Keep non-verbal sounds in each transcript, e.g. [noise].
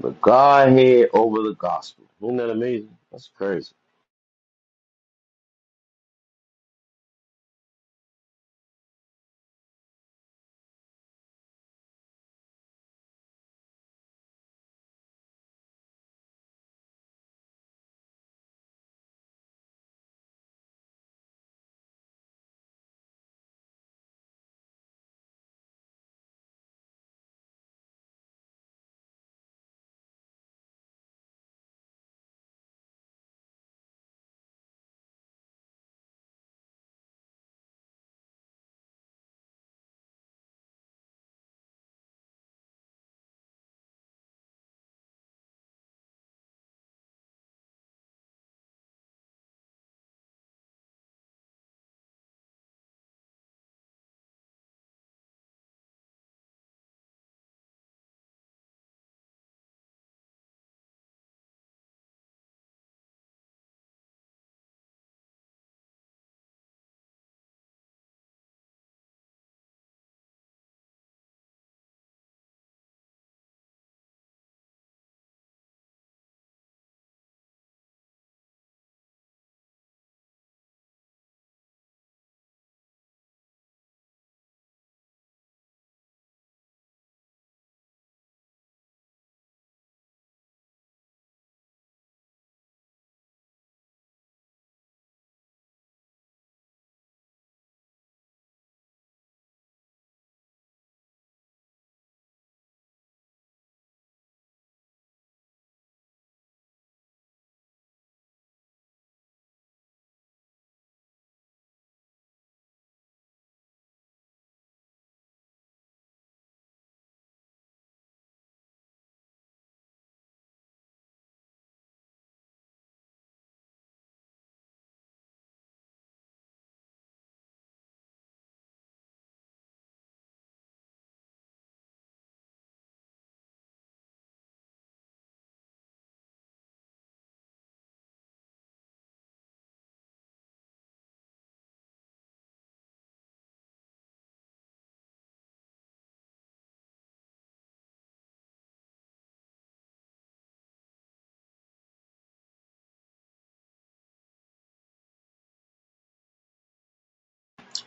The Godhead over the gospel. Isn't that amazing? That's crazy.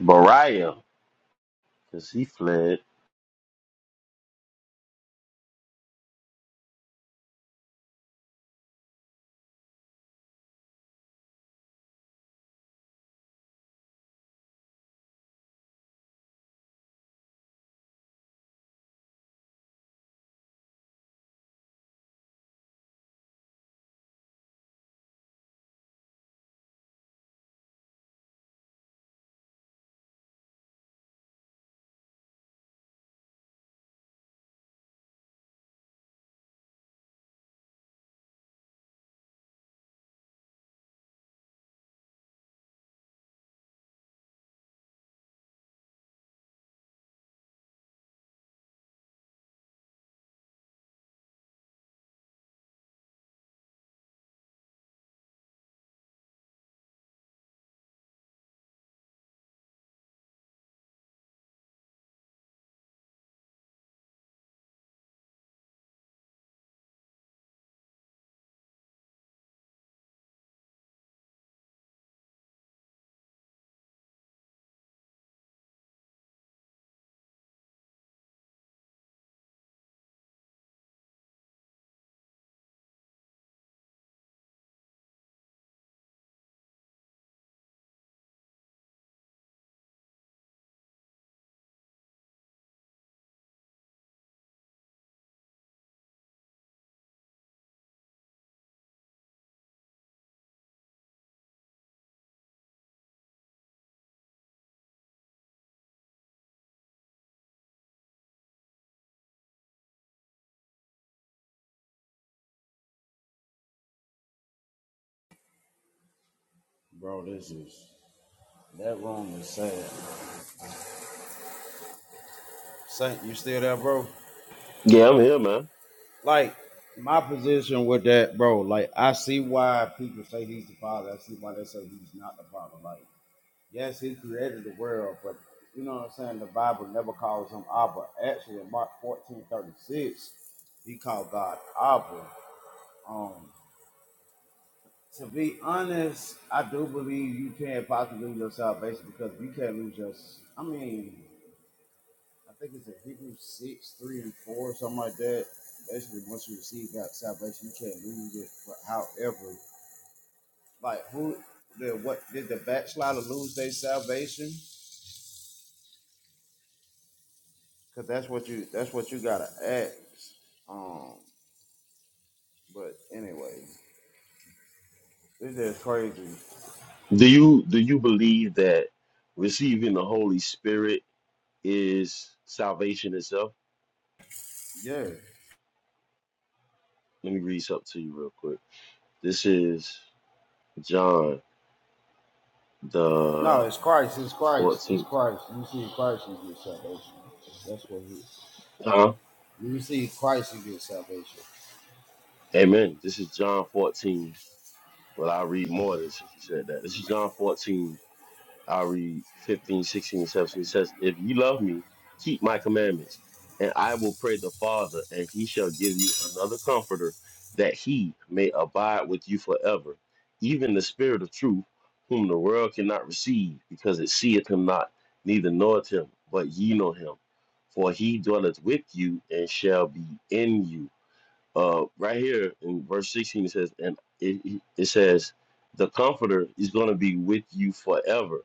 Bariah, because he fled. Bro, this is that room is sad. Saint, you still there, bro? Yeah, I'm here, man. Like my position with that, bro. Like I see why people say he's the father. I see why they say he's not the father. Like yes, he created the world, but you know what I'm saying. The Bible never calls him Abba. Actually, in Mark 14:36, he called God Abba. Um, to be honest, I do believe you can possibly lose your salvation because you can't lose your. I mean, I think it's in Hebrews 6, 3 and 4, something like that. Basically, once you receive God's salvation, you can't lose it. But however, like who did what did the backslider lose their salvation? Cause that's what you that's what you gotta ask. Um, but anyway, this is crazy. Do you do you believe that receiving the Holy Spirit is salvation itself? Yeah. Let me read something to you real quick. This is John No, the it's Christ, it's Christ, it's 14th. Christ. You see Christ, you get salvation. That's what he Huh? you receive Christ, you get salvation. Amen. This is John 14. Well, I'll read more than since you said that. This is John 14 I'll read 15, 16, and 17. It says, If you love me, keep my commandments, and I will pray the Father, and he shall give you another comforter, that he may abide with you forever, even the Spirit of truth, whom the world cannot receive, because it seeth him not, neither knoweth him, but ye know him. For he dwelleth with you and shall be in you uh, right here in verse 16 it says and it, it it says the comforter is going to be with you forever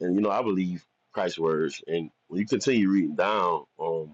and you know i believe christ's words and when you continue reading down um,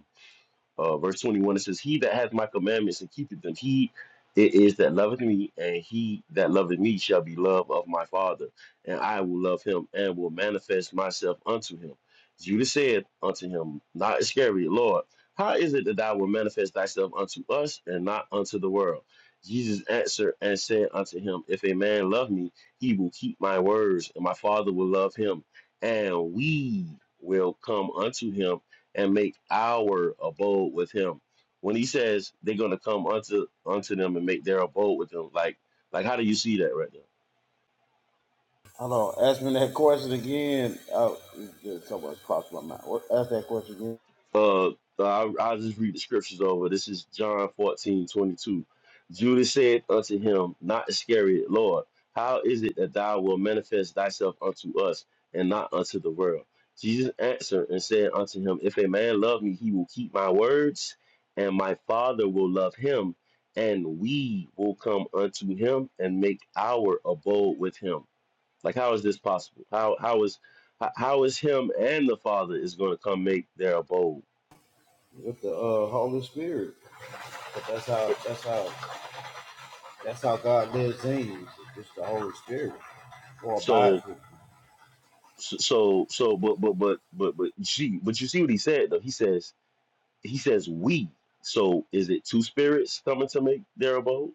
uh, verse 21 it says he that hath my commandments and keepeth them he it is that loveth me and he that loveth me shall be loved of my father and i will love him and will manifest myself unto him judas said unto him not iscariot lord how is it that thou wilt manifest thyself unto us and not unto the world jesus answered and said unto him if a man love me he will keep my words and my father will love him and we will come unto him and make our abode with him. When he says they're gonna come unto unto them and make their abode with them, like like how do you see that right there? Hello, ask me that question again. Oh, there's so much crossed my mind. What, ask that question again uh, i I'll just read the scriptures over. This is John 14 22. Judas said unto him, Not Iscariot, Lord, how is it that thou wilt manifest thyself unto us and not unto the world? Jesus answered and said unto him, If a man love me, he will keep my words, and my Father will love him, and we will come unto him and make our abode with him. Like, how is this possible? How how is how how is him and the Father is going to come make their abode? with the uh, Holy Spirit. But that's how that's how that's how God lives in you. It's the Holy Spirit or abides So with you. so so so, but but but but but she but you see what he said though. He says he says we. So is it two spirits coming to make their abode?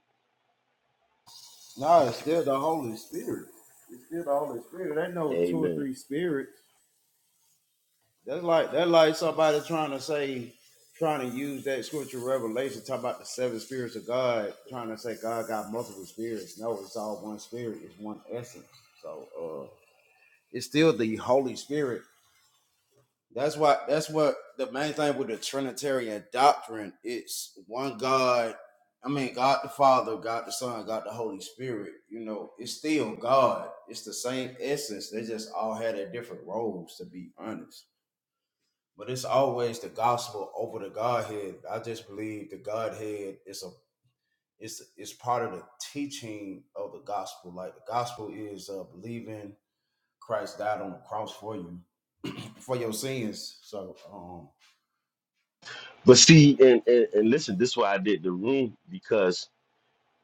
No, it's still the Holy Spirit. It's still the Holy Spirit. There ain't no two or Amen. three spirits. That's like that's like somebody trying to say, trying to use that scripture revelation, talk about the seven spirits of God, trying to say God got multiple spirits. No, it's all one spirit. It's one essence. So. uh, It's still the Holy Spirit. That's why that's what the main thing with the Trinitarian doctrine, it's one God. I mean God the Father, God the Son, God the Holy Spirit. You know, it's still God. It's the same essence. They just all had their different roles to be honest. But it's always the gospel over the Godhead. I just believe the Godhead is a it's it's part of the teaching of the gospel. Like the gospel is uh, believing Christ died on the cross for you for your sins. So um But see and and, and listen, this is why I did the room because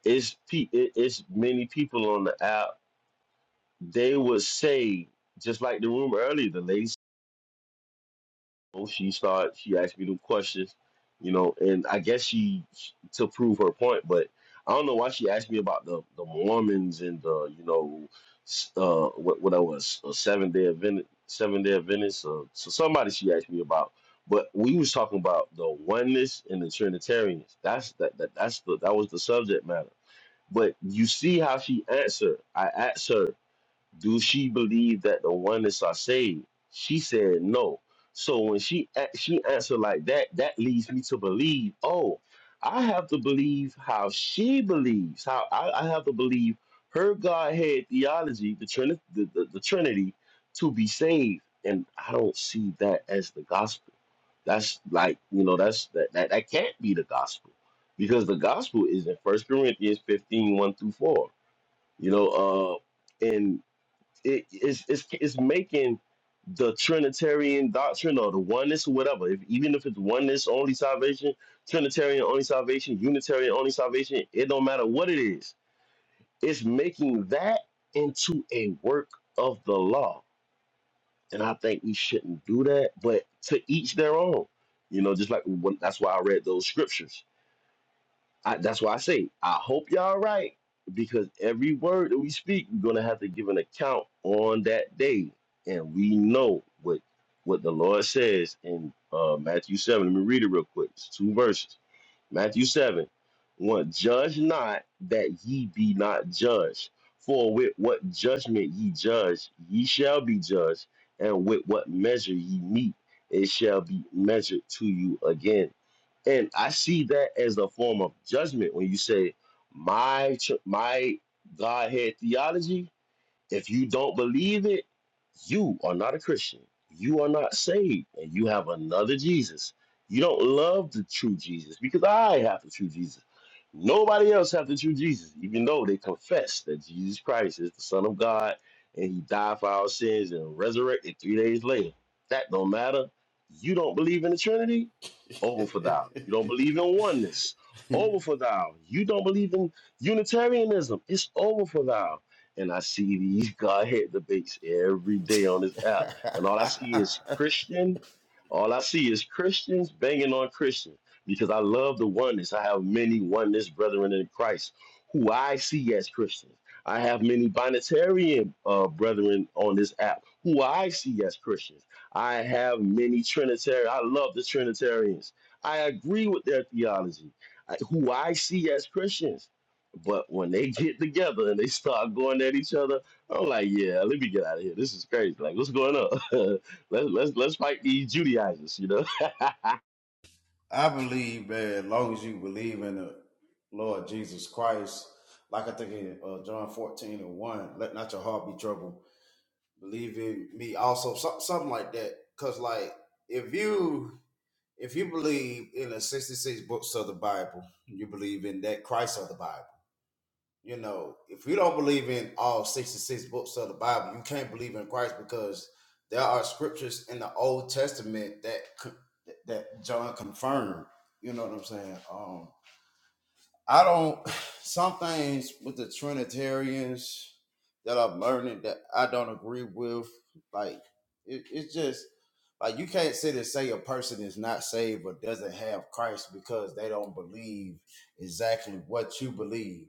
it's pe- it- it's many people on the app. They would say just like the room earlier. The lady know, she started she asked me them questions, you know, and I guess she to prove her point, but I don't know why she asked me about the the Mormons and the you know s- uh what what I was a seven day Adventist seven day Adventist uh, so somebody she asked me about, but we was talking about the oneness and the Trinitarians. That's that, that that's the that was the subject matter. But you see how she answered. I asked her do she believe that the oneness are saved? She said no. So when she a- she answered like that, that leads me to believe. Oh, I have to believe how she believes. How I, I have to believe her Godhead theology, the, Trini- the, the the Trinity, to be saved. And I don't see that as the gospel. That's like you know that's that that, that can't be the gospel because the gospel is in First Corinthians fifteen one through four. You know, uh, and it is it's, it's making the Trinitarian doctrine or the oneness or whatever, if, even if it's oneness only salvation, Trinitarian only salvation, Unitarian only salvation, it don't matter what it is. It's making that into a work of the law, and I think we shouldn't do that. But to each their own, you know. Just like when, that's why I read those scriptures I, that's why I say I hope y'all right because every word that we speak, we're gonna have to give an account on that day, and we know what what the Lord says in uh, Matthew seven. Let me read it real quick. It's two verses. Matthew seven, one. Judge not that ye be not judged. For with what judgment ye judge, ye shall be judged, and with what measure ye meet, it shall be measured to you again. And I see that as a form of judgment when you say my ch- my Godhead theology. If you don't believe it, you are not a Christian. You are not saved, and you have another Jesus. You don't love the true Jesus because I have the true Jesus. Nobody else has the true Jesus, even though they confess that Jesus Christ is the Son of God and He died for our sins and resurrected three days later. That don't matter. You don't believe in the Trinity? Over for thou. You don't [laughs] believe in oneness? Over for thou. You don't believe in Unitarianism? It's over for thou and I see these [laughs] Godhead debates every day on this app. And all I see is Christian. All I see is Christians banging on Christians because I love the oneness. I have many oneness brethren in Christ who I see as Christians. I have many binitarian uh, brethren on this app who I see as Christians. I have many Trinitarian. I love the Trinitarians. I agree with their theology, I- who I see as Christians. But when they get together and they start going at each other, I'm like, yeah, let me get out of here. This is crazy. Like, what's going on? [laughs] let's let's let's fight these Judaizers, you know. [laughs] uh, I believe, man, as long as you believe in the Lord Jesus Christ, like I think in uh, John 14 and 1, let not your heart be troubled. Believe in me also, so- something like that. Cause like if you if you believe in the 66 books of the Bible, you believe in that Christ of the Bible. You know, if you don't believe in all 66 books of the Bible, you can't believe in Christ because there are scriptures in the Old Testament that that John confirmed. You know what I'm saying? Um I don't [sighs] some things with the Trinitarians that I'm learning that I don't agree with. Like it, it's just like you can't sit and say a person is not saved or doesn't have Christ because they don't believe exactly what you believe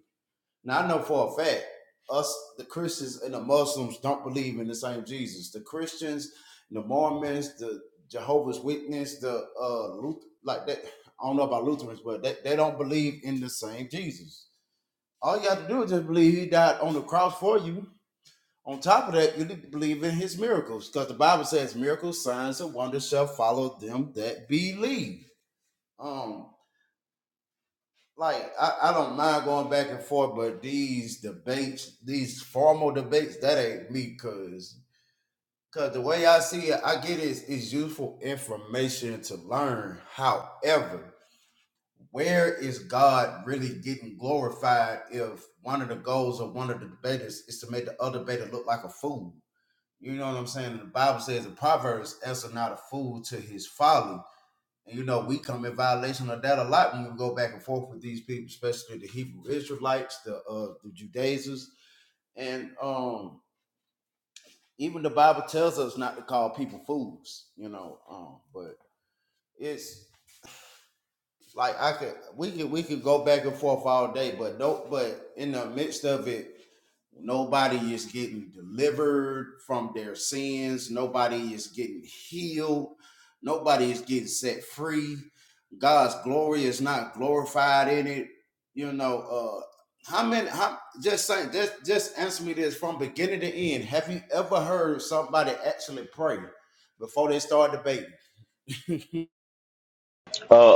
now I know for a fact, us the Christians and the Muslims don't believe in the same Jesus. The Christians, the Mormons, the Jehovah's Witness, the uh Luther, like that. I don't know about Lutherans, but they, they don't believe in the same Jesus. All you have to do is just believe he died on the cross for you. On top of that, you need to believe in his miracles. Because the Bible says miracles, signs, and wonders shall follow them that believe. Um like I, I don't mind going back and forth, but these debates, these formal debates, that ain't me, cause cause the way I see it, I get is is useful information to learn. However, where is God really getting glorified if one of the goals of one of the debaters is to make the other debater look like a fool? You know what I'm saying? The Bible says in Proverbs, answer not a fool to his folly and you know, we come in violation of that a lot when we go back and forth with these people, especially the Hebrew Israelites, the uh the Judaizers, and um even the Bible tells us not to call people fools, you know. Um, but it's like I could we could we could go back and forth all day, but no but in the midst of it, Nobody is getting delivered from their sins. Nobody is getting healed. Nobody is getting set free. God's glory is not glorified in it. You know, uh how many how just saying just just answer me this from beginning to end. Have you ever heard somebody actually pray before they start debating? [laughs]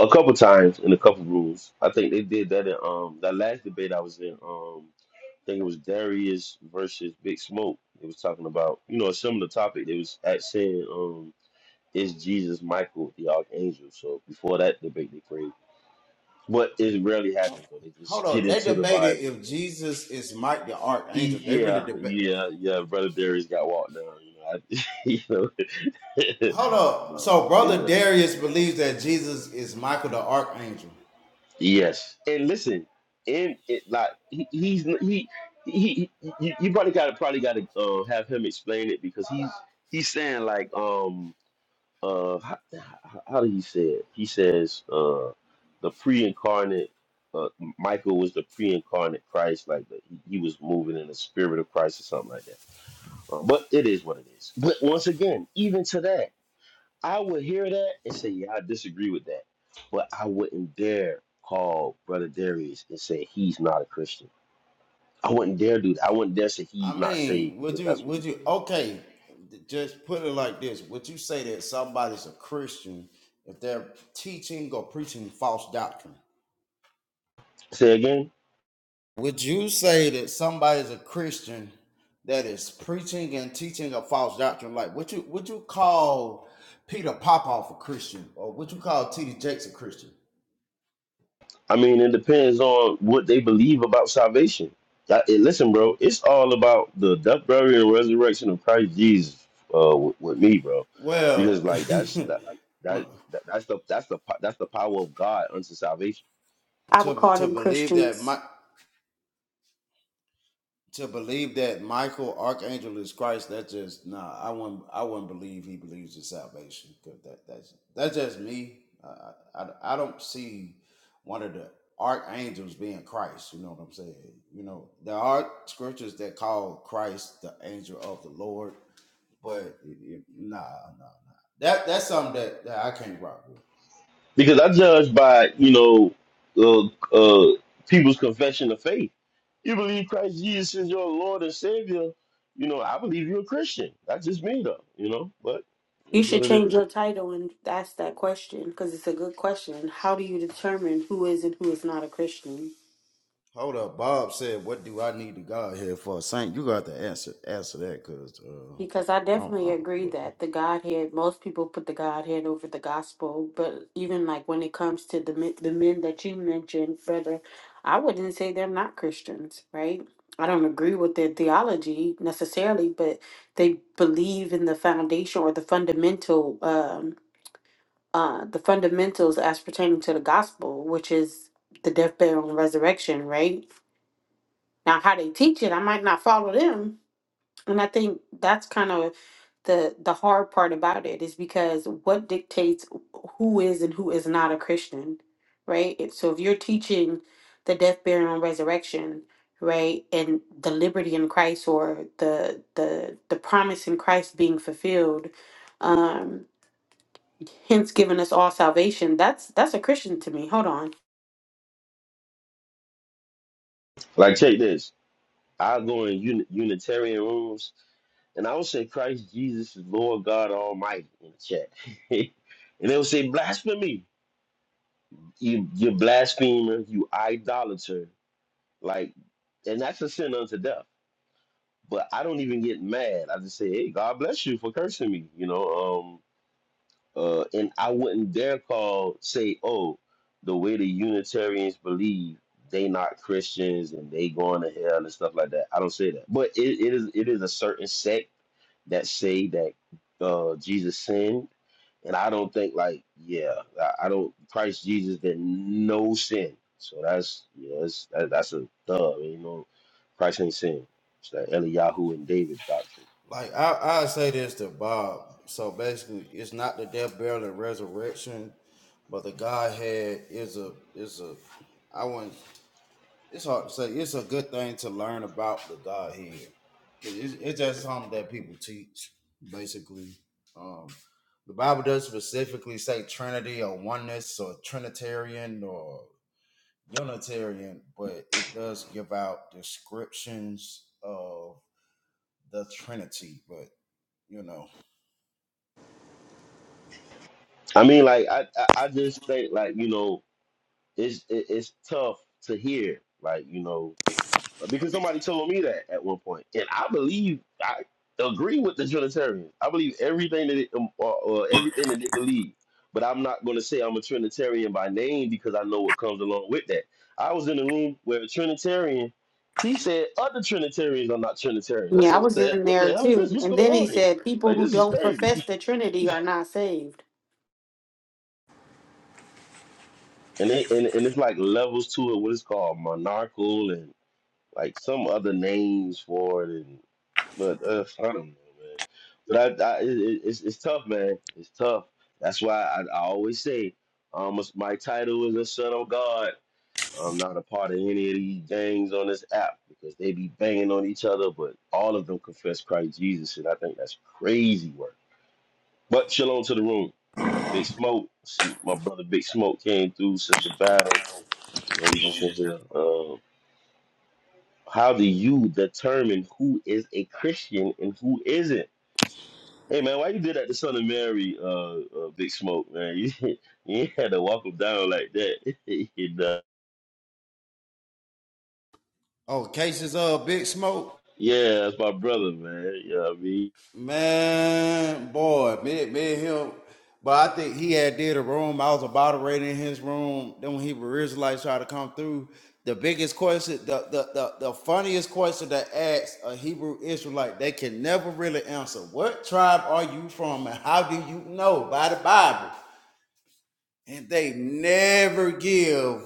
a couple times in a couple rooms, I think they did that in um that last debate I was in. Um, I think it was Darius versus Big Smoke. They was talking about you know a similar topic. They was at saying um is Jesus Michael the archangel? So before that debate, they prayed. But it rarely happens though. They just Hold get on, they into the Bible, debated you if know. Jesus is Mike the Archangel. They really Yeah, debate. yeah, yeah. Brother Darius got walked down. You know, I, [laughs] you know, Hold [laughs] you up. know. So, brother Yeah, Darius believes that Jesus is Michael the archangel. yes. And listen, and it like he, he's he he, he you, you probably got to probably got to uh, have him explain it because he's he's saying like um uh how, how did he say it? He says uh the pre-incarnate uh, Michael was the pre-incarnate Christ, like the, he he was moving in the spirit of Christ or something like that Uh, But it is what it is. But once again, even to that, I would hear that and say, yeah, I disagree with that. But I wouldn't dare call Brother Darius and say he's not a Christian. I wouldn't dare do that. I wouldn't dare say I he's not saved mean, would because you? that's what he Would you? believes. Okay, just put it like this: Would you say that somebody's a Christian if they're teaching or preaching false doctrine? Say again? Would you say that somebody's a Christian that is preaching and teaching a false doctrine? Like, would you? Would you call Peter Popoff a Christian, or would you call T.D. Jakes a Christian? I mean, it depends on what they believe about salvation. That- eh, listen, bro, it's all about the death, burial, and resurrection of Christ Jesus uh, with, with me, bro. Well, Because like that's [laughs] that, like, that, that that's the that's the po- that's the power of God unto salvation I would to call to them believe that Christians. my to believe that Michael Archangel is Christ, that's just nah. I wouldn't I wouldn't believe he believes in salvation 'Cause that that's that's just me. Uh, I, I I don't see one of the archangels being Christ. You know what I'm saying? You know there are scriptures that call Christ the angel of the Lord, but it, it- nah nah nah. That that's something that, that I can't rock with. because I judge by you know uh, uh, people's confession of faith. You believe Christ Jesus is your Lord and Savior. You know, I believe you're a Christian. That's just me, though. You know, but You it's what should it change is. your title and ask that question because it's a good question. How do you determine who is and who is not a Christian? Hold up, Bob said, "What do I need to God here for, Saint?" You got to answer answer that because uh, Because I I don't, I definitely don't, agree bro. that the Godhead, most people put the Godhead over the gospel, but even like when it comes to the men, the men that you mentioned, brother, I wouldn't say they're not Christians, right? I don't agree with their theology necessarily, but they believe in the foundation or the fundamental. Um, uh, the fundamentals as pertaining to the gospel, which is the death, burial, and resurrection, right? Now, how they teach it, I might not follow them. And I think that's kind of the the hard part about it is because what dictates who is and who is not a Christian, right? If- So if you're teaching the death, burial, and resurrection, right, and the liberty in Christ or the the the promise in Christ being fulfilled, um, hence giving us all salvation. That's that's a Christian to me. Hold on. Like, take this. I go in uni- Unitarian rooms, and I will say Christ Jesus is Lord God Almighty in the chat, [laughs] and they'll say blasphemy. You, you blasphemer. You idolater. Like, and that's a sin unto death. but I don't even get mad. I just say, "Hey, God bless you for cursing me," you know. Um, uh, and I wouldn't dare call say, "Oh, the way the Unitarians believe they not Christians and they going to hell and stuff like that." I don't say that, but it, it is it is a certain sect that say that uh, Jesus sinned and I don't think like yeah, I, I don't. Christ Jesus did no sin, so that's you know that's that, that's a dub. You know, Christ ain't sin. It's that Eliyahu and David doctrine. Like I, I say this to Bob. So basically, it's not the death, burial, and resurrection, but the Godhead is a is a. I wouldn't. It's hard to say. It's a good thing to learn about the Godhead. It's, it's just something that people teach, basically. Um, the Bible does specifically say Trinity or oneness or Trinitarian or Unitarian, but it does give out descriptions of the Trinity. But you know. I mean, like I I, I just think like you know it's it, it's tough to hear. Like you know because somebody told me that at one point, and I believe I agree with the Trinitarians. I believe everything that it, um, or, or everything that they believe, but I'm not going to say I'm a Trinitarian by name because I know what comes along with that. I was in a room where a Trinitarian, he said other Trinitarians are not Trinitarians. I Yeah, said, I what was the in what the there hell is this? too. What's And going then he on here? said, people Like who this is don't profess crazy, the Trinity are not saved. [laughs] and they, and and it's like levels to it. What it's called monarchical and. like some other names for it, and but uh, I don't know, man. But I, I it, it- it's it's tough, man. It's tough. That's why I, I always say, um, it's- my title is a son of God. I'm not a part of any of these gangs on this app because they be banging on each other, but all of them confess Christ Jesus, and I think that's crazy work. But shalom to the room. Big Smoke, see my brother Big Smoke came through, Sister Battle. You know, we just in here. uh, How do you determine who is a Christian and who isn't? Hey man, why you did that to Son of Mary, uh, uh Big Smoke, man? [laughs] You, ain't had to walk him down like that. [laughs] you know? Oh, cases of Big Smoke, Yeah, that's my brother, man. You know what I mean? man, boy, me, me and him. But I think he had did a room. I was moderating in his room. Then when he Israelites tried to come through, the biggest question, the the the, the funniest question that asks a Hebrew Israelite, like, they can never really answer. What tribe are you from, and how do you know by the Bible? And they never give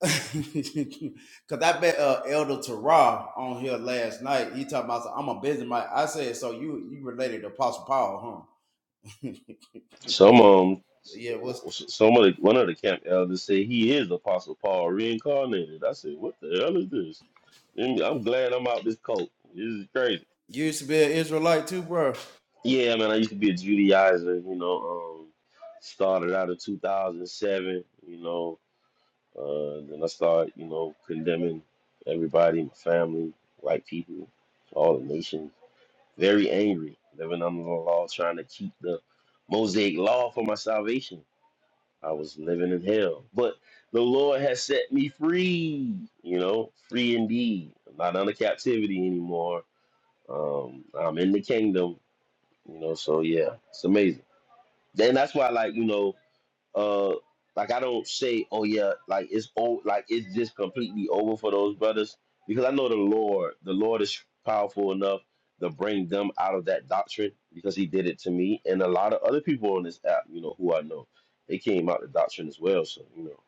[laughs] Cause I bet uh, Elder Tarah on here last night. He talking about some, I'm a business man. I said, so you you related to Apostle Paul, huh? Some um [laughs] yeah, what's some of the one of the camp elders said he is Apostle Paul reincarnated. I said, What the hell is this? And I'm glad I'm out this cult. This is crazy. you used to be an Israelite too, bro? Yeah, man, I used to be a Judaizer, you know, um, started out in 2007, you know, uh, then I started, you know, condemning everybody, my family, white people, all the nations, very angry, living under the law, trying to keep the Mosaic law for my salvation. I was living in hell, but the Lord has set me free, you know, free indeed. I'm not under captivity anymore. Um, I'm in the kingdom, you know, so yeah, it's amazing and that's why like you know uh like i don't say oh yeah like it's old, like it's just completely over for those brothers because i know the lord the lord is powerful enough to bring them out of that doctrine because he did it to me and a lot of other people on this app you know who i know they came out the doctrine as well so you know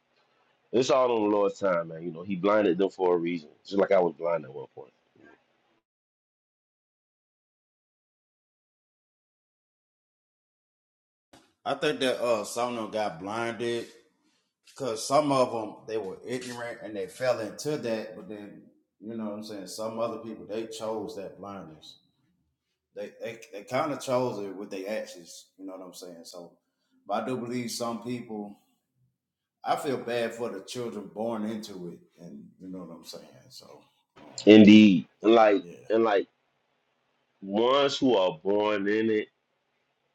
it's all on the lord's time man you know he blinded them for a reason just like i was blind at one point I think that uh some of them got blinded because some of them they were ignorant and they fell into that. But then you know what I'm saying. Some other people they chose that blindness. They they, they kind of chose it with their actions. You know what I'm saying. So, but I do believe some people. I feel bad for the children born into it, and you know what I'm saying. So, um, indeed and like yeah, and like ones who are born in it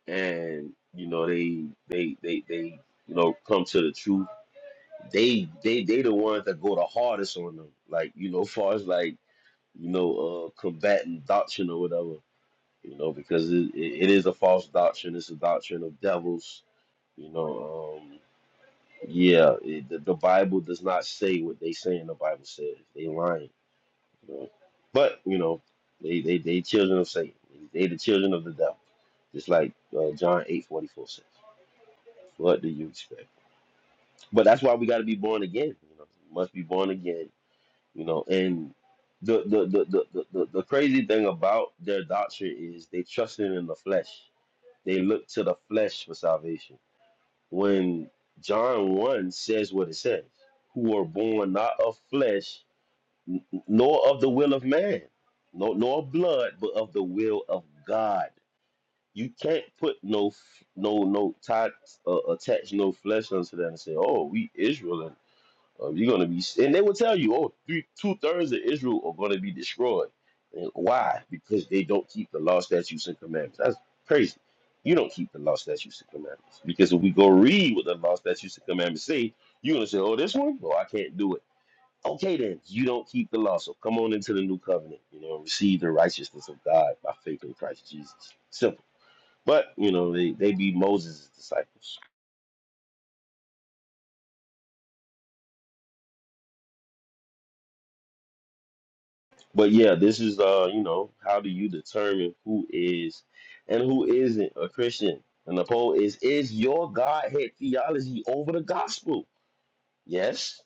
and you know they they they they you know come to the truth. They they they the ones that go the hardest on them. Like you know, [laughs] far as like you know, uh, combating doctrine or whatever. You know, because it, it, it is a false doctrine. It's a doctrine of devils. You know, um, yeah, it, the, the Bible does not say what they say in the Bible says. They lying. You know? But you know, they they they children of Satan. They the children of the devil. Just like uh, John eight forty four says. What do you expect? But that's why we got to be born again. You know, must be born again. You know, and the the the the, the, the the crazy thing about their doctrine is they trusted in the flesh. They look to the flesh for salvation. When John one says what it says, who are born not of flesh, n- nor of the will of man, no nor of blood, but of the will of God you can't put no f- no no tie uh, attach no flesh unto that and say, oh, we Israel and uh, you're gonna be s-" and they will tell you, oh, three two thirds of Israel are gonna be destroyed. And why? Because they don't keep the law, statutes, and commandments. That's crazy. You don't keep the law, statutes, and commandments because if we go read what the law, statutes, and commandments say, you're gonna say, oh, this one, oh, I can't do it. Okay, then you don't keep the law, so come on into the new covenant, you know, and receive the righteousness of God by faith in Christ Jesus. Simple. But you know, they, they be Moses' disciples. But yeah, this is uh, you know, how do you determine who is and who isn't a Christian? And the poll is is your Godhead theology over the gospel? Yes,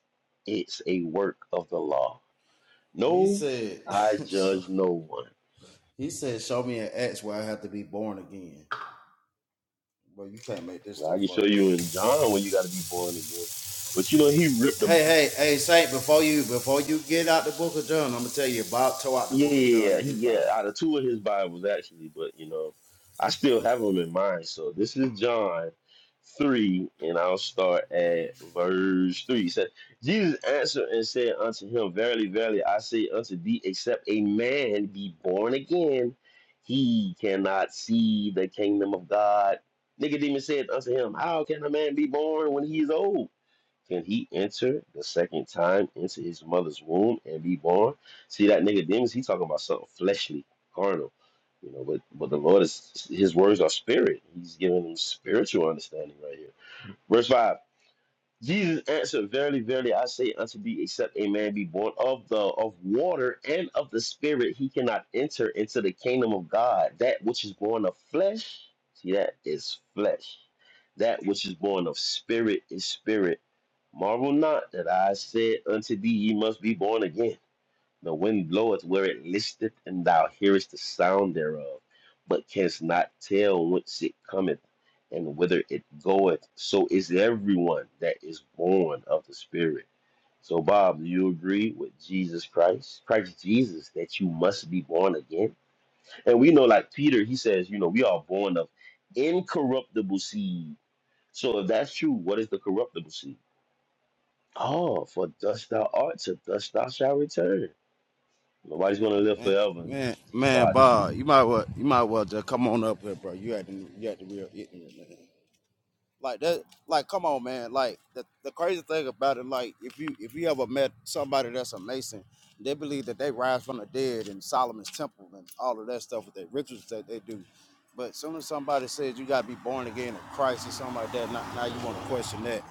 it's a work of the law. he No, said, [laughs] I judge no one. he said, show me an X where I have to be born again. Bro, you can't make this Now, I stuff can show up, bro. you in John when you gotta be born again. But you know, he ripped the Hey, hey, hey, Saint, before you before you get out the Book of John, I'm gonna tell you Bob tore out the Yeah, Book of yeah, John in yeah. he his yeah, Bible. out of two of his Bibles actually, but you know, I still have them in mind. So this is John three, and I'll start at verse three. It said, Jesus answered and said unto him, Verily, verily, I say unto thee, except a man be born again, he cannot see the kingdom of God. Nicodemus said unto him, How can a man be born when he is old? Can he enter the second time into his mother's womb and be born? See that nigga demons, he talking about something fleshly, carnal. You know, but but the Lord is his words are spirit. He's giving them spiritual understanding right here. Verse 5. Jesus answered, Verily, verily, I say unto thee, except a man be born of the of water and of the spirit, he cannot enter into the kingdom of God. That which is born of flesh, see that is flesh. That which is born of spirit is spirit. Marvel not that I said unto thee, ye must be born again. The wind bloweth where it listeth, and thou hearest the sound thereof, but canst not tell whence it cometh and whither it goeth. So is everyone that is born of the Spirit. So, Bob, do you agree with Jesus Christ, Christ Jesus, that you must be born again? And we know, like Peter, he says, you know, we are born of incorruptible seed. So, if that's true, what is the corruptible seed? Oh, for dust thou art, to dust thou shalt return. Nobody's gonna live Man, forever in man, these man, bodies. Bob, you might well you might well just come on up here, bro. You had to you had to be real ignorant, man. Like that, like come on, man. Like the, the crazy thing about it, like if you if you ever met somebody that's a Mason, they believe that they rise from the dead in Solomon's temple and all of that stuff with their rituals that they do. But soon as somebody says you gotta be born again in Christ or something like that, now, now you want to question that,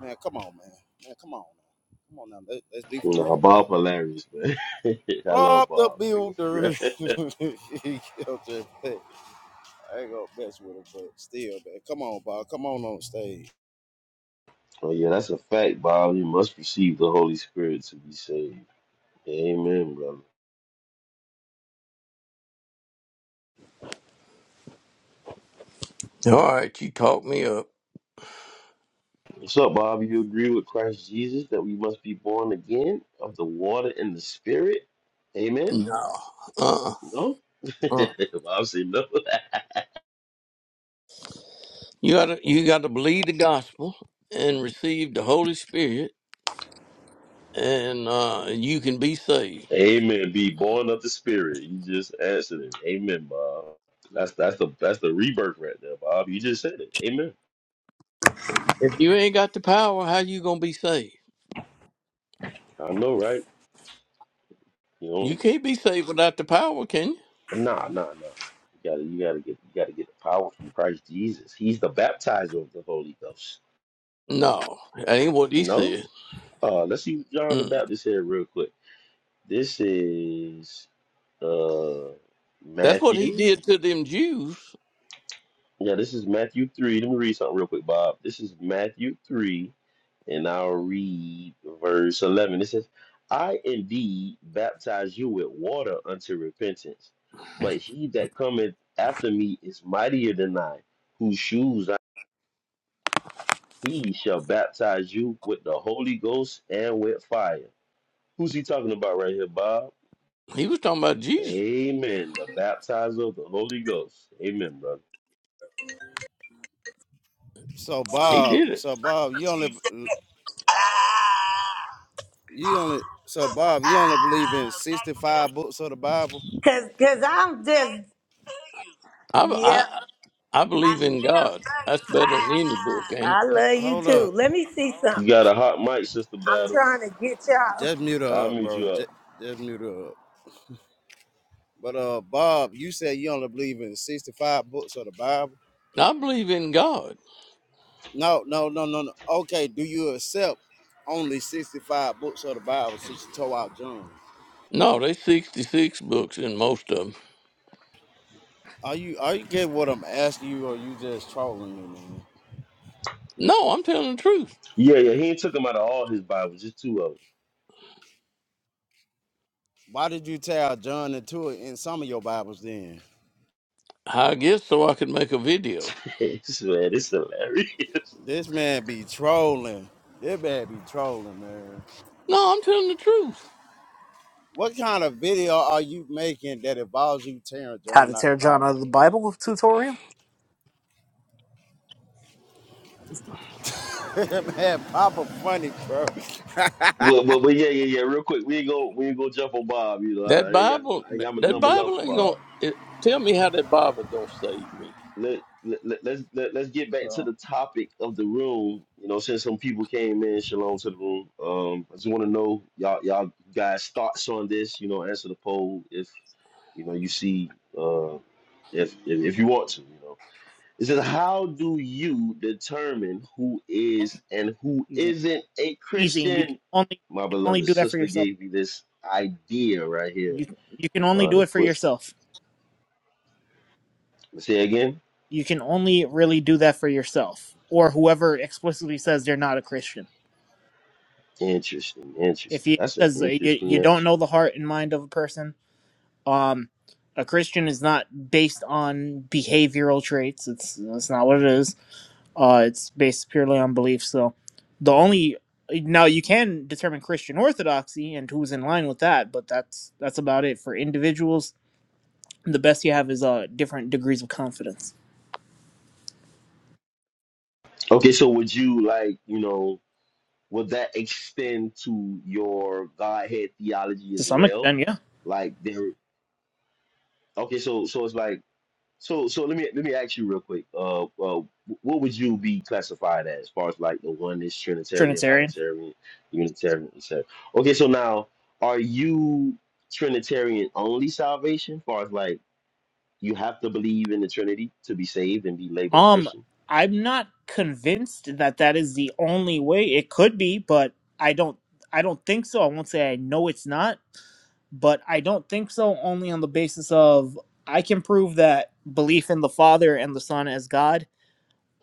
man. Come on, man. Man, come on, man. Come on now. Let, let's be for Nah, real, Bob. Bob hilarious, man. [laughs] I love Bob the Bob. Like a Builder. [laughs] friend. he killed that thing. I ain't gonna mess with him, but still, man. Come on, Bob. Come on on stage. [laughs] oh yeah, that's a fact, Bob. You must receive the Holy Spirit to be saved. Amen, brother. All right, you talked me up. What's up, Bob? You agree with Christ Jesus that we must be born again of the water and the Spirit? Amen. No, uh, No. [laughs] uh, Bob said no. you gotta you gotta believe the gospel and receive the Holy Spirit, and uh, you can be saved. [laughs] Amen. Be born of the Spirit. You just answered it. Amen, Bob. That's that's the that's the rebirth right there, Bob. You just said it. Amen. If you ain't got the power, how you gonna be saved? I know, right? You You know, can't be saved without the power, can you? nah, nah, nah. You gotta, you gotta get, you gotta get the power from Christ Jesus. He's the baptizer of the Holy Ghost. No, that ain't what he No, said. uh, let's see what John the Mm. Baptist said real quick. This is uh That's what he Matthew. did to them Jews. Yeah, this is Matthew 3. Let me read something real quick, Bob. This is Matthew 3, and I'll read verse 11. It says, I indeed baptize you with water unto repentance, but he that cometh after me is mightier than I, whose shoes I. He shall baptize you with the Holy Ghost and with fire. Who's he talking about right here, Bob? He was talking about Jesus. Amen. The baptizer of the Holy Ghost. Amen, brother. So He Bob, did it. so Bob, you only you only so Bob, you only believe in 65 books of the Bible? Cause, cause I'm just, I yeah. I I I believe in love God. That's better than any book, you. ain't love you Hold too. up. Let me see something. You got a hot mic, Sister I'm Battle. trying to get y'all. Just mute I'll her up, mute you bro. up. Just, just mute her up. But uh Bob, you said you only believe in 65 books of the Bible? it? I believe in God. No, no, no, no, no. Okay, do you accept only 65 books of the Bible since you tore out John? No, they 66 books in most of them. Are you are you getting what I'm asking you or you just trolling me, man? No, I'm telling the truth. Yeah, yeah, he ain't took them out of all his Bibles, just two of Why did you tear out John and two in some of your Bibles then? I guess so I could make a them. video. [laughs] Man, it's hilarious. This man be trolling. This man be trolling, man. No, I'm telling the truth. What kind of video are you making that involves you tearing How to John out the tear John out Bible, of the bro? Bible tutorial? [laughs] That man, Papa funny, bro. Well, but, but yeah, yeah, yeah. Real quick, we ain't go, we ain't go jump on Bob. You know, I, That I ain't got no, Bible, I ain't got my that number love for Bible ain't gonna Bob. it, tell me how that Bible gonna save me. Let, let, let let's let, let's get back to the topic of the room. You know, since some people came in, shalom to the room. Um, I just want to know y'all y'all guys thoughts on this. You know, answer the poll if you know you see uh if if, if you want to. You know. It says, How do you determine who is and who Easy, isn't a easy. You can Christian? only My you can only beloved do that for sister yourself. gave me this idea right here You you can only uh, do to it for put. yourself. Say again? You can only really do that for yourself, or whoever explicitly says they're not a Christian. Interesting, If interesting. you That's an because uh, you interesting you don't answer. know the heart and mind of a person, um, a Christian is not based on behavioral traits. It's that's not what it is Uh, it's based purely on belief. So the only now you can determine Christian orthodoxy and who's in line with that, but that's that's about it for individuals. The best you have is uh different degrees of confidence Okay, so would you like, you know, would that extend to your Godhead theology to as some well? extent. Yeah, Like, there, okay, so so it's like, So, so let me let me ask you real quick. Uh, uh, what would you be classified as, as far as like the oneness, Trinitarian, Trinitarian. Binitarian, Unitarian, etc. Okay, so now are you Trinitarian only salvation? As far as like you have to believe in the Trinity to be saved and be labeled a Um, Christian. I'm not convinced that that is the only way. It could be, but I don't. I don't think so. I won't say I know it's not, but I don't think so. Only on the basis of I can prove that belief in the Father and the Son as God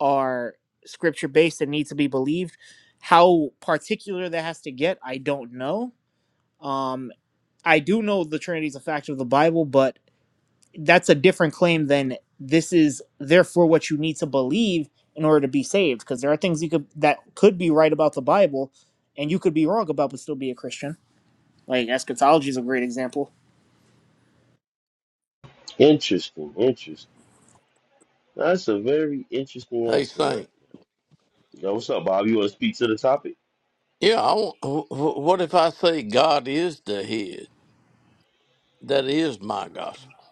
are scripture based and need to be believed. How particular that has to get, I don't know. Um, I do know the Trinity is a fact of the Bible, but that's a different claim than this is therefore what you need to believe in order to be saved. Because there are things you could that could be right about the Bible, and you could be wrong about, but still be a Christian. Like eschatology is a great example. Interesting, interesting. That's a very interesting Hey, answer, Saint. right? Now, what's up, Bob? You want to speak to the topic? Yeah, I want, wh- wh- what if I say God is the head? That is my gospel.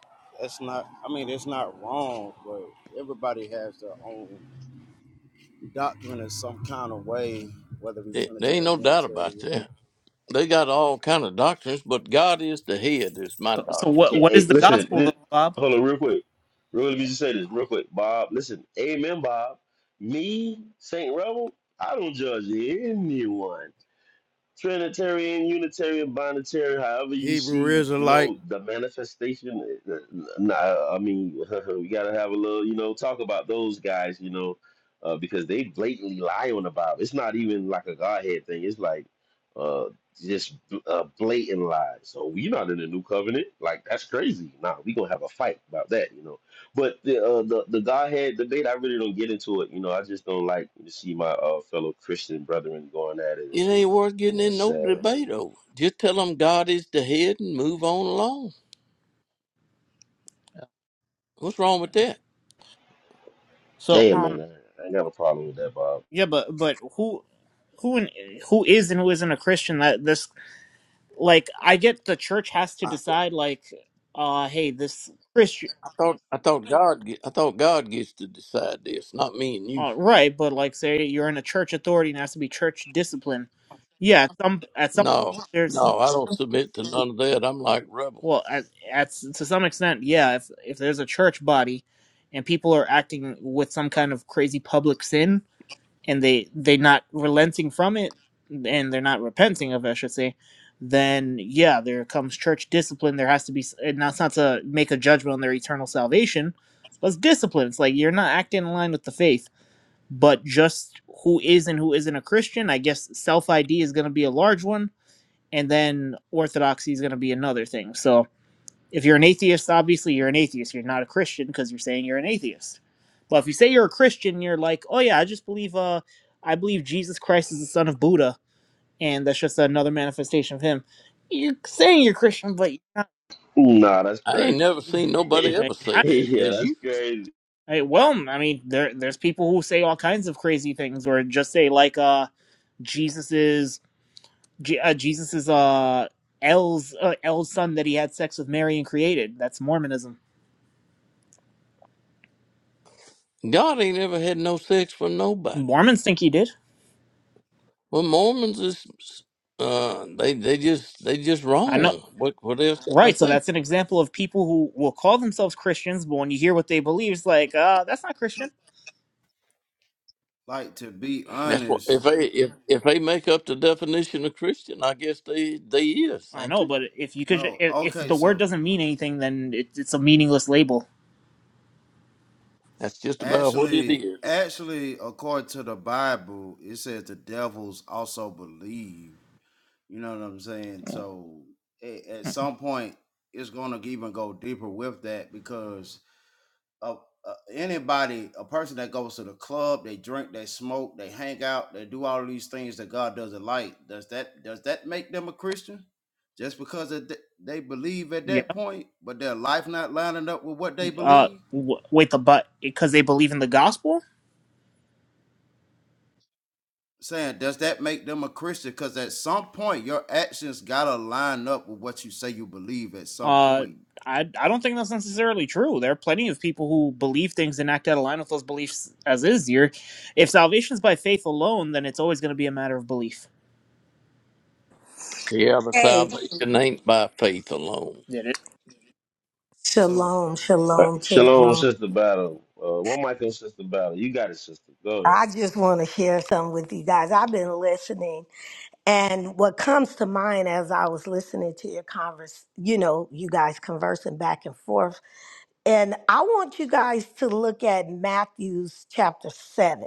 That's not, I mean, it's not wrong, but everybody has their own doctrine in some kind of way, whether we There there ain't Trinitarian, no doubt about Unitarian. that. They got all kind of doctrines, but God is the head is my So, so doctrine. what Yeah, what hey, is the Is that? listen, gospel li- though, Bob? hold on real quick. Real, let me just say this real quick. Bob, listen, amen, Bob. Me, Saint Rebel, I don't judge anyone. Trinitarian, Unitarian, Binitarian, however you Hebrew see, you Israelite, know, the manifestation. eh, Nah, I mean, [laughs] we gotta have a little, you know, talk about those guys, you know, uh, because they blatantly lie on the Bible. It's not even like a Godhead thing. It's like uh, just uh, blatant lies. So we're not in the new covenant. Like that's crazy. Nah, we gonna have a fight about that, you know. But the uh, the the Godhead debate, I really don't get into it. You know, I just don't like to see my uh, fellow Christian brethren going at It it. ain't worth You getting know, it's in no sad. debate over. Just tell them God is the head and move on along. What's wrong with that? So Hey, um man, I, I ain't got a problem with that, Bob. yeah, but but who who in, who is and who isn't a Christian? That this like I get the church has to I, decide like uh hey this Christian I thought I thought God ge- I thought God gets to decide this, not me and you. uh, right but like say you're in a church authority and it has to be church discipline yeah at some at some point No, there's no, I don't submit to none of that. I'm like rebel. well at, at to some extent yeah if if there's a church body and people are acting with some kind of crazy public sin and they they not relenting from it and they're not repenting of it, I should say, then yeah, there comes church discipline. There has to be s- and that's not to make a judgment on their eternal salvation, but it's discipline. It's like you're not acting in line with the faith. But just who is and who isn't a Christian, I guess self ID is gonna be a large one, and then orthodoxy is gonna be another thing. So if you're an atheist, obviously you're an atheist. You're not a Christian because you're saying you're an atheist. But if you say you're a Christian, you're like, oh yeah, I just believe uh I believe Jesus Christ is the son of Buddha, and that's just another manifestation of him. You're saying you're Christian, but you're not. Nah, that's I ain't crazy. never seen nobody ever Right? [laughs] say I, that. yeah, Has that's you? crazy. I, well, I mean, there there's people who say all kinds of crazy things, or just say like uh Jesus is Je- uh, Jesus is uh L's uh, L's son that he had sex with Mary and created. That's Mormonism. God ain't ever had no sex for nobody. Mormons think he did. Well, Mormons is uh, they they just they just I know. wrong. What what else can I Right, so say? that's an example of people who will call themselves Christians, but when you hear what they believe, it's like, uh, that's not Christian. like to be That's what honest. if they if if they make up the definition of Christian, I guess they they is, I ain't know, they? but if you could, No, if, if okay, the word so doesn't mean anything, then it, it's a meaningless label. That's just about what it Actually, is. actually, according to the Bible, it says the devils also believe. You know what I'm saying? So a- at some point, it's gonna even go deeper with that because of uh, anybody, a person that goes to the club, they drink, they smoke, they hang out, they do all these things that God doesn't like. Does that does that make them a Christian? Just because of th- they believe at Yeah. that point, but their life not lining up with what they Uh, believe? w- wait, the but because they believe in the gospel? saying does that make them a christian because at some point your actions gotta line up with what you say you believe at some Uh, point I I don't think that's necessarily true. There are plenty of people who believe things and act out of line with those beliefs as is. Here, if salvation is by faith alone, then it's always going to be a matter of belief. See how the Hey, salvation ain't by faith alone. It is. so shalom, Uh, shalom to the Shalom, room. Sister Battle. Uh, what Michael, Sister Battle? You got it, Sister. Go ahead. I just want to share something with you guys. I've been listening, and what comes to mind as I was listening to your converse, you know, you guys conversing back and forth And I want you guys to look at Matthew's chapter 7.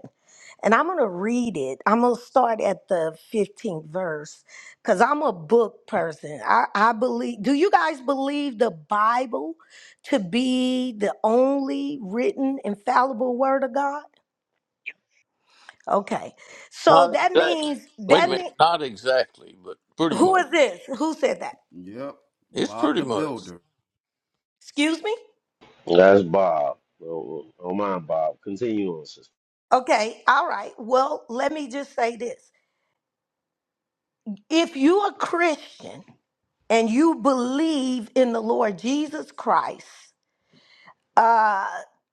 And I'm going to read it. I'm going to start at the 15th verse because I'm a book person. I, I believe, do you guys believe the Bible to be the only written, infallible word of God? Okay. So Not that exactly. means, Wait a that minute, means, not exactly, but pretty who much. is this? Who said that? yep It's bob pretty the much. builder Excuse me? That's Bob. Oh, oh mine, Bob. Continue on, Sister. Okay. All right. Well, let me just say this. If you're a Christian, and you believe in the Lord Jesus Christ, uh,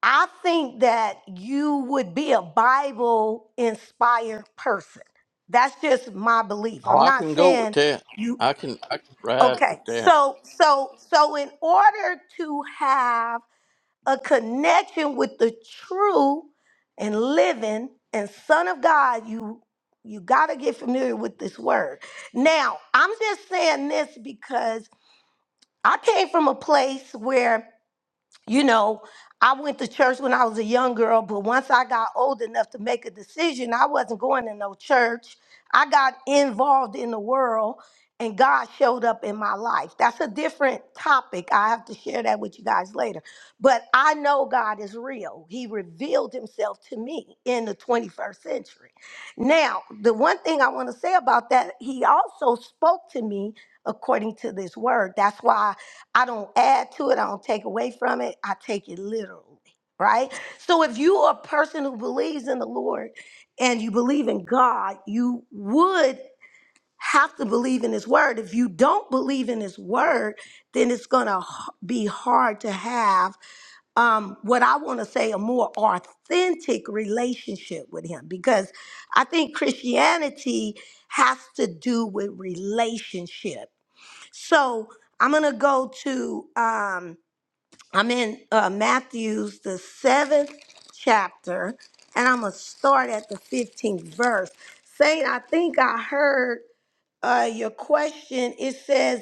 I think that you would be a Bible inspired person. That's just my belief. Oh, I'm I not can go with saying that. you I can I can ride okay. with that. So so so in order to have a connection with the true and living and son of God, you you got to get familiar with this word. Now, I'm just saying this because I came from a place where, you know, I went to church when I was a young girl, but once I got old enough to make a decision, I wasn't going to no church. I got involved in the world and God showed up in my life. That's a different topic. I have to share that with you guys later. But I know God is real. He revealed himself to me in the 21st century. Now, the one thing I want to say about that, he also spoke to me according to this word. That's why I don't add to it, I don't take away from it, I take it literally, right? So if you are a person who believes in the Lord and you believe in God, you would have to believe in his word. If you don't believe in his word, then it's going to be hard to have um what I want to say a more authentic relationship with him because I think Christianity has to do with relationship. So I'm going to go to, um, I'm in uh, Matthew's, the seventh chapter, and I'm going to start at the 15th verse. Saint, I think I heard uh, your question. It says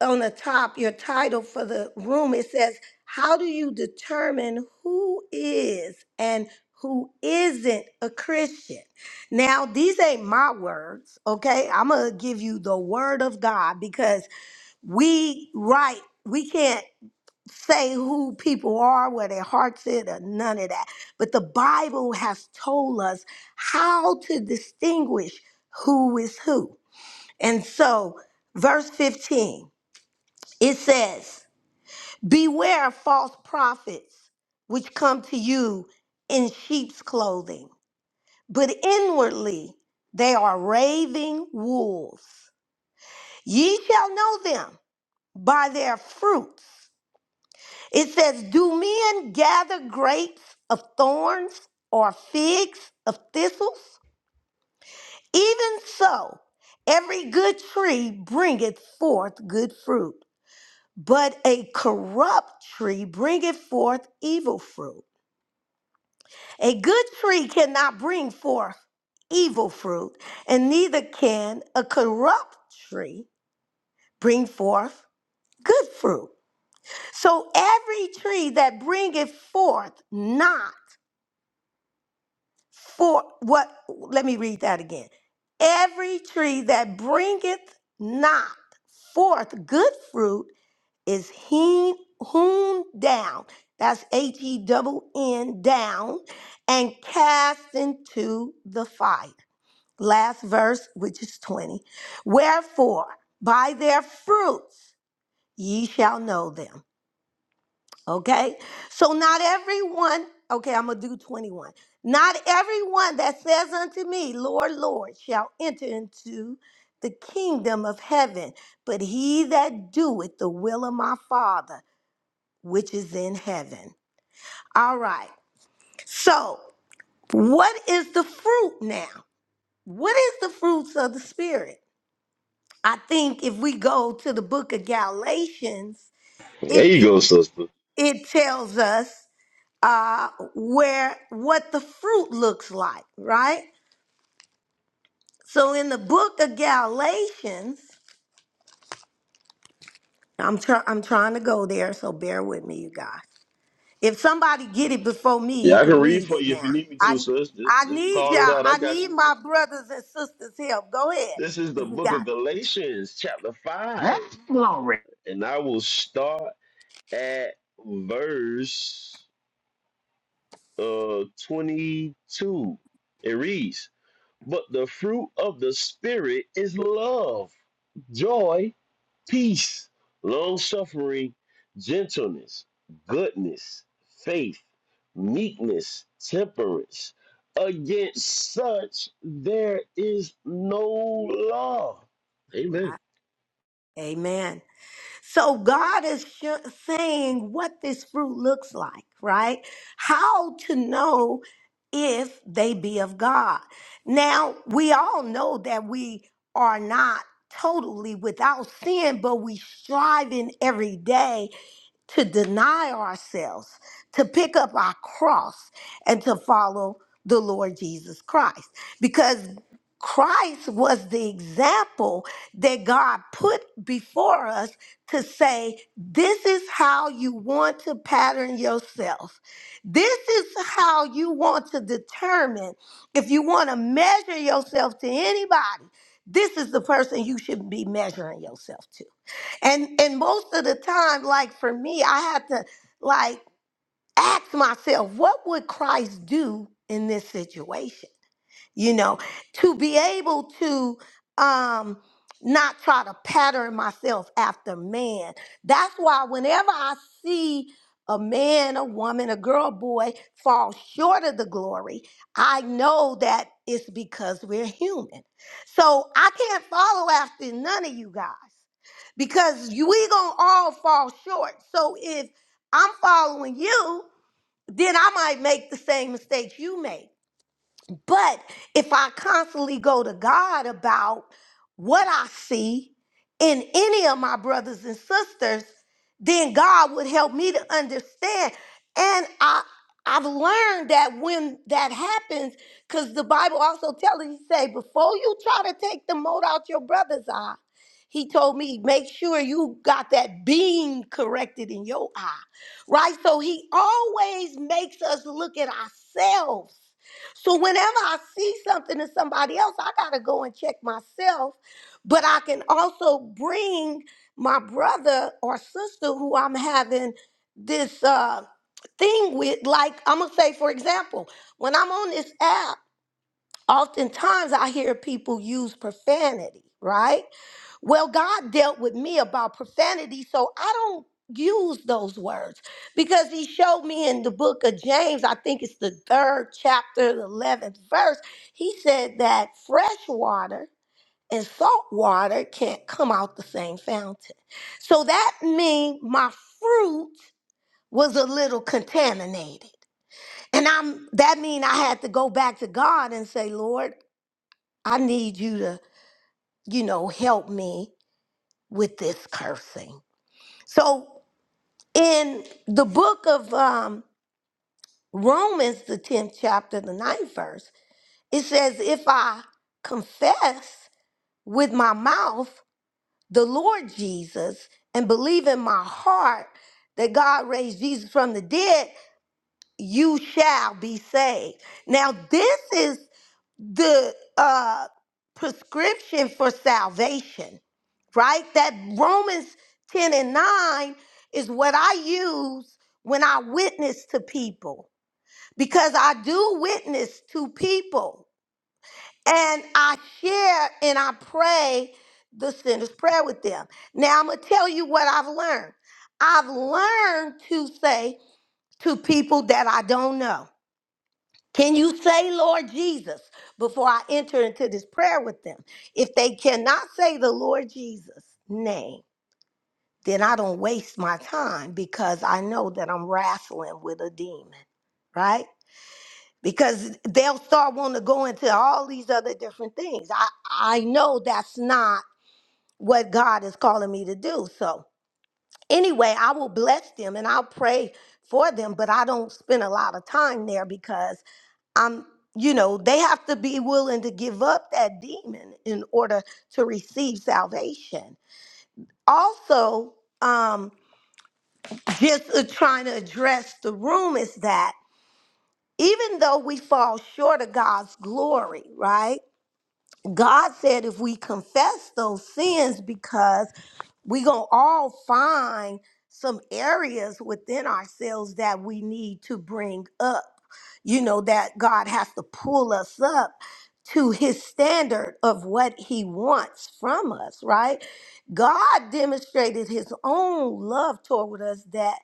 on the top, your title for the room, it says, How do you determine who is and who isn't a Christian? Now, these ain't my words, okay? I'm going to give you the word of God because we right we can't say who people are where their hearts at or none of that but the bible has told us how to distinguish who is who and so verse 15 it says beware of false prophets which come to you in sheep's clothing but inwardly they are raving wolves ye shall know them by their fruits It says, Do men gather grapes of thorns or figs of thistles? Even so, every good tree bringeth forth good fruit, but a corrupt tree bringeth forth evil fruit. A good tree cannot bring forth evil fruit, and neither can a corrupt tree bring forth good fruit. So every tree that bringeth forth not for what let me read that again every tree that bringeth not forth good fruit is hewn, hewn down that's h-e-double-n down and cast into the fire last verse which is 20 wherefore by their fruits ye shall know them Okay? So not everyone, okay, I'm going to do 21. Not everyone that says unto me, Lord, Lord, shall enter into the kingdom of heaven, but he that doeth the will of my Father, which is in heaven. All right. So, what is the fruit now? What is the fruits of the Spirit? I think if we go to the book of Galatians, There it you go, Sister. it tells us uh, where what the fruit looks like, right? So in the book of Galatians, I'm try- I'm trying to go there, so bear with me, you guys. If somebody get it before me, Yeah, you I can can read read for it you if now. you need me to, I sis. Just, I just need call it y'all. out. I I got need you. my brothers and sisters' help. Go ahead This is the if you book of got Galatians, chapter 5. Huh? And I will start at verse. uh 22 it reads but the fruit of the spirit is love joy peace long suffering gentleness goodness faith meekness temperance against such there is no law it. amen Amen. So God is sho- saying what this fruit looks like, right? How to know if they be of God. Now, we all know that we are not totally without sin, but we striving every day to deny ourselves, to pick up our cross, and to follow the Lord Jesus Christ. Because Christ was the example that God put before us to say, This is how you want to pattern yourself. This is how you want to determine if you want to measure yourself to anybody. This is the person you should be measuring yourself to. And and most of the time, like for me, I had to like ask myself, what would Christ do in this situation? you know to be able to um not try to pattern myself after man that's why whenever i see a man a woman a girl boy fall short of the glory i know that it's because we're human so i can't follow after none of you guys because you, we gonna all fall short so if i'm following you then i might make the same mistakes you make but if I constantly go to God about what I see in any of my brothers and sisters, then God would help me to understand. And I I've learned that when that happens, because the Bible also tells us, he say, before you try to take the mote out your brother's eye, he told me, make sure you got that beam corrected in your eye. Right? So he always makes us look at ourselves so whenever I see something in somebody else, I gotta go and check myself. But I can also bring my brother or sister who I'm having this uh, thing with. Like I'm gonna say, for example, when I'm on this app, oftentimes I hear people use profanity, right? Well, God dealt with me about profanity, so I don't use those words because He showed me in the book of James, I think it's the third chapter, the 11th verse, He said that fresh water and salt water can't come out the same fountain. So that means my fruit was a little contaminated. And I'm that mean I had to go back to God and say, "Lord, I need you to, you know, help me with this cursing." So in the book of um, Romans, the 10th chapter, the ninth verse, it says, If I confess with my mouth the Lord Jesus and believe in my heart that God raised Jesus from the dead, you shall be saved. Now, this is the uh, prescription for salvation, right? That Romans 10 and 9 is what I use when I witness to people because I do witness to people and I share and I pray the sinner's prayer with them. Now, I'm going to tell you what I've learned. I've learned to say to people that I don't know. Can you say, Lord Jesus, before I enter into this prayer with them? If they cannot say the Lord Jesus name, then I don't waste my time because I know that I'm wrestling with a demon, right? Because they'll start wanting to go into all these other different things. I, I know that's not what God is calling me to do. So, anyway, I will bless them and I'll pray for them, but I don't spend a lot of time there because. I'm, you know, they have to be willing to give up that demon in order to receive salvation. Also, um, just uh, trying to address the room is that even though we fall short of God's glory, right? God said if we confess those sins, because we gonna all find some areas within ourselves that we need to bring up you know that god has to pull us up to his standard of what he wants from us right god demonstrated his own love toward us that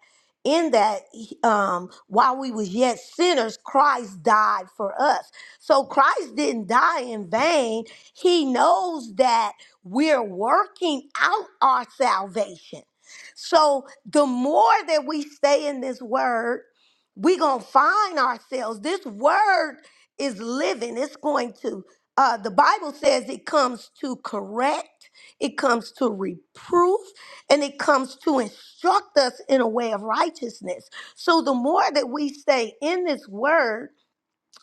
in that um while we was yet sinners christ died for us so christ didn't die in vain he knows that we're working out our salvation. So the more that we stay in this word, we're going to find ourselves. This word is living. It's going to, uh, the Bible says it comes to correct, it comes to reproof, and it comes to instruct us in a way of righteousness. So the more that we stay in this word,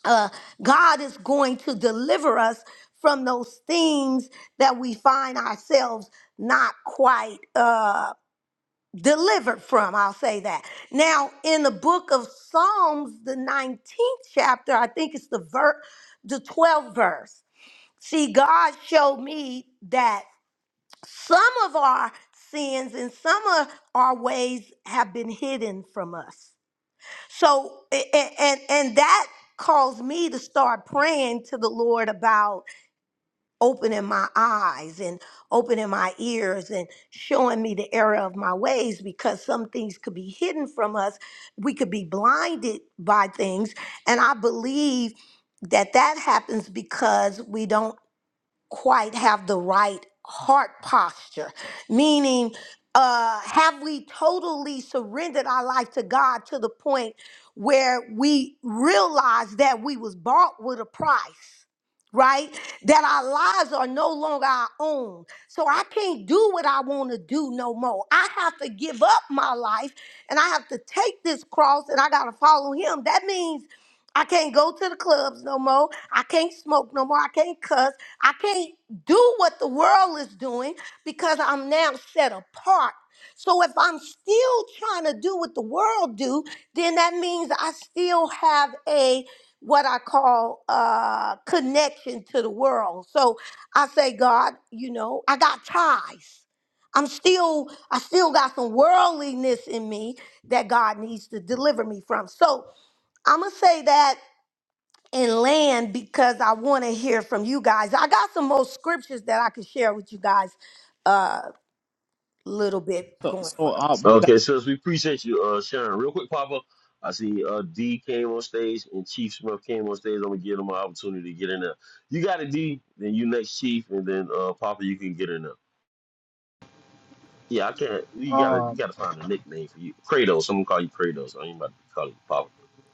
uh, God is going to deliver us from those things that we find ourselves not quite uh, delivered from. I'll say that. Now, in the book of Psalms, the 19th chapter, I think it's the ver- the 12th verse. See, God showed me that some of our sins and some of our ways have been hidden from us. So and and, and that caused me to start praying to the Lord about opening my eyes and opening my ears and showing me the error of my ways because some things could be hidden from us. We could be blinded by things and I believe that that happens because we don't quite have the right heart posture, meaning, uh, have we totally surrendered our life to God to the point where we realize that we was bought with a price? Right? That our lives are no longer our own. So I can't do what I want to do no more. I have to give up my life and I have to take this cross and I got to follow him. That means I can't go to the clubs no more. I can't smoke no more. I can't cuss. I can't do what the world is doing because I'm now set apart. So if I'm still trying to do what the world do, then that means I still have a what I call uh connection to the world. So I say, God, you know, I got ties. I'm still, I still got some worldliness in me that God needs to deliver me from. So I'm gonna say that and land because I want to hear from you guys. I got some more scriptures that I can share with you guys a little bit So, going so further. uh, Okay, sis, we appreciate you uh, sharing. Real quick, Papa, I see uh, D came on stage and Chief Smith came on stage. I'm gonna give them an opportunity to get in there. You got it, D, then you next Chief, and then uh, Papa, you can get in there. Yeah, I can't. You gotta, you Um, gotta find a nickname for you. Kratos. to call you Kratos. I ain't about to call you Papa.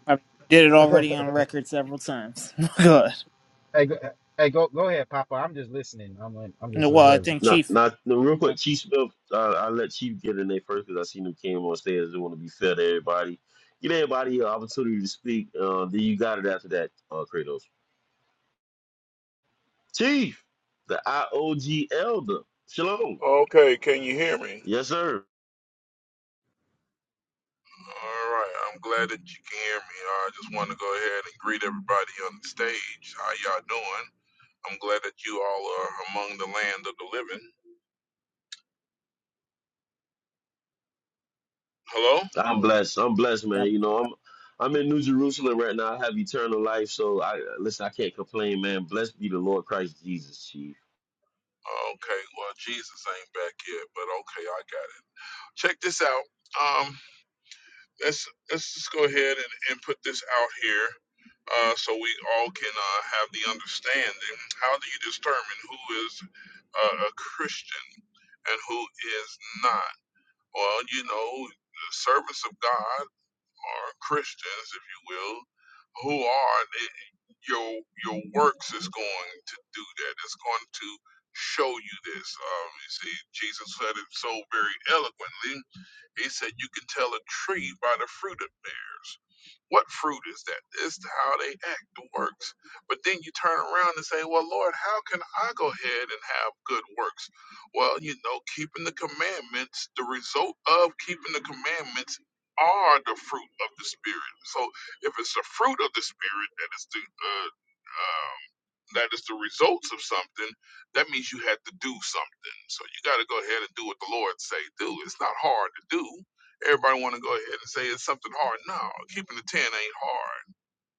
I mean, did it [laughs] already on record several times. [laughs] Good. hey, go, hey, go, go ahead, Papa. I'm just listening. I'm, like, I'm just No, Well, I observing. think Not, Chief. not. No, real quick, Chief Smith. Uh, I let Chief get in there first because I seen him came on stage. I just want to be fair to everybody. Give everybody an opportunity to speak. Uh, then you got it after that, uh, Kratos. Chief, the IOG elder. Shalom. Okay, can you hear me? Yes, sir. All right, I'm glad that you can hear me. I just want to go ahead and greet everybody on the stage. How y'all doing? I'm glad that you all are among the land of the living. Hello? I'm blessed. I'm blessed, man. You know, I'm I'm in New Jerusalem right now. I have eternal life, so I listen. I can't complain, man. Blessed be the Lord Christ Jesus, Chief. Okay, well, Jesus ain't back yet, but okay, I got it. Check this out. Um, let's let's just go ahead and, and put this out here, uh, so we all can uh, have the understanding. How do you determine who is uh, a Christian and who is not? Well, you know, the servants of God are Christians, if you will, who are they- your your works is going to do that. It's going to show you this. Um, you see, Jesus said it so very eloquently he said, You can tell a tree by the fruit it bears. What fruit is that? It's how they act, the works. But then you turn around and say, Well, Lord, how can I go ahead and have good works? Well, you know, keeping the commandments, the result of keeping the commandments are the fruit of the Spirit. So if it's the fruit of the Spirit that is the uh, uh, that is the results of something, that means you had to do something. So you got to go ahead and do what the Lord say do. It's not hard to do. Everybody want to go ahead and say it's something hard. No, keeping the ten ain't hard.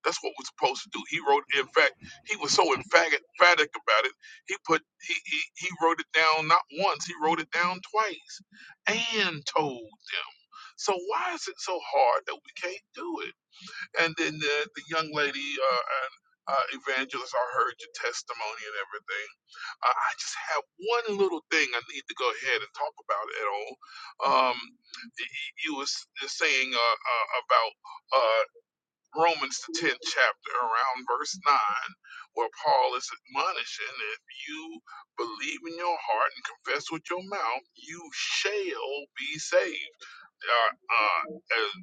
That's what we're supposed to do. He wrote. In fact, he was so emphatic emphatic about it. He put he, he he wrote it down not once. He wrote it down twice, and told them. So why is it so hard that we can't do it? And then the, the young lady, uh, and, uh, evangelist, I heard your testimony and everything. Uh, I just have one little thing I need to go ahead and talk about at all. Um, y- y- you was just saying uh, uh, about uh, Romans the tenth chapter, around verse nine, where Paul is admonishing, if you believe in your heart and confess with your mouth, you shall be saved. Uh, uh,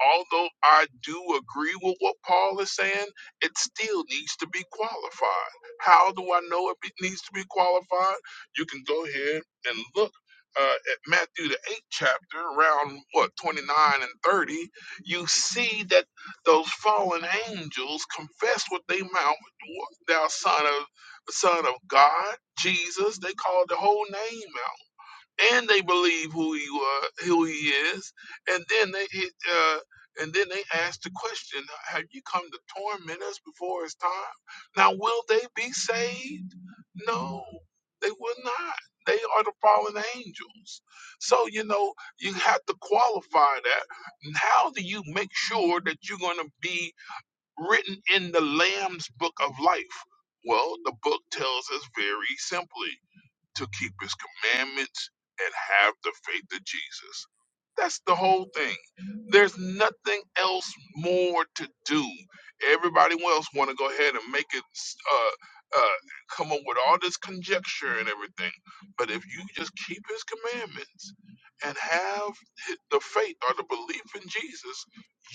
although I do agree with what Paul is saying, it still needs to be qualified. How do I know it be- needs to be qualified? You can go ahead and look uh, at Matthew, the eighth chapter, around what, 29 and 30. You see that those fallen angels confess with their mouth, thou son of, son of God, Jesus. They called the whole name and they believe who he was, who he is, and then they he- uh, and then they ask the question: Have you come to torment us before it's time? Now, will they be saved? No, they will not. They are the fallen angels. So you know you have to qualify that. And How do you make sure that you're going to be written in the Lamb's book of life? Well, the book tells us very simply to keep his commandments and have the faith of Jesus. That's the whole thing. There's nothing else more to do. Everybody else want to go ahead and make it uh, uh, come up with all this conjecture and everything. But if you just keep his commandments and have hi- the faith or the belief in Jesus,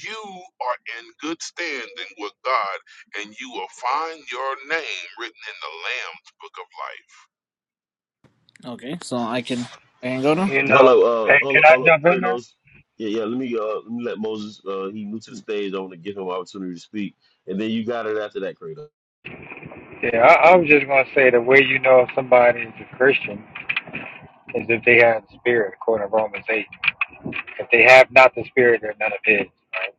you are in good standing with God and you will find your name written in the Lamb's book of life. Okay, so I can I can go now. You know, Hello, uh, hey, hold can up, I hold up, jump in there? Kratos. Yeah, yeah. Let me uh, let me let Moses. Uh, he new to the stage. I want to give him an opportunity to speak, and then you got it after that, Kratos. Yeah, I, I was just going to say the way you know if somebody is a Christian is if they have the Spirit, according to Romans 8. If they have not the Spirit, they're none of His. Right?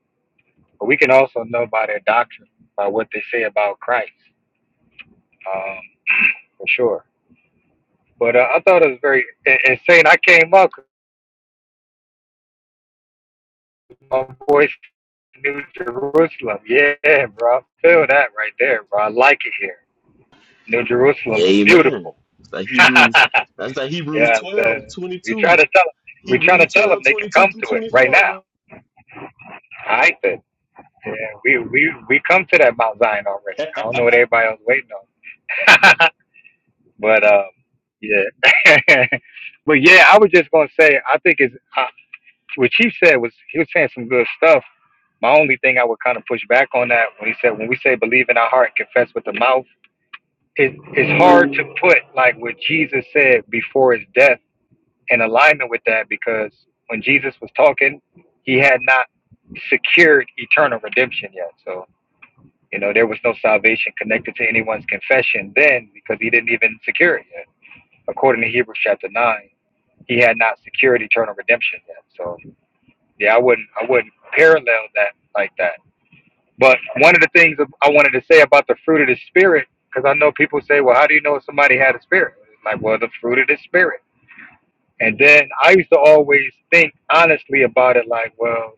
But we can also know by their doctrine, by what they say about Christ, um, for sure. But uh, I thought it was very in- insane. I came up with my voice New Jerusalem. Yeah, bro. I feel that right there, bro. I like it here. New Jerusalem is Amen. beautiful. It's like Hebrews. [laughs] That's like Hebrews Yeah, so 12 twenty we try two. to tell them. we trying to Hebrews tell them 12 they can 22 come to through it right now. 24, I said, yeah, we we we come to that Mount Zion already. I man. [laughs] don't know what everybody else waiting on, [laughs] but um, yeah, [laughs] but yeah, I was just gonna say I think it's uh, what Chief said was he was saying some good stuff. My only thing I would kind of push back on that when he said when we say believe in our heart and confess with the mouth, it, it's hard to put like what Jesus said before his death in alignment with that because when Jesus was talking, he had not secured eternal redemption yet. So, you know, there was no salvation connected to anyone's confession then because he didn't even secure it yet. According to Hebrews chapter nine, he had not secured eternal redemption yet. So yeah, I wouldn't I wouldn't parallel that like that. But one of the things I wanted to say about the fruit of the spirit, because I know people say, Well, how do you know if somebody had a spirit? Like, well, the fruit of the spirit And then I used to always think honestly about it, like, well,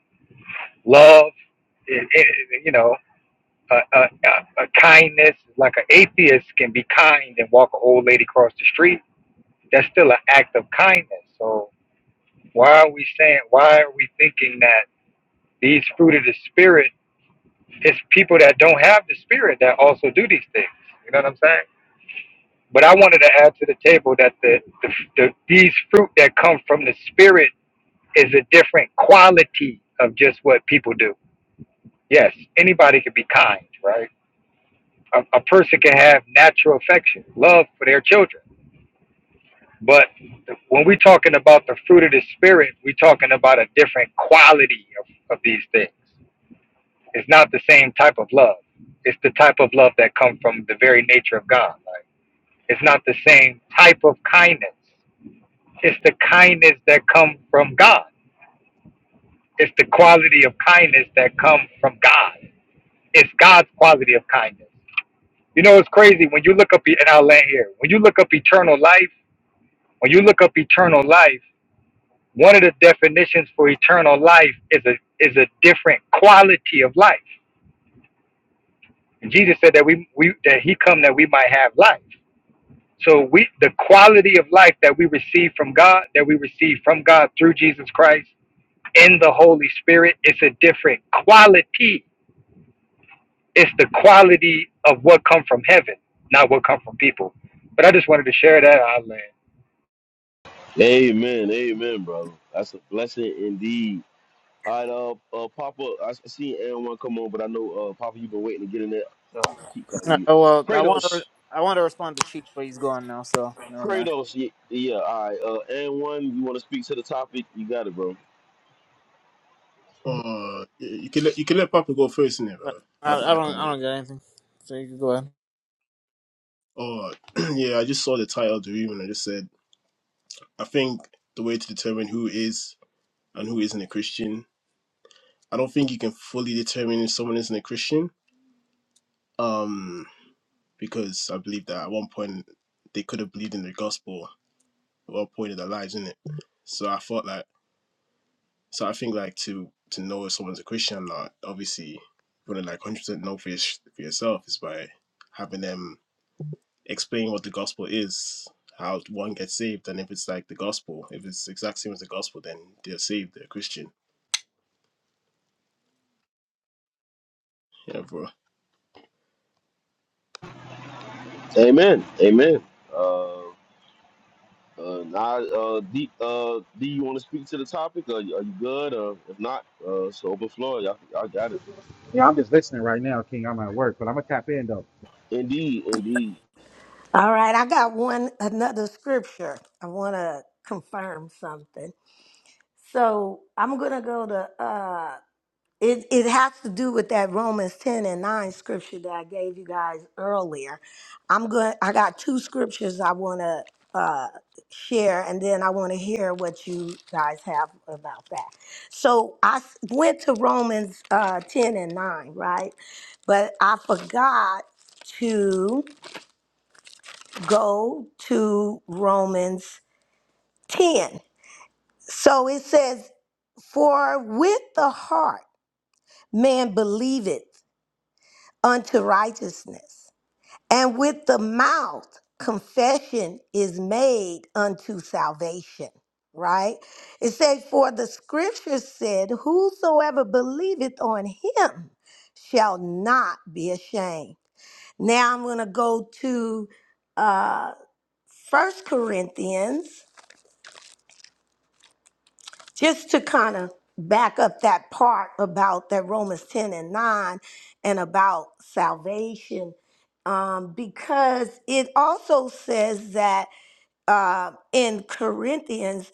love, it, it, you know, a, a, a a kindness, like an atheist can be kind and walk an old lady across the street. That's still an act of kindness. So why are we saying, why are we thinking that these fruit of the spirit, it's people that don't have the spirit that also do these things? You know what I'm saying? But I wanted to add to the table that the, the, the these fruit that come from the spirit is a different quality of just what people do. Yes, anybody can be kind, right? A, a person can have natural affection, love for their children. But th- when we're talking about the fruit of the spirit, we're talking about a different quality of, of these things. It's not the same type of love. It's the type of love that comes from the very nature of God. Like it's not the same type of kindness. It's the kindness that comes from God. It's the quality of kindness that comes from God It's God's quality of kindness. You know, it's crazy when you look up, and I'll land here. When you look up eternal life, when you look up eternal life, one of the definitions for eternal life is a is a different quality of life. And Jesus said that we, we that He come that we might have life. So we the quality of life that we receive from God, that we receive from God through Jesus Christ in the Holy Spirit, it's a different quality It's the quality of what come from heaven, not what come from people. But I just wanted to share that I learned. Amen, amen, brother. That's a blessing indeed. All right, uh, uh Papa, I s- I see Aaron one come on, but I know uh Papa, you've been waiting to get in there. Oh, I keep calling No, you oh, well, I want to Kratos. I want to respond to Chief, but he's gone now, so never mind. Kratos, yeah, yeah all right. Uh, and one, you want to speak to the topic? You got it, bro. Oh, you can let you can let Papa go first innit, I, bro. I I, I don't can I wait. don't got anything. So you can go ahead. Oh, [clears throat] yeah, I just saw the title of the room and I just said, I think the way to determine who is and who isn't a Christian, I don't think you can fully determine if someone isn't a Christian, um, because I believe that at one point they could have believed in the gospel at one point in their lives, innit? So I thought like, so I think like to to know if someone's a Christian or not, obviously, you want to like one hundred percent know for, your, for yourself is by having them explain what the gospel is, how one gets saved, and if it's like the gospel, if it's exact same as the gospel, then they're saved, they're Christian. You know, Amen, amen. Uh, uh, now, uh, D, uh, D, you want to speak to the topic? Are you, are you good? Uh, if not, uh, so open floor. Y'all, y'all got it. Yeah, I'm just listening right now, King. I'm at work, but I'm gonna tap in though. Indeed, indeed. All right, I got one another scripture. I want to confirm something. So I'm gonna go to uh, It, it has to do with that Romans 10 and 9 scripture that I gave you guys earlier. I'm going I got two scriptures I want to uh, share and then I want to hear what you guys have about that. So I s- went to Romans uh, 10 and 9, right? But I forgot to go to Romans 10. So it says, For with the heart man believeth unto righteousness. And with the mouth, confession is made unto salvation, right? It says, For the scripture said, Whosoever believeth on him shall not be ashamed. Now I'm going to go to uh, 1 Corinthians just to kind of back up that part about that Romans 10 and 9 and about salvation, um, because it also says that uh, in Corinthians,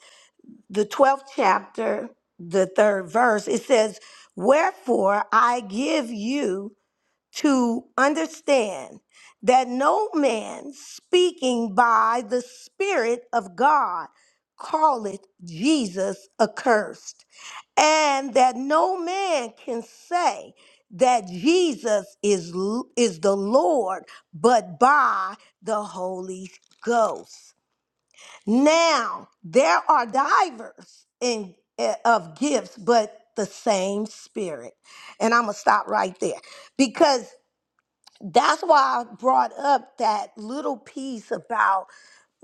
the 12th chapter, the third verse, it says, Wherefore I give you to understand that no man speaking by the Spirit of God calleth Jesus accursed and that no man can say that Jesus is l- is the Lord but by the Holy Ghost. Now, there are divers in eh, of gifts but the same spirit. And I'm going to stop right there because that's why I brought up that little piece about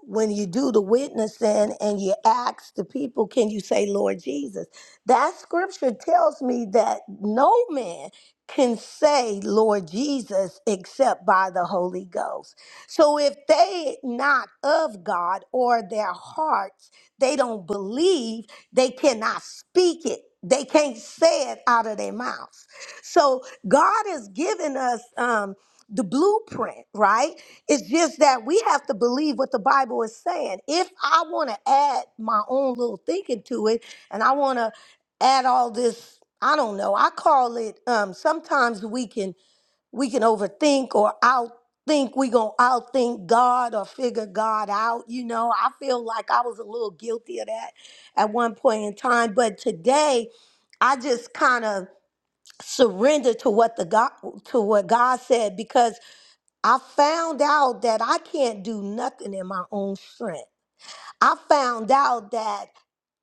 when you do the witnessing and you ask the people, can you say Lord Jesus? That scripture tells me that no man can say Lord Jesus except by the Holy Ghost. So if they not of God or their hearts, they don't believe, they cannot speak it. They can't say it out of their mouths. So God has given us um, the blueprint, right? It's just that we have to believe what the Bible is saying. If I want to add my own little thinking to it, and I want to add all this, I don't know. I call it. Um, sometimes we can we can overthink or outthink. We gonna outthink God or figure God out. You know, I feel like I was a little guilty of that at one point in time, but today I just kind of surrender to what the God to what God said because I found out that I can't do nothing in my own strength. I found out that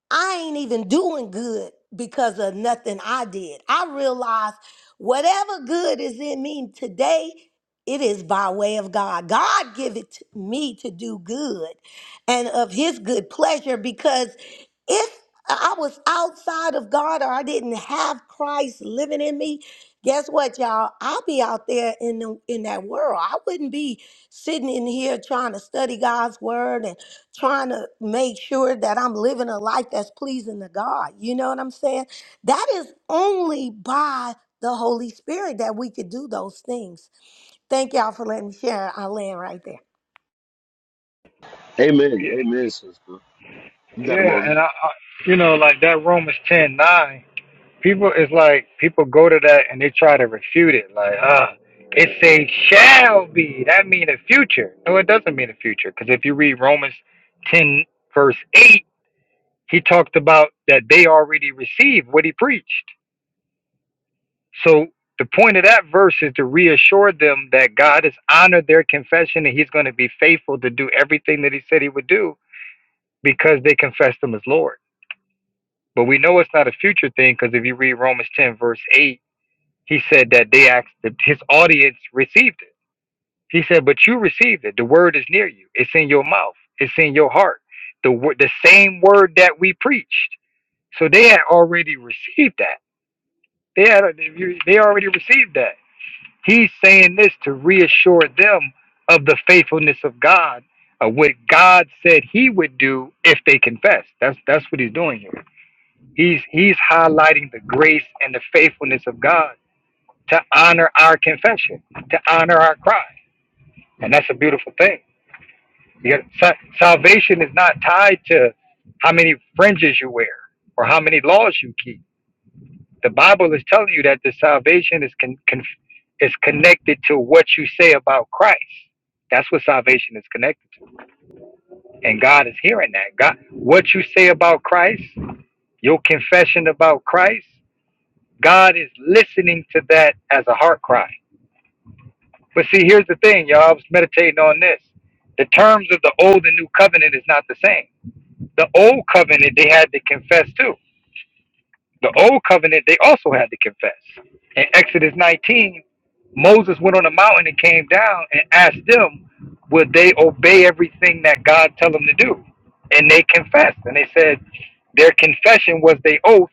I ain't even doing good because of nothing I did. I realize whatever good is in me today, it is by way of God. God give it to me to do good and of his good pleasure because if I was outside of God or I didn't have Christ living in me, guess what y'all? I'll be out there in the, in that world. I wouldn't be sitting in here trying to study God's word trying to make sure that I'm living a life that's pleasing to God. You know what I'm saying? That is only by the Holy Spirit that we could do those things. Thank y'all for letting me share. I land right there. Amen, Yeah, amen, sister. You got it, yeah, Moses. and I, I you know, like that Romans ten nine. People is like people go to that and they try to refute it. Like, ah, it says shall be. That mean the future. No, it doesn't mean the future. Because if you read Romans ten verse eight, he talked about that they already received what he preached. So the point of that verse is to reassure them that God has honored their confession and he's going to be faithful to do everything that he said he would do because they confessed him as Lord. But we know it's not a future thing because if you read Romans 10, verse 8, he said that they asked, that his audience received it. He said, But you received it. The word is near you, it's in your mouth, it's in your heart. The, word, the same word that we preached. So they had already received that. They had they already received that. He's saying this to reassure them of the faithfulness of God, of what God said He would do if they confess. That's that's what He's doing here. He's He's highlighting the grace and the faithfulness of God to honor our confession, to honor our cry, and that's a beautiful thing. You got, sa- salvation is not tied to how many fringes you wear or how many laws you keep The Bible is telling you that the salvation is con- con- is connected to what you say about Christ. That's what salvation is connected to, and God is hearing that. God, what you say about Christ, your confession about Christ, God is listening to that as a heart cry. But see, here's the thing, y'all. I was meditating on this. The terms of the old and new covenant is not the same. The old covenant they had to confess too. The old covenant, they also had to confess. In Exodus 19, Moses went on a mountain and came down and asked them, would they obey everything that God tell them to do? And they confessed. And they said, their confession was their oath.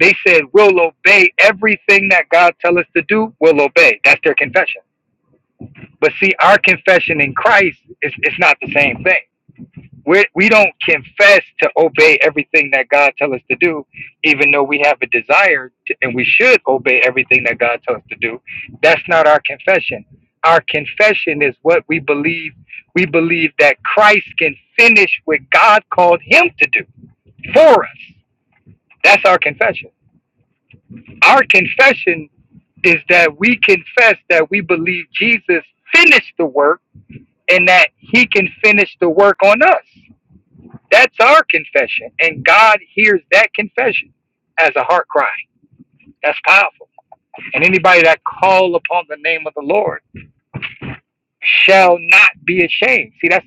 They said, we'll obey everything that God tell us to do. We'll obey. That's their confession. But see, our confession in Christ is it's not the same thing we we don't confess to obey everything that God tells us to do, even though we have a desire to, and we should obey everything that God tells us to do. That's not our confession. Our confession is what we believe. We believe that Christ can finish what God called him to do for us. That's our confession. Our confession is that we confess that we believe Jesus finished the work and that he can finish the work on us. That's our confession. And God hears that confession as a heart cry. That's powerful. And anybody that call upon the name of the Lord shall not be ashamed. See, that's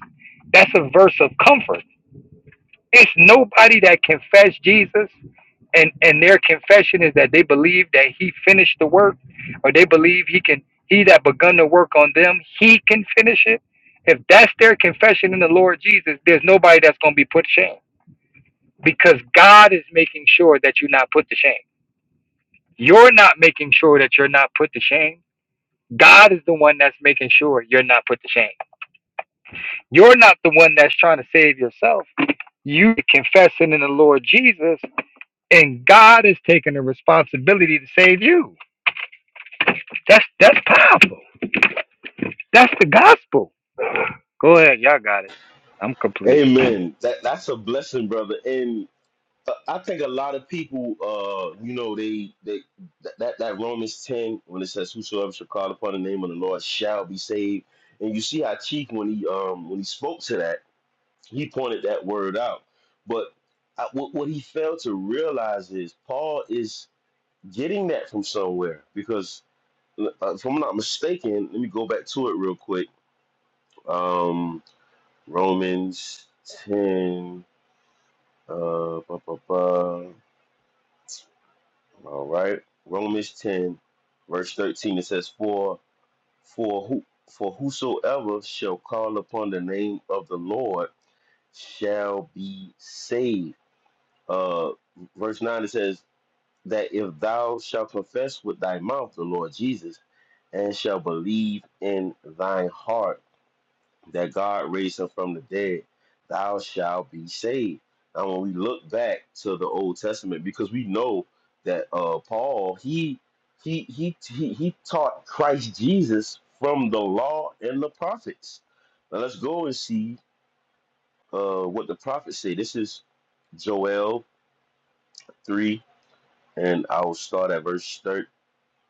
that's a verse of comfort. It's nobody that confess Jesus and and their confession is that they believe that he finished the work or they believe he can he that begun to work on them, he can finish it. If that's their confession in the Lord Jesus, there's nobody that's going to be put to shame. because God is making sure that you're not put to shame. You're not making sure that you're not put to shame. God is the one that's making sure you're not put to shame. You're not the one that's trying to save yourself. You confessing in the Lord Jesus, and God is taking the responsibility to save you. That's that's powerful. That's the gospel. Go ahead, y'all got it. I'm complete. Amen. That that's a blessing, brother. And uh, I think a lot of people, uh, you know, they they that that that Romans ten when it says, "Whosoever shall call upon the name of the Lord shall be saved." And you see how Chief when he um when he spoke to that, he pointed that word out. But I, what what he failed to realize is Paul is getting that from somewhere because uh, if I'm not mistaken, let me go back to it real quick. Um, Romans ten. Uh, bu- bu- bu- all right. Romans 10, verse 13, it says, For for who for whosoever shall call upon the name of the Lord shall be saved. Uh verse 9 it says that if thou shalt confess with thy mouth the Lord Jesus and shall believe in thine heart that God raised him from the dead, thou shalt be saved. Now, when we look back to the Old Testament, because we know that uh, Paul he he he he he taught Christ Jesus from the law and the prophets. Now let's go and see uh, what the prophets say. This is Joel three, and I will start at verse thirty.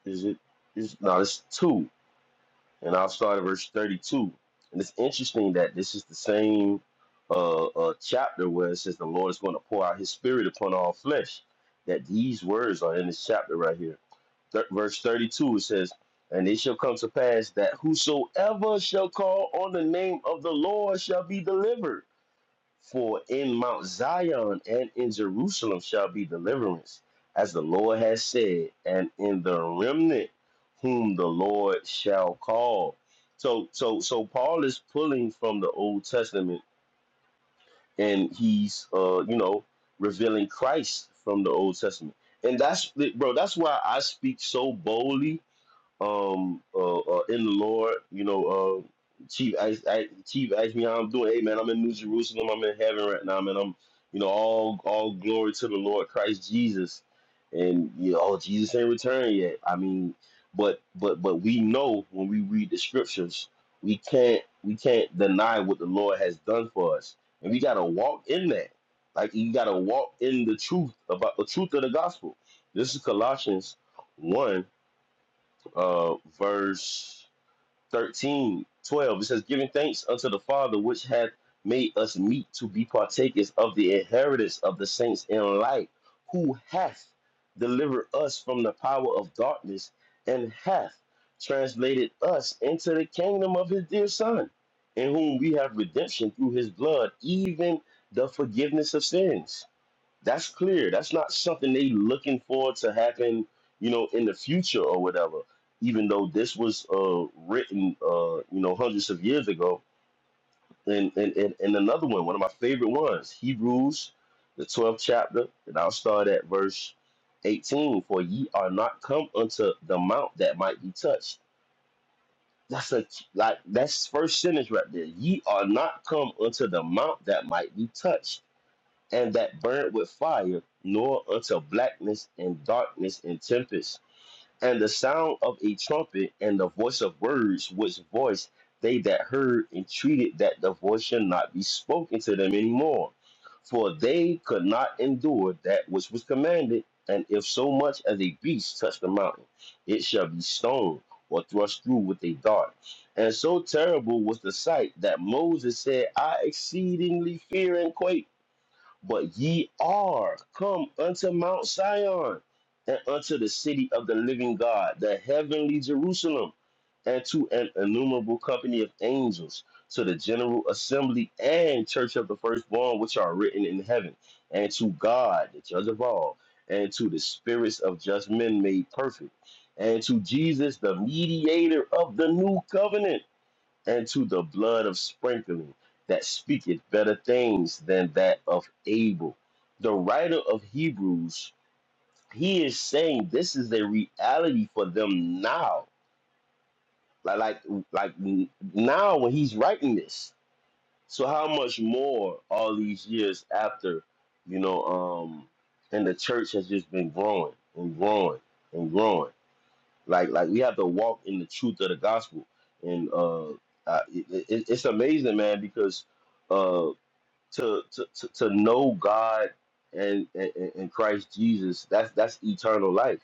Is it? Is no, it's two. and I'll start at verse 32. And it's interesting that this is the same uh, uh, chapter where it says the Lord is going to pour out His Spirit upon all flesh. That these words are in this chapter right here. Th- verse 32 it says, And it shall come to pass that whosoever shall call on the name of the Lord shall be delivered. For in Mount Zion and in Jerusalem shall be deliverance, as the Lord has said, and in the remnant whom the Lord shall call. So so so Paul is pulling from the Old Testament and he's uh you know revealing Christ from the Old Testament. And that's bro, that's why I speak so boldly um uh, uh in the Lord. You know, uh Chief asked I, Chief asked me how I'm doing. Hey man, I'm in New Jerusalem, I'm in heaven right now, man. I'm you know, all all glory to the Lord Christ Jesus. And you know, oh, Jesus ain't returned yet. I mean, but but but we know when we read the scriptures, we can't we can't deny what the Lord has done for us. And we gotta walk in that. Like you gotta walk in the truth about the truth of the gospel. This is Colossians one uh, verse 13, 12. It says, Giving thanks unto the Father, which hath made us meet to be partakers of the inheritance of the saints in light, who hath delivered us from the power of darkness and hath translated us into the kingdom of his dear Son, in whom we have redemption through his blood, even the forgiveness of sins. That's clear. That's not something they looking for to happen, you know, in the future or whatever. Even though this was uh, written, uh, you know, hundreds of years ago. And, and and and another one, one of my favorite ones, Hebrews, the twelfth chapter, and I'll start at verse eighteen. For ye are not come unto the mount that might be touched. That's a like that's first sentence right there. Ye are not come unto the mount that might be touched and that burned with fire, nor unto blackness and darkness and tempest, and the sound of a trumpet and the voice of words, which voice they that heard entreated that the voice should not be spoken to them any more. For they could not endure that which was commanded, and if so much as a beast touch the mountain, it shall be stoned or thrust through with a dart. And so terrible was the sight that Moses said, I exceedingly fear and quake. But ye are come unto Mount Sion, and unto the city of the living God, the heavenly Jerusalem, and to an innumerable company of angels, to the general assembly and church of the firstborn, which are written in heaven, and to God, the judge of all, and to the spirits of just men made perfect, and to Jesus, the mediator of the new covenant and to the blood of sprinkling that speaketh better things than that of Abel. The writer of Hebrews, he is saying this is the reality for them now. Like like like now when he's writing this. So how much more all these years after, you know, um and the church has just been growing and growing and growing like like we have to walk in the truth of the gospel and uh I, it, it, it's amazing man because uh to to to, to know god and, and and christ jesus that's that's eternal life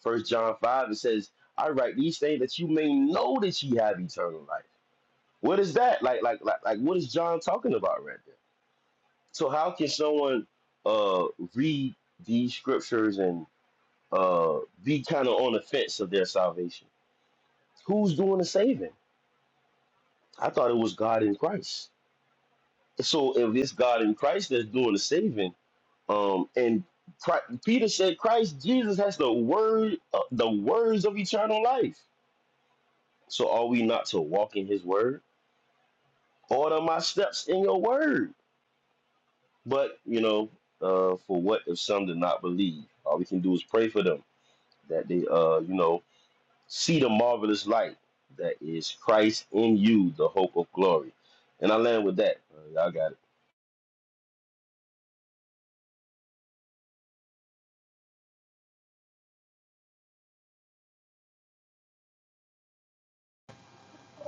first john 5 it says i write these things that you may know that you have eternal life what is that like like like, like what is john talking about right there so how can someone uh read these scriptures and uh be kind of on the fence of their salvation Who's doing the saving? I thought it was God in Christ. So if it's God in Christ that's doing the saving, um, and Chri- Peter said Christ Jesus has the word, uh, the words of eternal life. So are we not to walk in His word? Order my steps in Your word. But you know, uh, for what if some did not believe? All we can do is pray for them that they, uh, you know, see the marvelous light that is Christ in you, the hope of glory. And I land with that. Uh, y'all got it.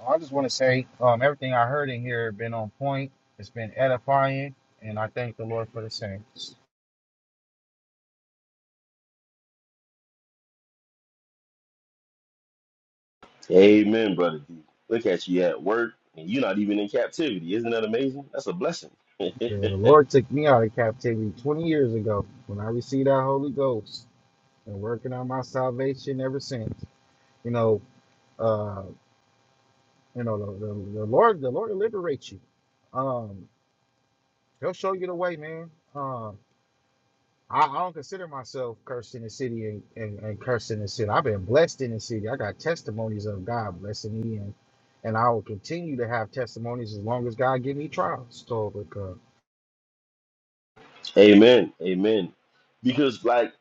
I just want to say, um, everything I heard in here been on point. It's been edifying, and I thank the Lord for the same. Yeah, Amen, brother D. Look at you at work, and you're not even in captivity. Isn't that amazing? That's a blessing. the [laughs] Lord took me out of captivity 20 years ago when I received that Holy Ghost and working on my salvation ever since. You know, uh, you know, the, the, the Lord, the Lord will liberate you. Um, he'll show you the way, man. Um. I, I don't consider myself cursed in the city and, and, and cursed in the city. I've been blessed in the city. I got testimonies of God blessing me, and and I will continue to have testimonies as long as God give me trials. So, but, uh, Amen. Amen. Because like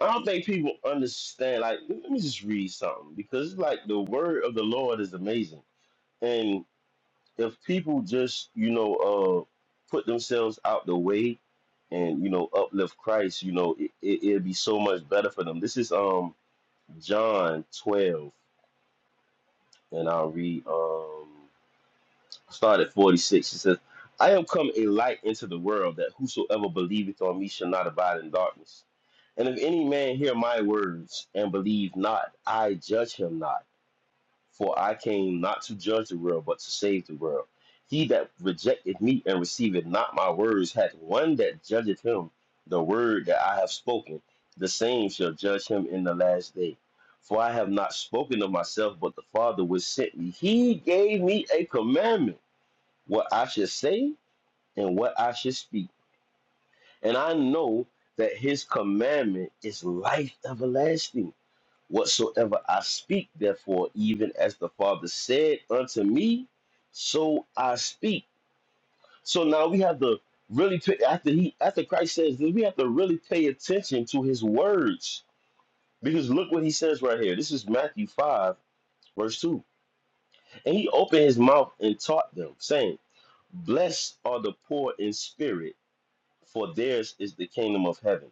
I don't think people understand. Like, let me just read something because like the word of the Lord is amazing, and if people just you know uh put themselves out the way and you know uplift Christ, you know it, it, it'd be so much better for them. This is um John twelve, and I'll read. Um Start at 46. It says, I am come a light into the world that whosoever believeth on me shall not abide in darkness. And if any man hear my words and believe not, I judge him not. For I came not to judge the world, but to save the world. He that rejected me and receiveth not my words hath one that judgeth him. The word that I have spoken, the same shall judge him in the last day. For I have not spoken of myself, but the Father which sent me. He gave me a commandment what I should say and what I should speak. And I know that his commandment is life everlasting. Whatsoever I speak, therefore, even as the Father said unto me, so I speak. So now we have to really pay, after he after Christ says this, we have to really pay attention to his words. Because look what he says right here. This is Matthew 5, verse 2. And he opened his mouth and taught them, saying, Blessed are the poor in spirit for theirs is the kingdom of heaven.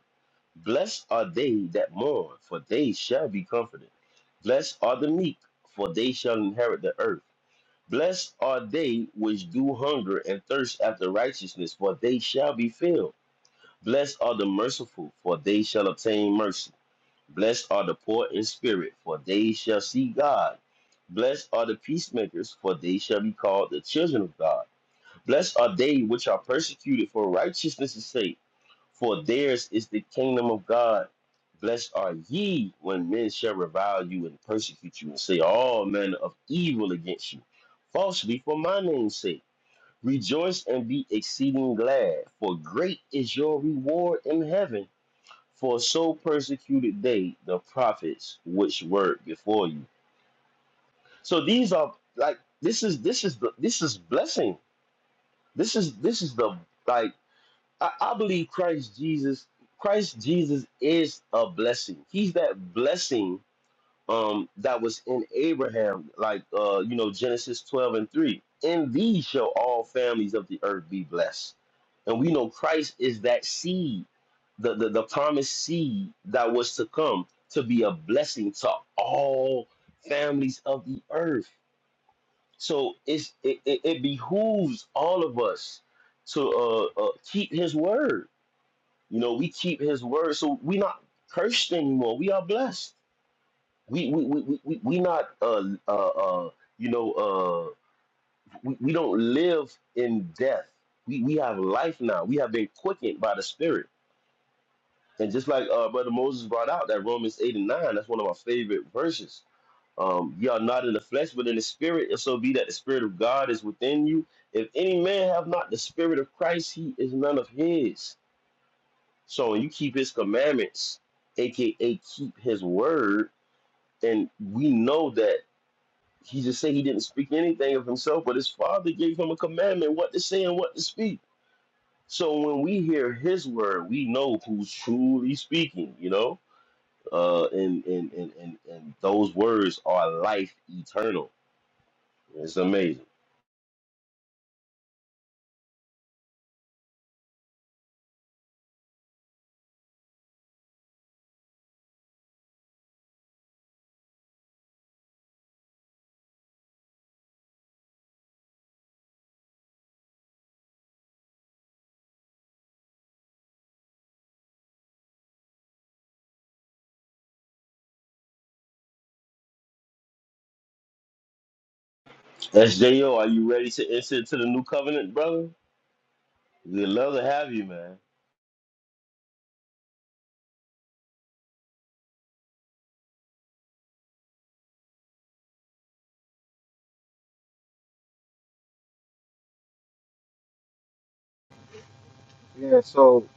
Blessed are they that mourn, for they shall be comforted. Blessed are the meek, for they shall inherit the earth. Blessed are they which do hunger and thirst after righteousness, for they shall be filled. Blessed are the merciful, for they shall obtain mercy. Blessed are the poor in spirit, for they shall see God. Blessed are the peacemakers, for they shall be called the children of God. Blessed are they which are persecuted for righteousness' sake for theirs is the kingdom of God. Blessed are ye when men shall revile you and persecute you and say all manner of evil against you, falsely for my name's sake. Rejoice and be exceeding glad, for great is your reward in heaven. For so persecuted they the prophets which were before you. So these are like this is this is the this is blessing. This is this is the like I, I believe Christ Jesus, Christ Jesus is a blessing. He's that blessing um that was in Abraham, like uh, you know, Genesis 12 and 3. In thee shall all families of the earth be blessed. And we know Christ is that seed, the, the, the promised seed that was to come to be a blessing to all families of the earth. So it's it, it, it behooves all of us to uh, uh, keep his word you know, we keep his word, so we not cursed anymore. We are blessed. We we we we, we we not uh uh uh you know uh we, we don't live in death. We we have life now. We have been quickened by the Spirit. And just like uh brother Moses brought out that Romans eight and nine, that's one of my favorite verses. Um, ye are not in the flesh, but in the spirit. If so be that the spirit of God is within you. If any man have not the spirit of Christ, he is none of his. So when you keep his commandments, aka keep his word, and we know that he just said he didn't speak anything of himself, but his father gave him a commandment what to say and what to speak. So when we hear his word, we know who's truly speaking, you know? Uh and and and and, and those words are life eternal. It's amazing. SJO, are you ready to enter into the new covenant, brother? We'd love to have you, man. yeah, so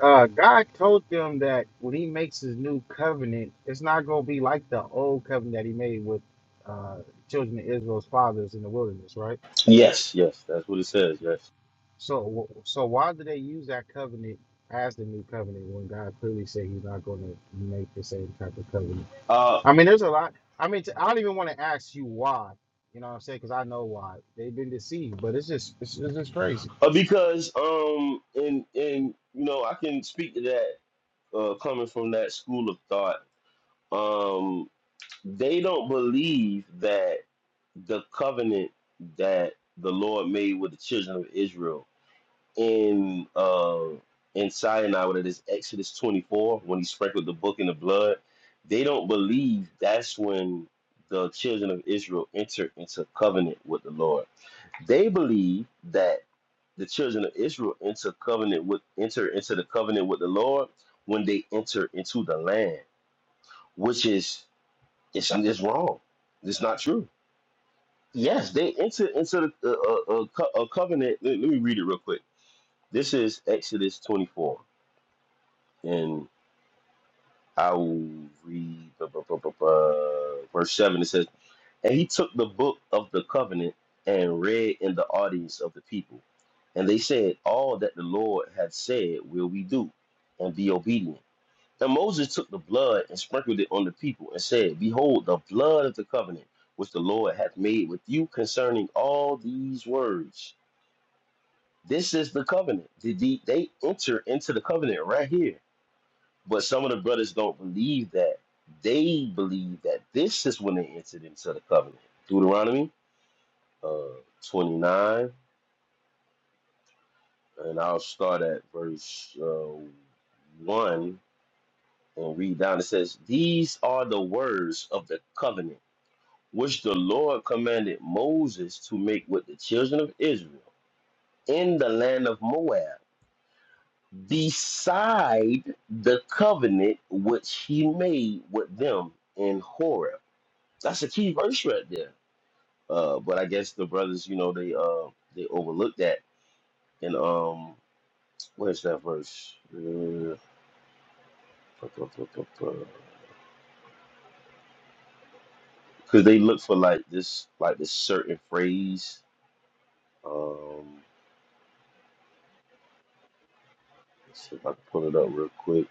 uh, God told them that when He makes His new covenant, it's not going to be like the old covenant that He made with uh, children of Israel's fathers in the wilderness, right? Yes, yes, that's what it says. Yes. So, so why do they use that covenant as the new covenant when God clearly said He's not going to make the same type of covenant? Uh, I mean, there's a lot. I mean, t- I don't even want to ask you why. You know what I'm saying? Because I know why they've been deceived. But it's just, it's, it's just crazy. Uh, because um and and you know I can speak to that uh, coming from that school of thought. Um, they don't believe that the covenant that the Lord made with the children of Israel in uh, in Sinai, whether it is Exodus twenty four, when He sprinkled the book in the blood, they don't believe that's when the children of Israel enter into covenant with the Lord. They believe that the children of Israel enter covenant with enter into the covenant with the Lord when they enter into the land, which is it's, it's wrong. It's not true. Yes, they enter into the uh, uh, uh, co- a covenant. Let, let me read it real quick. This is Exodus 24, and I will read bu- bu- bu- bu- verse 7. It says. And he took the book of the covenant and read in the audience of the people. And they said, All that the Lord hath said will we do, and be obedient. And Moses took the blood and sprinkled it on the people, and said, Behold, the blood of the covenant which the Lord hath made with you concerning all these words. This is the covenant. Did the- They enter into the covenant right here. But some of the brothers don't believe that. They believe that this is when they entered into the covenant. Deuteronomy uh, 29, and I'll start at verse uh, 1 and read down. It says, These are the words of the covenant which the Lord commanded Moses to make with the children of Israel in the land of Moab, beside the covenant which he made with them in Horeb. That's a key verse right there. Uh, but I guess the brothers, you know, they uh they overlooked that. And um Where's that verse? Because they look for like this, like this certain phrase. Um, let's see if I can pull it up real quick.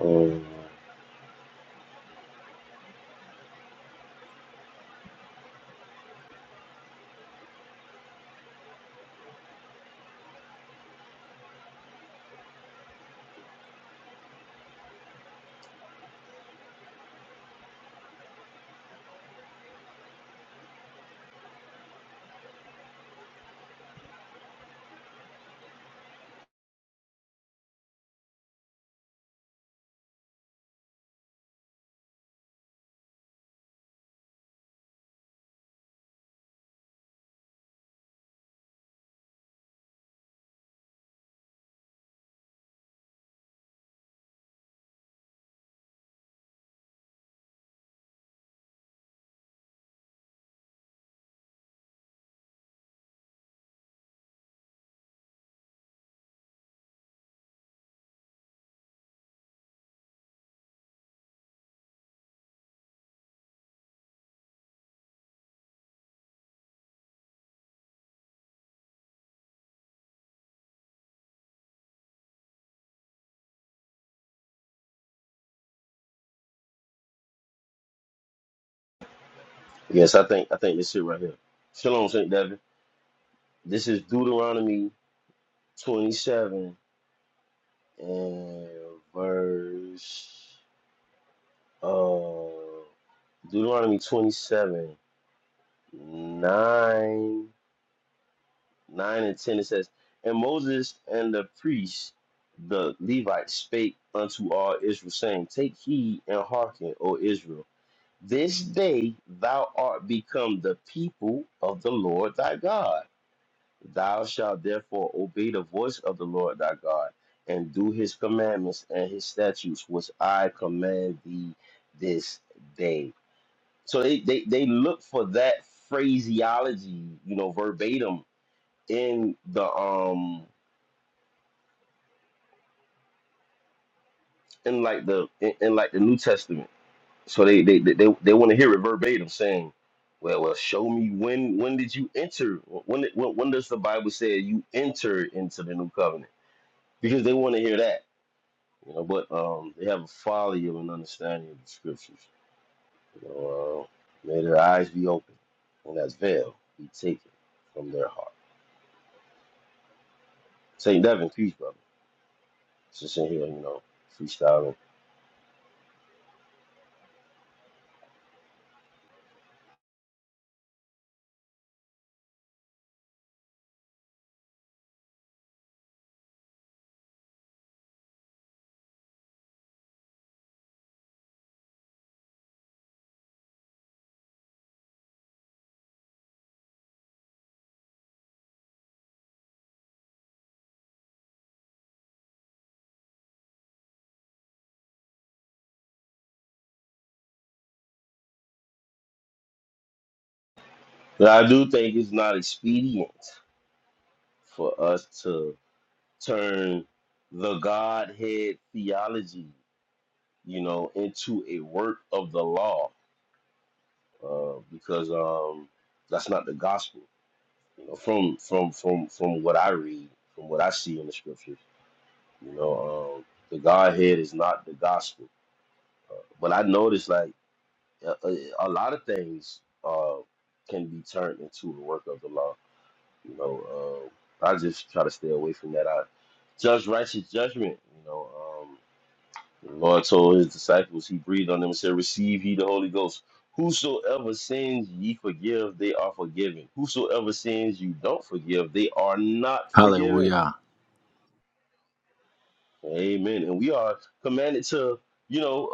Um, yes, I think I think this it right here. Shalom, Saint Devin. This is Deuteronomy twenty-seven and verse. Uh, Deuteronomy twenty-seven nine. 9 and 10, it says, And Moses and the priests, the Levites, spake unto all Israel, saying, Take heed and hearken, O Israel. This day thou art become the people of the Lord thy God. Thou shalt therefore obey the voice of the Lord thy God, and do his commandments and his statutes, which I command thee this day. So they, they, they look for that phraseology, you know, verbatim in the um in like the in, in like the New Testament. So they they they, they, they want to hear it verbatim saying, "Well, well, show me when when did you enter? When did- when, when does the Bible say you enter into the new covenant?" Because they want to hear that, you know. But um, they have a folly of an understanding of the scriptures. You know, uh, may their eyes be open and that veil be taken from their heart. Saint Devin, peace, brother. Just in here, you know, freestyling. But I do think it's not expedient for us to turn the Godhead theology, you know, into a work of the law, uh, because um, that's not the gospel. You know, from from from from what I read, from what I see in the scriptures, you know, um, the Godhead is not the gospel. But I noticed like a, a, a lot of things uh, can be turned into the work of the law. You know, uh, I just try to stay away from that. I judge righteous judgment. You know. Um, The Lord told his disciples, he breathed on them and said, Receive ye the Holy Ghost. Whosoever sins ye forgive, they are forgiven. Whosoever sins you don't forgive, they are not forgiven. Hallelujah. Amen. And we are commanded to, you know,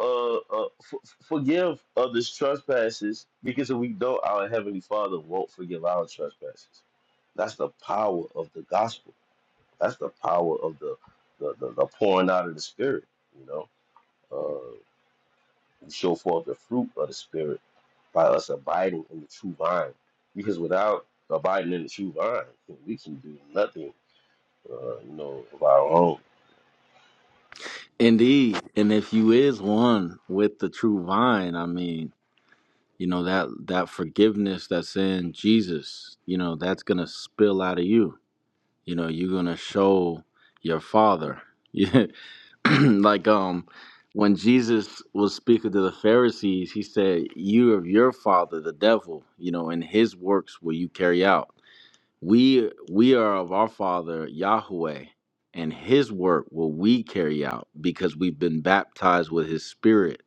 uh, uh, f- f- forgive others' trespasses because if we don't, our Heavenly Father won't forgive our trespasses. That's the power of the gospel. That's the power of the, the, the, the pouring out of the Spirit, you know. Uh, and show forth the fruit of the Spirit by us abiding in the true vine. Because without abiding in the true vine, we can do nothing, uh, you know, of our own. Indeed. And if you is one with the true vine, I mean, you know, that that forgiveness that's in Jesus, you know, that's gonna spill out of you. You know, you're gonna show your father. [laughs] Yeah. [clears throat] like um when Jesus was speaking to the Pharisees, he said, You of your father, the devil, you know, and his works will you carry out. We we are of our Father Yahweh, and His work will we carry out because we've been baptized with His Spirit.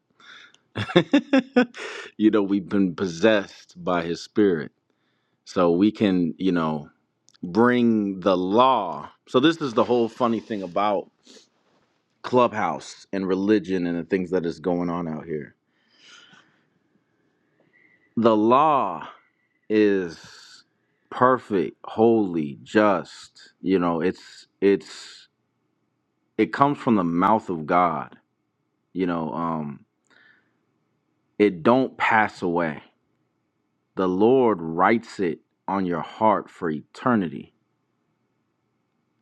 [laughs] you know, we've been possessed by His Spirit, so we can you know bring the law. So this is the whole funny thing about Clubhouse and religion and the things that is going on out here. The law is perfect, holy, just. You know, it's it's it comes from the mouth of God. You know, um, it don't pass away. The Lord writes it on your heart for eternity.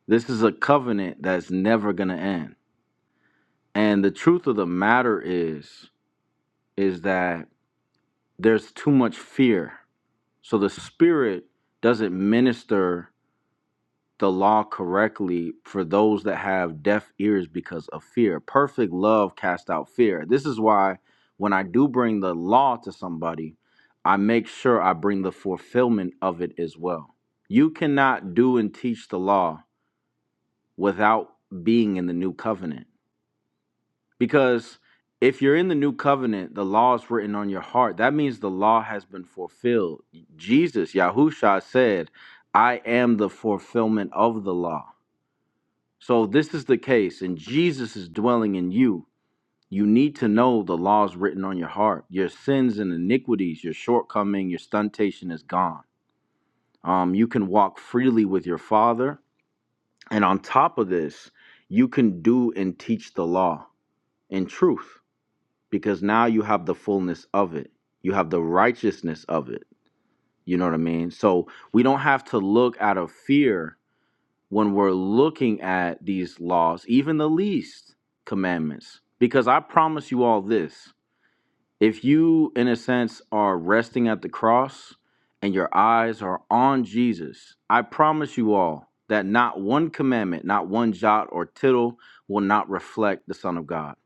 This is a covenant that's never gonna end. And the truth of the matter is, is that there's too much fear. So the spirit doesn't minister the law correctly for those that have deaf ears because of fear. Perfect love casts out fear. This is why when I do bring the law to somebody, I make sure I bring the fulfillment of it as well. You cannot do and teach the law without being in the new covenant. Because if you're in the new covenant, the law is written on your heart. That means the law has been fulfilled. Jesus, Yahushua said, I am the fulfillment of the law. So this is the case, and Jesus is dwelling in you. You need to know the laws written on your heart. Your sins and iniquities, your shortcoming, your stuntation is gone. Um, you can walk freely with your Father, and on top of this, you can do and teach the law in truth, because now you have the fullness of it. You have the righteousness of it. You know what I mean? So we don't have to look out of fear when we're looking at these laws, even the least commandments. Because I promise you all this if you, in a sense, are resting at the cross and your eyes are on Jesus, I promise you all that not one commandment, not one jot or tittle will not reflect the Son of God.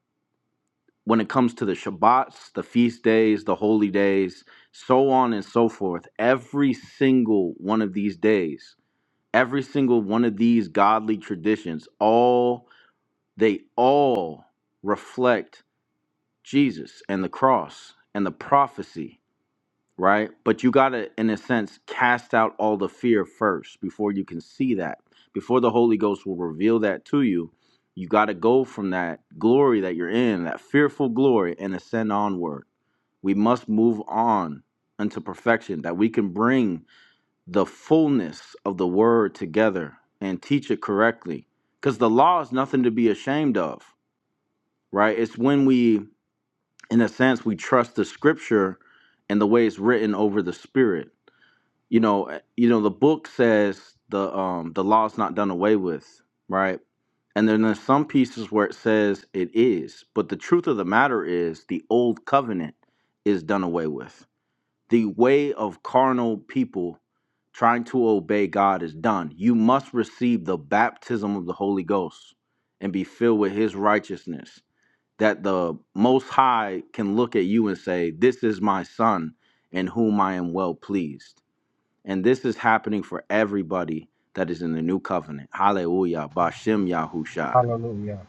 When it comes to the Shabbats, the feast days, the holy days, so on and so forth, every single one of these days every single one of these godly traditions all they all reflect jesus and the cross and the prophecy right but you gotta in a sense cast out all the fear first before you can see that before the holy ghost will reveal that to you you gotta go from that glory that you're in that fearful glory and ascend onward we must move on unto perfection that we can bring the fullness of the word together and teach it correctly. Because the law is nothing to be ashamed of, right? It's when we, in a sense, we trust the scripture and the way it's written over the spirit. You know, eh, you know, the book says the um the law is not done away with, right? And then there's some pieces where it says it is, but the truth of the matter is the old covenant is done away with the way of carnal people trying to obey God is done. You must receive the baptism of the Holy Ghost and be filled with his righteousness, that the Most High can look at you and say, This is my Son in whom I am well pleased. And this is happening for everybody that is in the new covenant. Hallelujah. Bashem Yahusha. Hallelujah.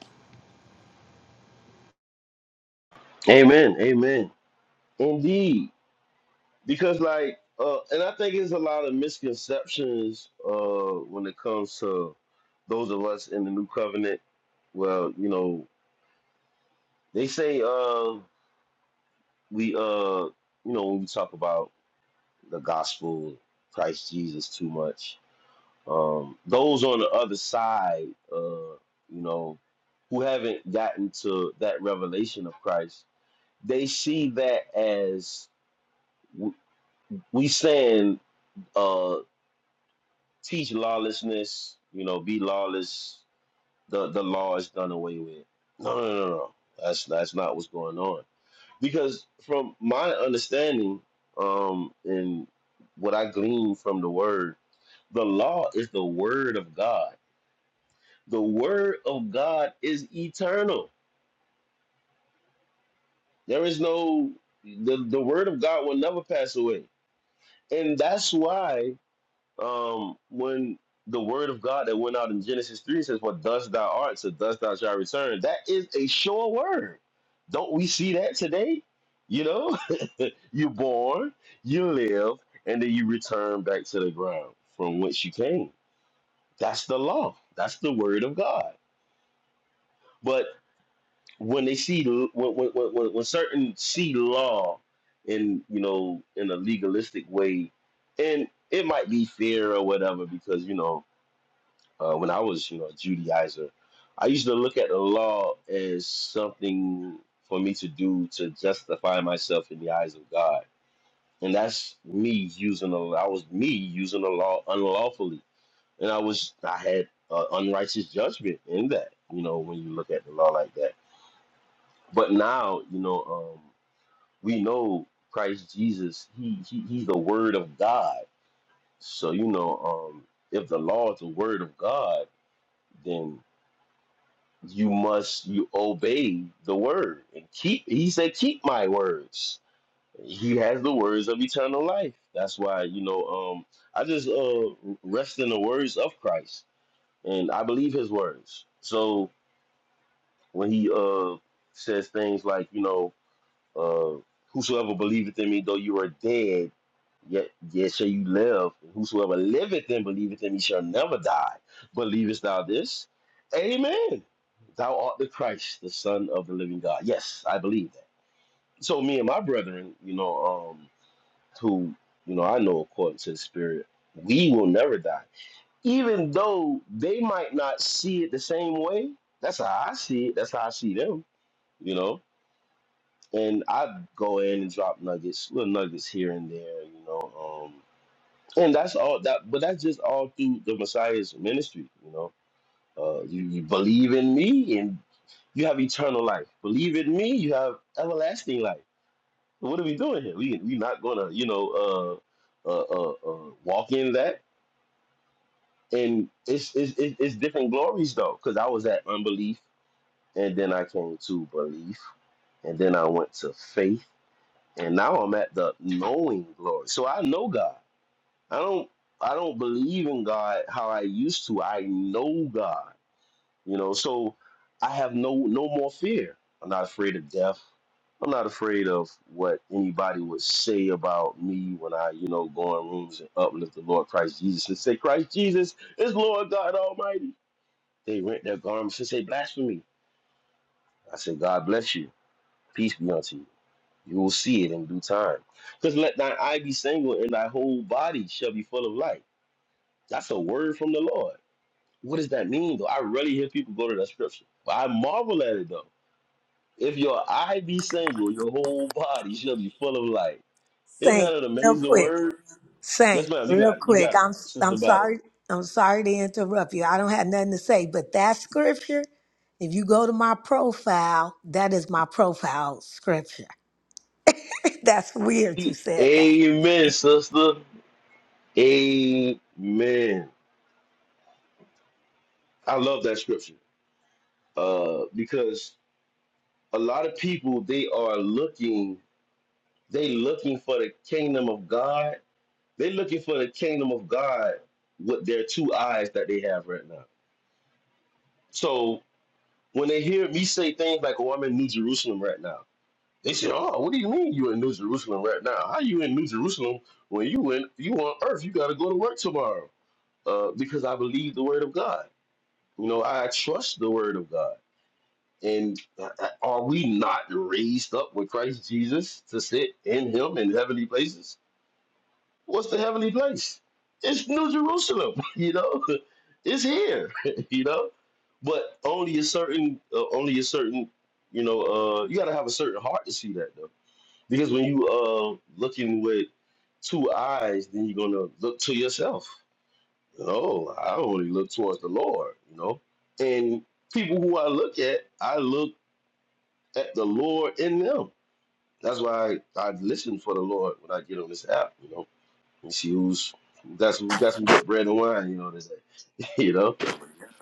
Amen. Amen. Indeed. Because, like, uh, and I think there's a lot of misconceptions uh, when it comes to those of us in the new covenant. Well, you know, they say uh, we, uh, you know, when we talk about the gospel, Christ Jesus too much, Um, those on the other side, uh, you know, who haven't gotten to that revelation of Christ, they see that as w- we saying, uh, teach lawlessness, you know, be lawless. The the law is done away with. No, no, no, no. That's that's not what's going on. Because from my understanding, um, and what I glean from the word, the law is the word of God The word of God is eternal. There is no the, the word of God will never pass away. And that's why um when the word of God that went out in Genesis 3 says, What thus thou art, so thus thou shalt return. That is a sure word. Don't we see that today? You know, [laughs] you're born, you live, and then you return back to the ground from which you came. That's the law. That's the word of God. But when they see when when, when, when certain see law in you know in a legalistic way, and it might be fear or whatever because you know uh, when I was you know a Judaizer, I used to look at the law as something for me to do to justify myself in the eyes of God, and that's me using the I was me using the law unlawfully, and I was I had uh, unrighteous judgment in that you know when you look at the law like that but now, you know, um, we know Christ Jesus, he, he he's the word of God. So, you know, um, if the law is the word of God, then you must you obey the word and keep he said, keep my words. He has the words of eternal life. That's why, you know, um, I just uh rest in the words of Christ and I believe his words. So when he uh says things like, you know, Uh, whosoever believeth in me, though you are dead, yet yet shall you live. And Whosoever liveth and believeth in me shall never die. Believest thou this? Amen. Thou art the Christ, the Son of the living God. Yes, I believe that. So me and my brethren, you know, um, who you know I know according to the Spirit, we will never die. Even though they might not see it the same way, that's how I see it. That's how I see them. You know and I go in and drop nuggets, little nuggets here and there, you know. Um, and that's all that, but that's just all through the Messiah's ministry, you know. Uh, you, you believe in me, and you have eternal life. Believe in me, you have everlasting life. So What are we doing here? We we not gonna, you know, uh, uh, uh, uh walk in that. And it's it's it's it's different glories though, because I was at unbelief, and then I came to belief, and then I went to faith and now I'm at the knowing glory. So I know God. I don't I don't believe in God how I used to. I know God. You know, so I have no no more fear. I'm not afraid of death. I'm not afraid of what anybody would say about me when I, you know, go in rooms and uplift the Lord Christ Jesus and say, Christ Jesus is Lord God Almighty. They rent their garments and say blasphemy. I say, God bless you. Peace be unto you. You will see it in due time. Because let thine eye be single and thy whole body shall be full of light. That's a word from the Lord. What does that mean, though? I rarely hear people go to that scripture. But I marvel at it, though. If your eye be single, your whole body shall be full of light. Isn't Saint, that an real amazing quick. word? Yes, Saint, ma'am. You real got it. You quick. got it. I'm Sister I'm Battle. sorry. I'm sorry to interrupt you. I don't have nothing to say, but that scripture, if you go to my profile, that is my profile scripture. [laughs] That's weird you said that. Amen, sister. Amen. I love that scripture uh, because a lot of people, they are looking They looking for the kingdom of God. They looking for the kingdom of God with their two eyes that they have right now. So when they hear me say things like, "Oh, I'm in New Jerusalem right now," they say, "Oh, what do you mean you in New Jerusalem right now? How you in New Jerusalem when you in you on Earth? You got to go to work tomorrow." Uh, because I believe the word of God. You know, I trust the word of God. And uh, uh, are we not raised up with Christ Jesus to sit in Him in heavenly places? What's the heavenly place? It's New Jerusalem, [laughs] you know. It's here, [laughs] you know. But only a certain, uh, only a certain, you know, uh, you got to have a certain heart to see that though. Because when you uh looking with two eyes, then you're gonna look to yourself. No, I only look towards the Lord, you know. And people who I look at, I look at the Lord in them. That's why I, I listen for the Lord when I get on this app, you know she was got some got some good bread and wine, you know what I'm saying? [laughs] You know?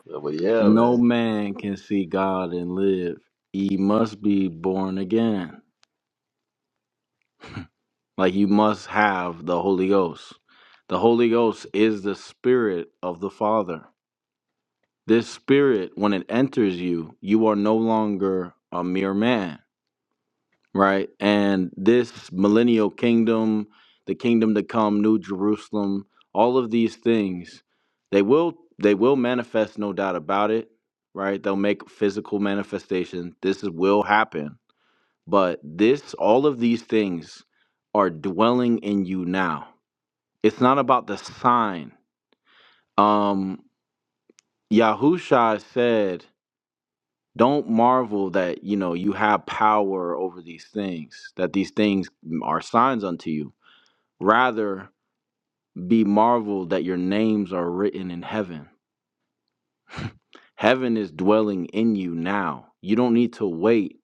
But yeah, No man. man can see God and live. He must be born again. Like you must have the Holy Ghost. The Holy Ghost is the spirit of the Father. This spirit, when it enters you, you are no longer a mere man, right? And this millennial kingdom, the kingdom to come, New Jerusalem, all of these things, they will they will manifest, no doubt about it, right? They'll make physical manifestation. This is, will happen. But this, all of these things are dwelling in you now it's not about the sign. Um, Yahusha said, "Don't marvel that you know you have power over these things; that these things are signs unto you. Rather, be marveled that your names are written in heaven. Heaven is dwelling in you now. You don't need to wait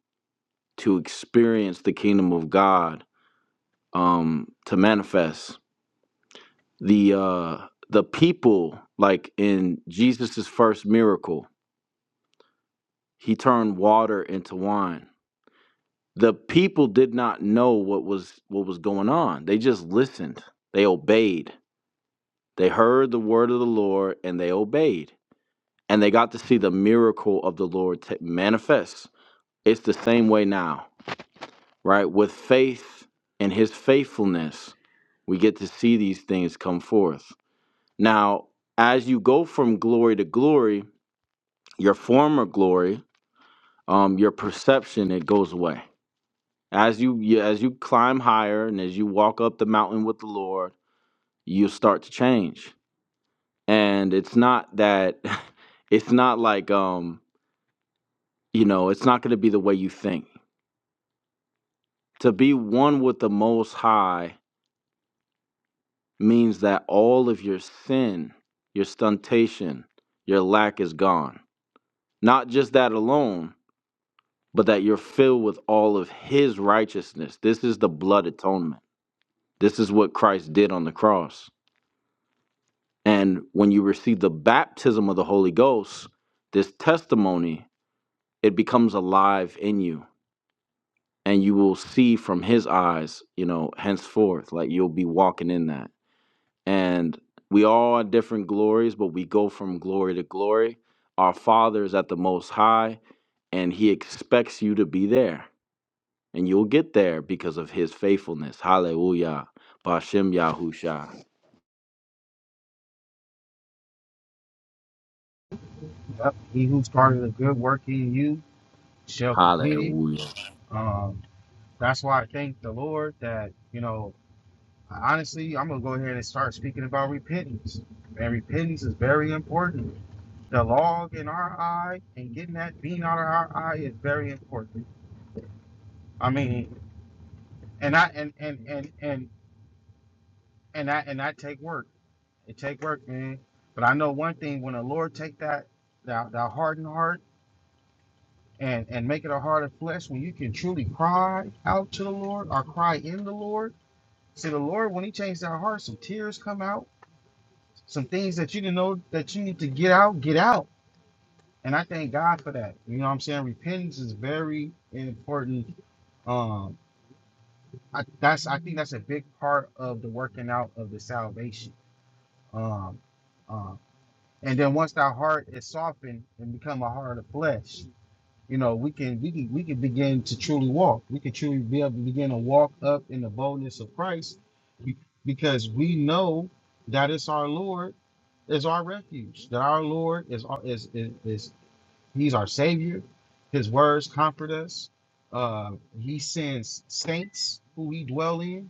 to experience the kingdom of God um, to manifest. The uh, the people, like in Jesus's first miracle." He turned water into wine. The people did not know what was what was going on. They just listened. They obeyed. They heard the word of the Lord and they obeyed. And they got to see the miracle of the Lord manifest. It's the same way now, right? With faith and his faithfulness, we get to see these things come forth. Now, as you go from glory to glory, your former glory, um, your perception, it goes away As you you- as you climb higher and as you walk up the mountain with the Lord, you start to change. And it's not that [laughs] it's not like um, you know, it's not going to be the way you think. To be one with the most high means that all of your sin, your stuntation, your lack is gone. Not just that alone, but that you're filled with all of his righteousness. This is the blood atonement. This is what Christ did on the cross. And when you receive the baptism of the Holy Ghost, this testimony, it becomes alive in you. And you will see from his eyes, you know, henceforth, like you'll be walking in that. And we all have different glories, but we go from glory to glory. Our Father is at the Most High, and He expects you to be there. And you'll get there because of His faithfulness. Hallelujah. Bashem Yahusha. Yep. He who started a good work in you shall complete it. Hallelujah. Um, that's why I thank the Lord that, you know, honestly, I'm going to go ahead and start speaking about repentance. And repentance is very important. The log in our eye and getting that bean out of our eye is very important. I mean, and I and and and and and that and that take work. It take work, man. But I know one thing: when the Lord take that that, that hardened heart and and make it a heart of flesh, when you can truly cry out to the Lord or cry in the Lord, see the Lord when He changed our heart, some tears come out, some things that you didn't know that you need to get out, get out. And I thank God for that. You know what I'm saying? Repentance is very important. Um, I, that's I think that's a big part of the working out of the salvation. Um, um, and then once our heart is softened and become a heart of flesh you know we can we can we can begin to truly walk we can truly be able to begin to walk up in the boldness of christ be- because we know that it's our lord is our refuge that our lord is our- is is, is he's our savior his words comfort us uh he sends saints who we dwell in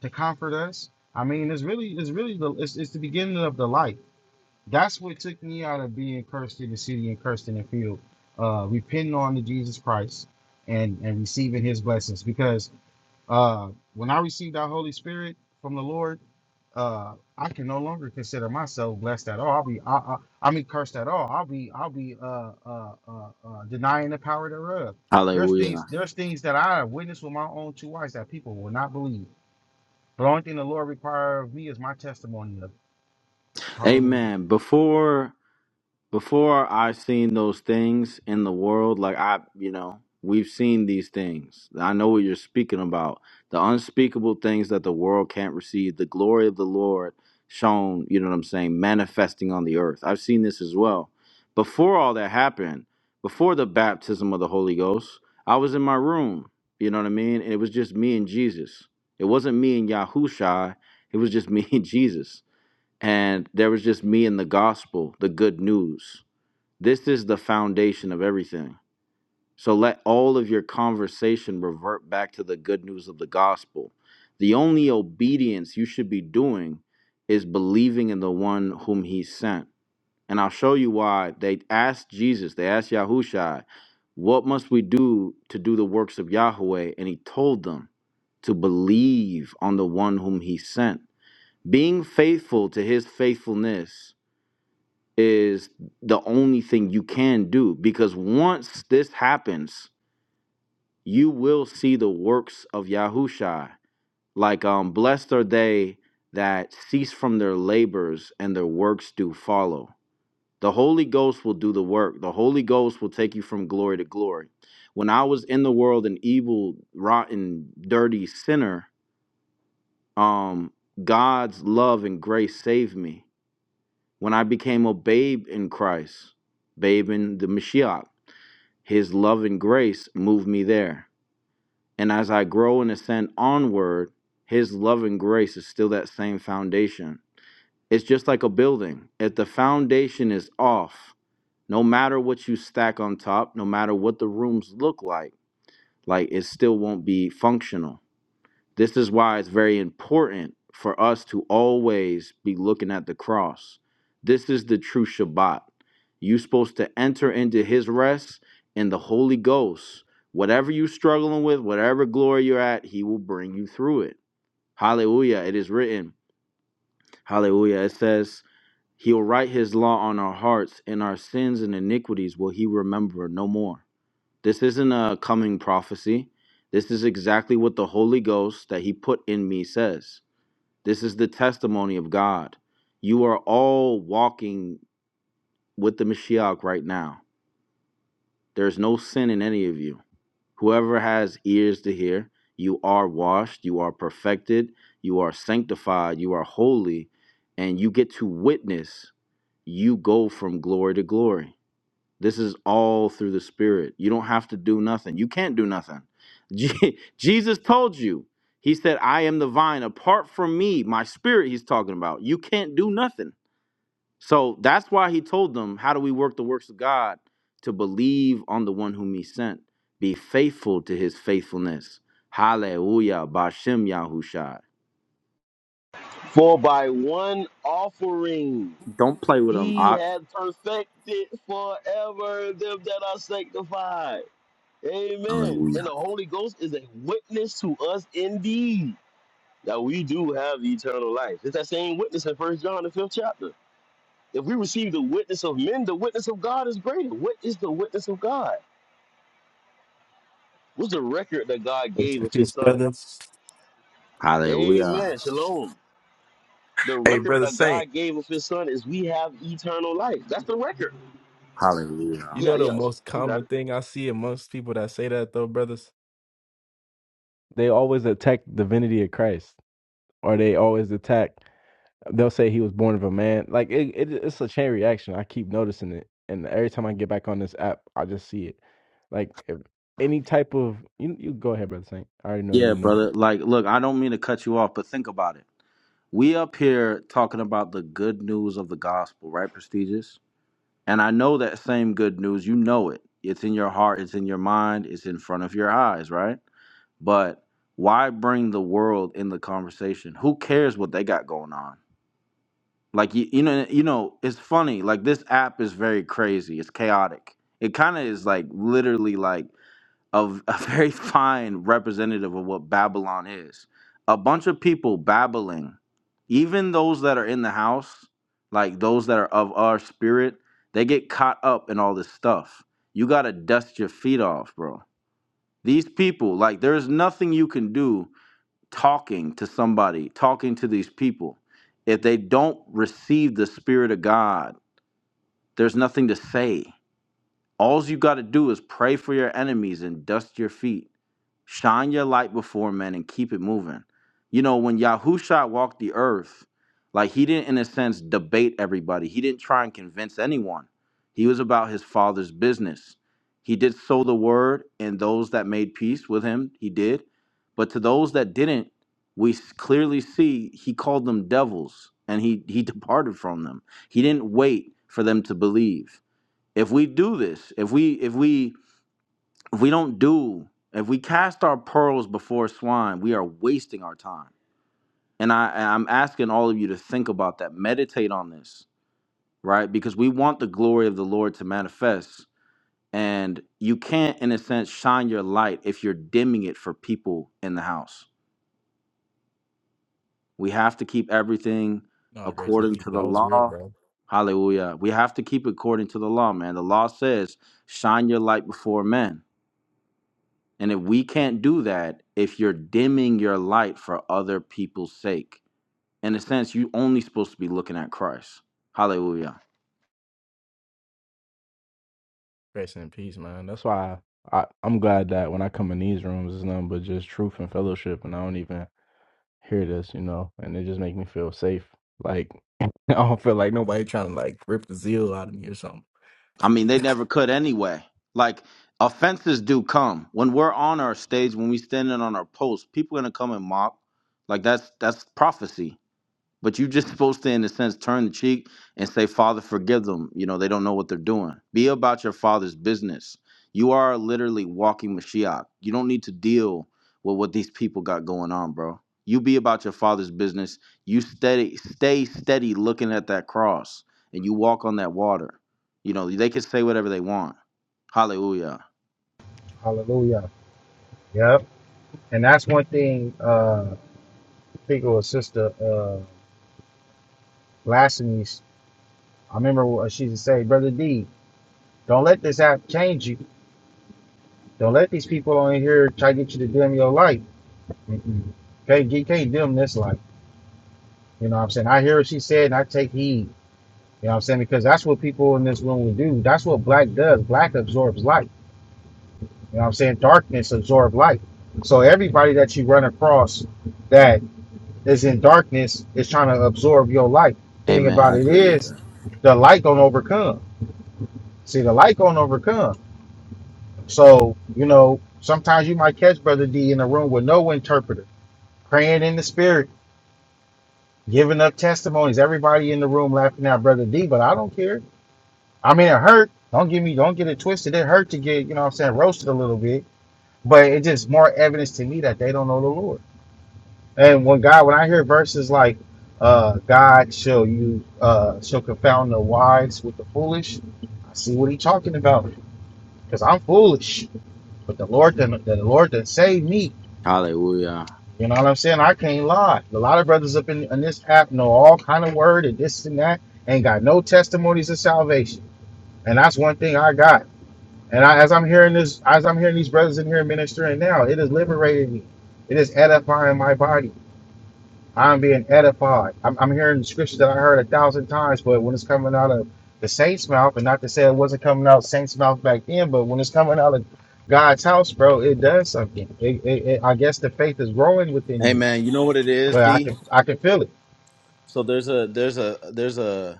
to comfort us i mean it's really it's really the it's, it's the beginning of the life that's what took me out of being cursed in the city and cursed in the field. Uh, repenting on to Jesus Christ and and receiving His blessings. Because uh, when I received that Holy Spirit from the Lord, uh, I can no longer consider myself blessed at all. I'll be I, I, I mean cursed at all. I'll be I'll be uh, uh, uh, uh, denying the power thereof. There's Hallelujah. things there's things that I have witnessed with my own two eyes that people will not believe. But the only thing the Lord requires of me is my testimony of it. Hallelujah. Amen. Before before I've seen those things in the world, like I, you know, we've seen these things. I know what you're speaking about. The unspeakable things that the world can't receive, the glory of the Lord shown, you know what I'm saying, manifesting on the earth. I've seen this as well. Before all that happened, before the baptism of the Holy Ghost, I was in my room, you know what I mean? And it was just me and Jesus. It wasn't me and Yahushua, it was just me [laughs] and Jesus and there was just me and the gospel, the good news. This is the foundation of everything. So let all of your conversation revert back to the good news of the gospel. The only obedience you should be doing is believing in the one whom he sent. And I'll show you why they asked Jesus, they asked Yahushua, what must we do to do the works of Yahweh? And he told them to believe on the one whom he sent. Being faithful to his faithfulness is the only thing you can do because once this happens, you will see the works of Yahusha. Like um, blessed are they that cease from their labors and their works do follow. The Holy Ghost will do the work. The Holy Ghost will take you from glory to glory. When I was in the world, an evil, rotten, dirty sinner, um, God's love and grace saved me. When I became a babe in Christ, babe in the Mashiach. His love and grace move me there. And as I grow and ascend onward, His love and grace is still that same foundation. It's just like a building. If the foundation is off, no matter what you stack on top, no matter what the rooms look like, like it still won't be functional this is why it's very important for us to always be looking at the cross. This is the true Shabbat. You're supposed to enter into his rest in the Holy Ghost. Whatever you're struggling with, whatever glory you're at, he will bring you through it. Hallelujah. It is written. Hallelujah. It says, He'll write his law on our hearts, and our sins and iniquities will he remember no more. This isn't a coming prophecy. This is exactly what the Holy Ghost that he put in me says. This is the testimony of God. You are all walking with the Mashiach right now. There's no sin in any of you. Whoever has ears to hear, you are washed, you are perfected, you are sanctified, you are holy, and you get to witness you go from glory to glory. This is all through the Spirit. You don't have to do nothing. You can't do nothing. Je- [laughs] Jesus told you, He said, I am the vine. Apart from me, my spirit, He's talking about, you can't do nothing. So that's why he told them, How do we work the works of God? To believe on the one whom he sent, be faithful to his faithfulness. Hallelujah. Bashem Yahushai. For by one offering Don't play with him. he I- had perfected forever them that are sanctified. Amen. And the Hallelujah. Holy Ghost is a witness to us indeed that we do have eternal life. It's that same witness in First John the fifth chapter. If we receive the witness of men, the witness of God is greater. What is the witness of God? What's the record that God Rest gave in of his peace, son? brothers. Hallelujah. Amen. Shalom. The Hey, record brother that Saint, God gave of his son is we have eternal life. That's the record. You Hallelujah. Yeah, know the yes. most You got common it. thing I see amongst people that say that though, brothers? They always attack divinity of Christ. Or they always attack they'll say he was born of a man. Like it, it it's a chain reaction. I keep noticing it. And every time I get back on this app, I just see it. Like if any type of you you go ahead, brother Saint. I already know you Yeah, know. brother. Like, look, I don't mean to cut you off, but think about it. We up here talking about the good news of the gospel, right, prestigious? And I know that same good news, you know it. It's in your heart, it's in your mind, it's in front of your eyes, right? But why bring the world in the conversation? Who cares what they got going on? Like you, you know, you know, it's funny. Like this app is very crazy. It's chaotic. It kind of is like literally like of a [laughs] very fine representative of what Babylon is. A bunch of people babbling, even those that are in the house, like those that are of our spirit, they get caught up in all this stuff. You gotta dust your feet off, bro. These people, like, there's nothing you can do talking to somebody, talking to these people. If they don't receive the Spirit of God, there's nothing to say all you got to do is pray for your enemies and dust your feet. Shine your light before men and keep it moving. You know, when Yahusha walked the earth, like he didn't, in a sense, debate everybody. He didn't try and convince anyone. He was about his father's business. He did sow the word, and those that made peace with him, he did. But to those that didn't, we s- clearly see he called them devils and he, he [laughs] departed from them. He didn't wait for them to believe if we do this if we if we if we don't do if we cast our pearls before swine we are wasting our time and i and i'm asking all of you to think about that meditate on this right because we want the glory of the lord to manifest and you can't in a sense shine your light if you're dimming it for people in the house we have to keep everything No, grace and according peace. to the That was real, law bro. hallelujah we have to keep it according to the law man the law says shine your light before men And if we can't do that, if you're dimming your light for other people's sake, in a sense, you are only supposed to be looking at Christ. Hallelujah. Grace and peace, man. That's why I, I I'm glad that when I come in these rooms, it's nothing but just truth and fellowship, and I don't even hear this, you know, and it just make me feel safe. Like [laughs] I don't feel like nobody trying to like rip the zeal out of me or something. I mean, they never could anyway. Like, offenses do come. When we're on our stage, when we standing on our post, people are gonna come and mock. Like that's that's prophecy But you're just supposed to, in a sense, turn the cheek and say, Father, forgive them. You know, they don't know what they're doing. Be about your father's business. You are literally walking Mashiach. You don't need to deal with what these people got going on, bro. You be about your father's business. You steady, stay steady looking at that cross and you walk on that water. You know, they can say whatever they want. Hallelujah. Hallelujah. Yep. And that's one thing, uh, I think it was Sister uh, Lassany's. I remember what she used to say, Brother D, don't let this app change you. Don't let these people on here try to get you to dim your light. Mm-mm. can you can't dim this light. You know what I'm saying? I hear what she said and I take heed. You know what I'm saying? Because that's what people in this room will do. That's what black does. Black absorbs light. You know what I'm saying? Darkness absorbs light. So everybody that you run across that. that's in darkness is trying to absorb your light. The thing Amen. about I it agree with is that. the light don't overcome. See, the light don't overcome. So, you know, sometimes you might catch Brother D in a room with no interpreter, praying in the spirit, giving up testimonies, everybody in the room laughing at Brother D, but I don't care. I mean it hurt. Don't give me don't get it twisted. It hurt to get, you know what I'm saying, roasted a little bit. But it's just more evidence to me that they don't know the Lord. And when God, when I hear verses like, uh, God shall you uh shall confound the wise with the foolish, I see what he's talking about. Because I'm foolish. But the Lord then the Lord then saved me. Hallelujah. You know what I'm saying? I can't lie. A lot of brothers up in, in this app know all kind of word and this and that, ain't got no testimonies of salvation. And that's one thing I got. And I, as I'm hearing this, as I'm hearing these brothers in here ministering now, it is liberating me. It is edifying my body. I'm being edified. I'm, I'm hearing the scriptures that I heard a thousand times, but when it's coming out of the saints' mouth, and not to say it wasn't coming out saints' mouth back then, but when it's coming out of God's house, bro, it does something. It, it, it, I guess the faith is growing within you, Amen. You know what it is, but I D? can I can feel it. So there's a there's a there's a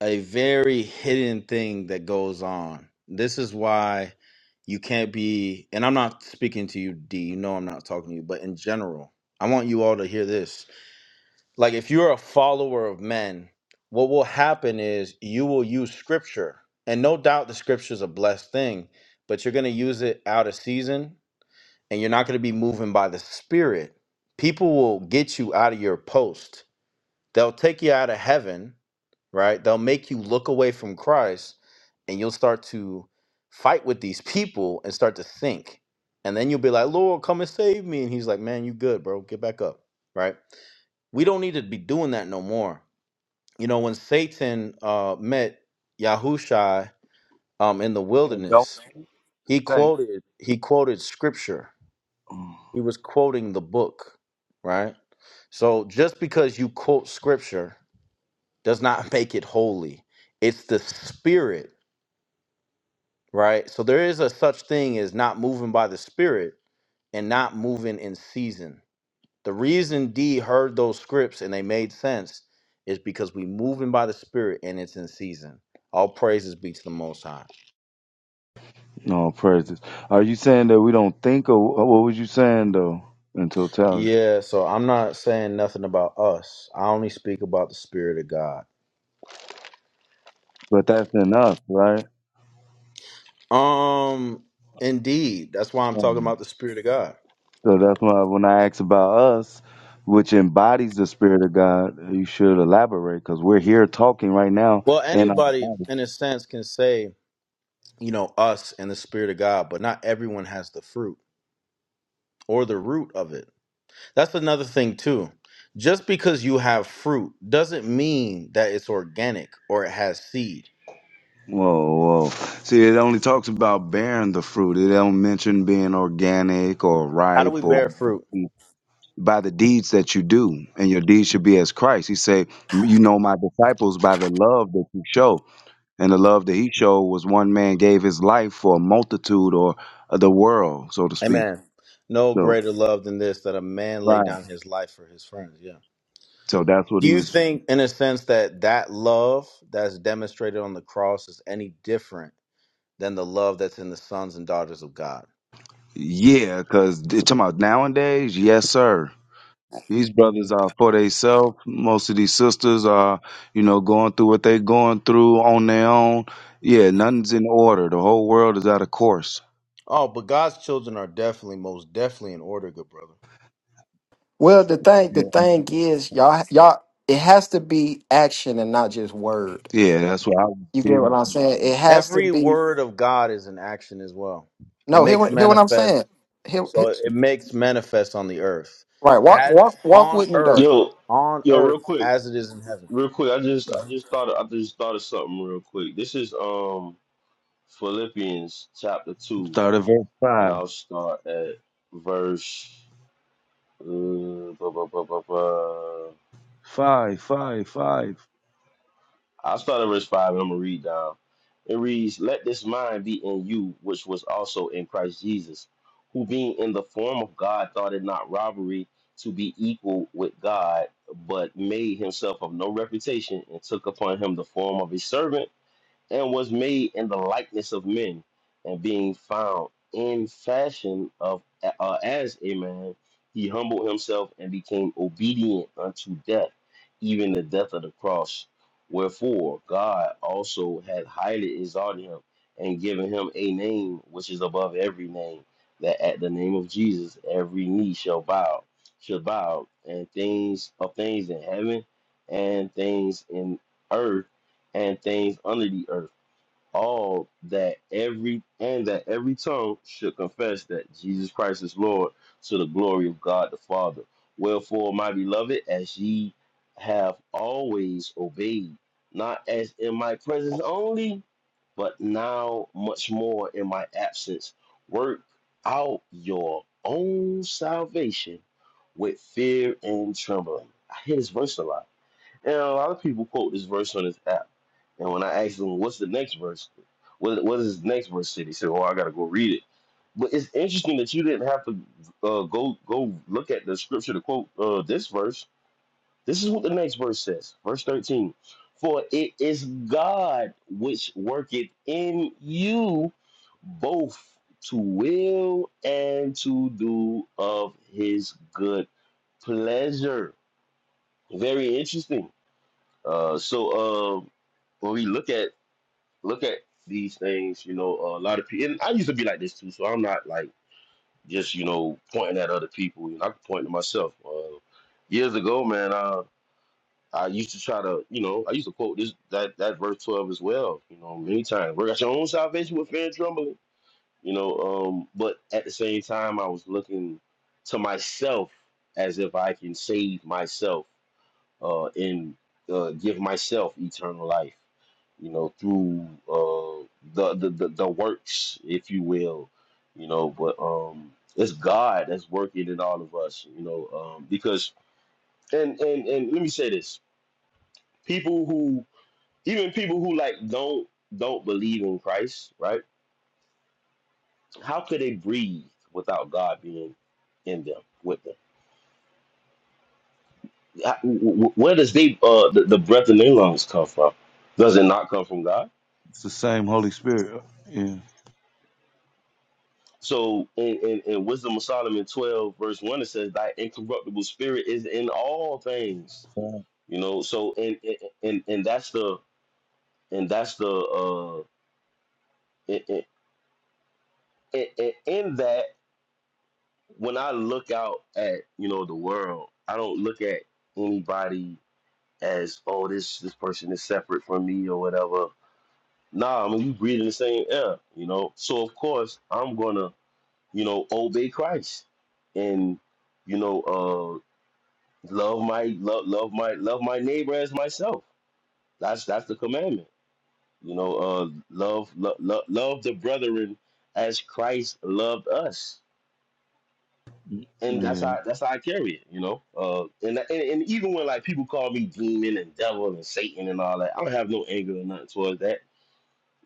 a very hidden thing that goes on. This is why you can't be, and I'm not speaking to you, D. You know I'm not talking to you, but in general, I want you all to hear this. Like, if you're a follower of men, what will happen is you will use scripture, and no doubt the scripture is a blessed thing, but you're going to use it out of season and you're not going to be moving by the spirit. People will get you out of your post, they'll take you out of heaven right? They'll make you look away from Christ and you'll start to fight with these people and start to think. And then you'll be like, Lord, come and save me. And he's like, man, you good, bro. Get back up, right? We don't need to be doing that no more. You know, when Satan uh, met Yahushai um, in the and don't wilderness, he think. quoted he quoted scripture. He was quoting the book, right? So just because you quote scripture does not [laughs] make it holy. It's the spirit right? So there is a such thing as not moving by the spirit and not moving in season. The reason D heard those scripts and they made sense is because we moving by the spirit and it's in season. All praises be to the most high. No praises. Are you saying that we don't think of what was you saying though in totality? Yeah, so I'm not saying nothing about us. I only speak about the spirit of God. But that's in us, right? Um indeed, that's why I'm talking Um, about the spirit of God. so that's why when I ask about us, which embodies the spirit of God, you should elaborate because we're here talking right now Well, in our anybody body. in a sense can say, you know, us and the spirit of God, but not everyone has the fruit or the root of it That's another thing too. Just because you have fruit doesn't mean that it's organic or it has seed. Whoa, whoa! See, it only talks about bearing the fruit. It don't mention being organic or How do we ripe bear or. fruit? by the deeds that you do, and your deeds should be as Christ. He said, "You know my disciples by the love that you show." And the love that he showed was one man gave his life for a multitude or the world, so to speak. Amen. No So greater love than this that a man lay right. down his life for his friends. Yeah. So that's what Do he you was. think, in a sense, that that love that's demonstrated on the cross is any different than the love that's in the sons and daughters of God? Yeah, because talking about nowadays, yes, sir. These hmm brothers are for themselves. Most of these sisters are, you know, going through what they're going through on their own. Yeah, nothing's in order. The whole world is out of course. Oh, but God's children are definitely, most definitely in order, good brother. Well, the thing the Yeah, thing is, y'all y'all it has to be action and not just word. yeah that's what I You was. get what I'm saying? It has to Every be word of God is in action as well. It no. Hear makes what hear what I'm manifest saying? Hear, So hear- it makes manifest on the earth, right? Walk as walk walk on with me though. earth, Yo, on yo, real earth quick. as it is in heaven. Real quick. I just I Mhm. just thought I just thought of something real quick. This is um Philippians chapter two, Start at verse and five. I'll start at verse uh, blah, blah, blah, blah, blah. Five, five, five. I'll start at verse 5 and I'm going to read down. It reads, Let this mind be in you, which was also in Christ Jesus, who being in the form of God thought it not robbery to be equal with God, but made himself of no reputation and took upon him the form of a servant and was made in the likeness of men, and being found in fashion of uh, as a man, he humbled himself and became obedient unto death, even the death of the cross. Wherefore God also had highly exalted him and given him a name which is above every name, that at the name of Jesus every knee shall bow, shall bow, and things of things in heaven and things in earth and things under the earth all that every and that every tongue should confess that Jesus Christ is Lord to the glory of God the Father. Wherefore, my beloved, as ye have always obeyed, not as in my presence only, but now much more in my absence, work out your own salvation with fear and trembling. I hear this verse a lot and a lot of people quote this verse on this app. And when I ask them, what's the next verse? What, what is the next verse? They say, oh, I got to go read it. But it's interesting that you didn't have to uh, go go look at the scripture to quote uh, this verse. This is what the next verse says, verse 13. For it is God which worketh in you both to will and to do of his good pleasure. Very interesting uh, so um, when we look at look at these things, you know, a lot of people. And I used to be like this too, so I'm not like just you know pointing at other people. You know, I can point to myself. Uh, years ago, man, I I used to try to, you know, I used to quote this that that verse twelve as well. You know, many times work out your own salvation with fear and trembling. You know, um, but at the same time, I was looking to myself as if I can save myself uh, and uh, give myself eternal life, you know, through uh, the, the the the works, if you will, you know. But um, it's God that's working in all of us, you know, um, because and and and let me say this: people who even people who like don't don't believe in Christ, right? How could they breathe without God being in them with them? How- wh- wh- Where does they uh, the, the breath in their lungs come from? Does it not come from God? It's the same Holy Spirit. Yeah. So in, in, in Wisdom of Solomon 12, verse 1, it says, Thy incorruptible spirit is in all things. Five. You know, so and and and and that's the and that's the uh in, in, in in- in that when I look out at you know the world, I don't look at anybody as oh this this person is separate from me or whatever. Nah, I mean we breathe in the same air, you know. So of course I'm gonna, you know, obey Christ and you know uh, love my love love my love my neighbor as myself. That's that's the commandment. You know, uh, love love love, love the brethren as Christ loved us, and that's Yeah. how that's how I carry it. You know, uh, and, and and even when like people call me demon and devil and Satan and all that, I don't have no anger or nothing towards that.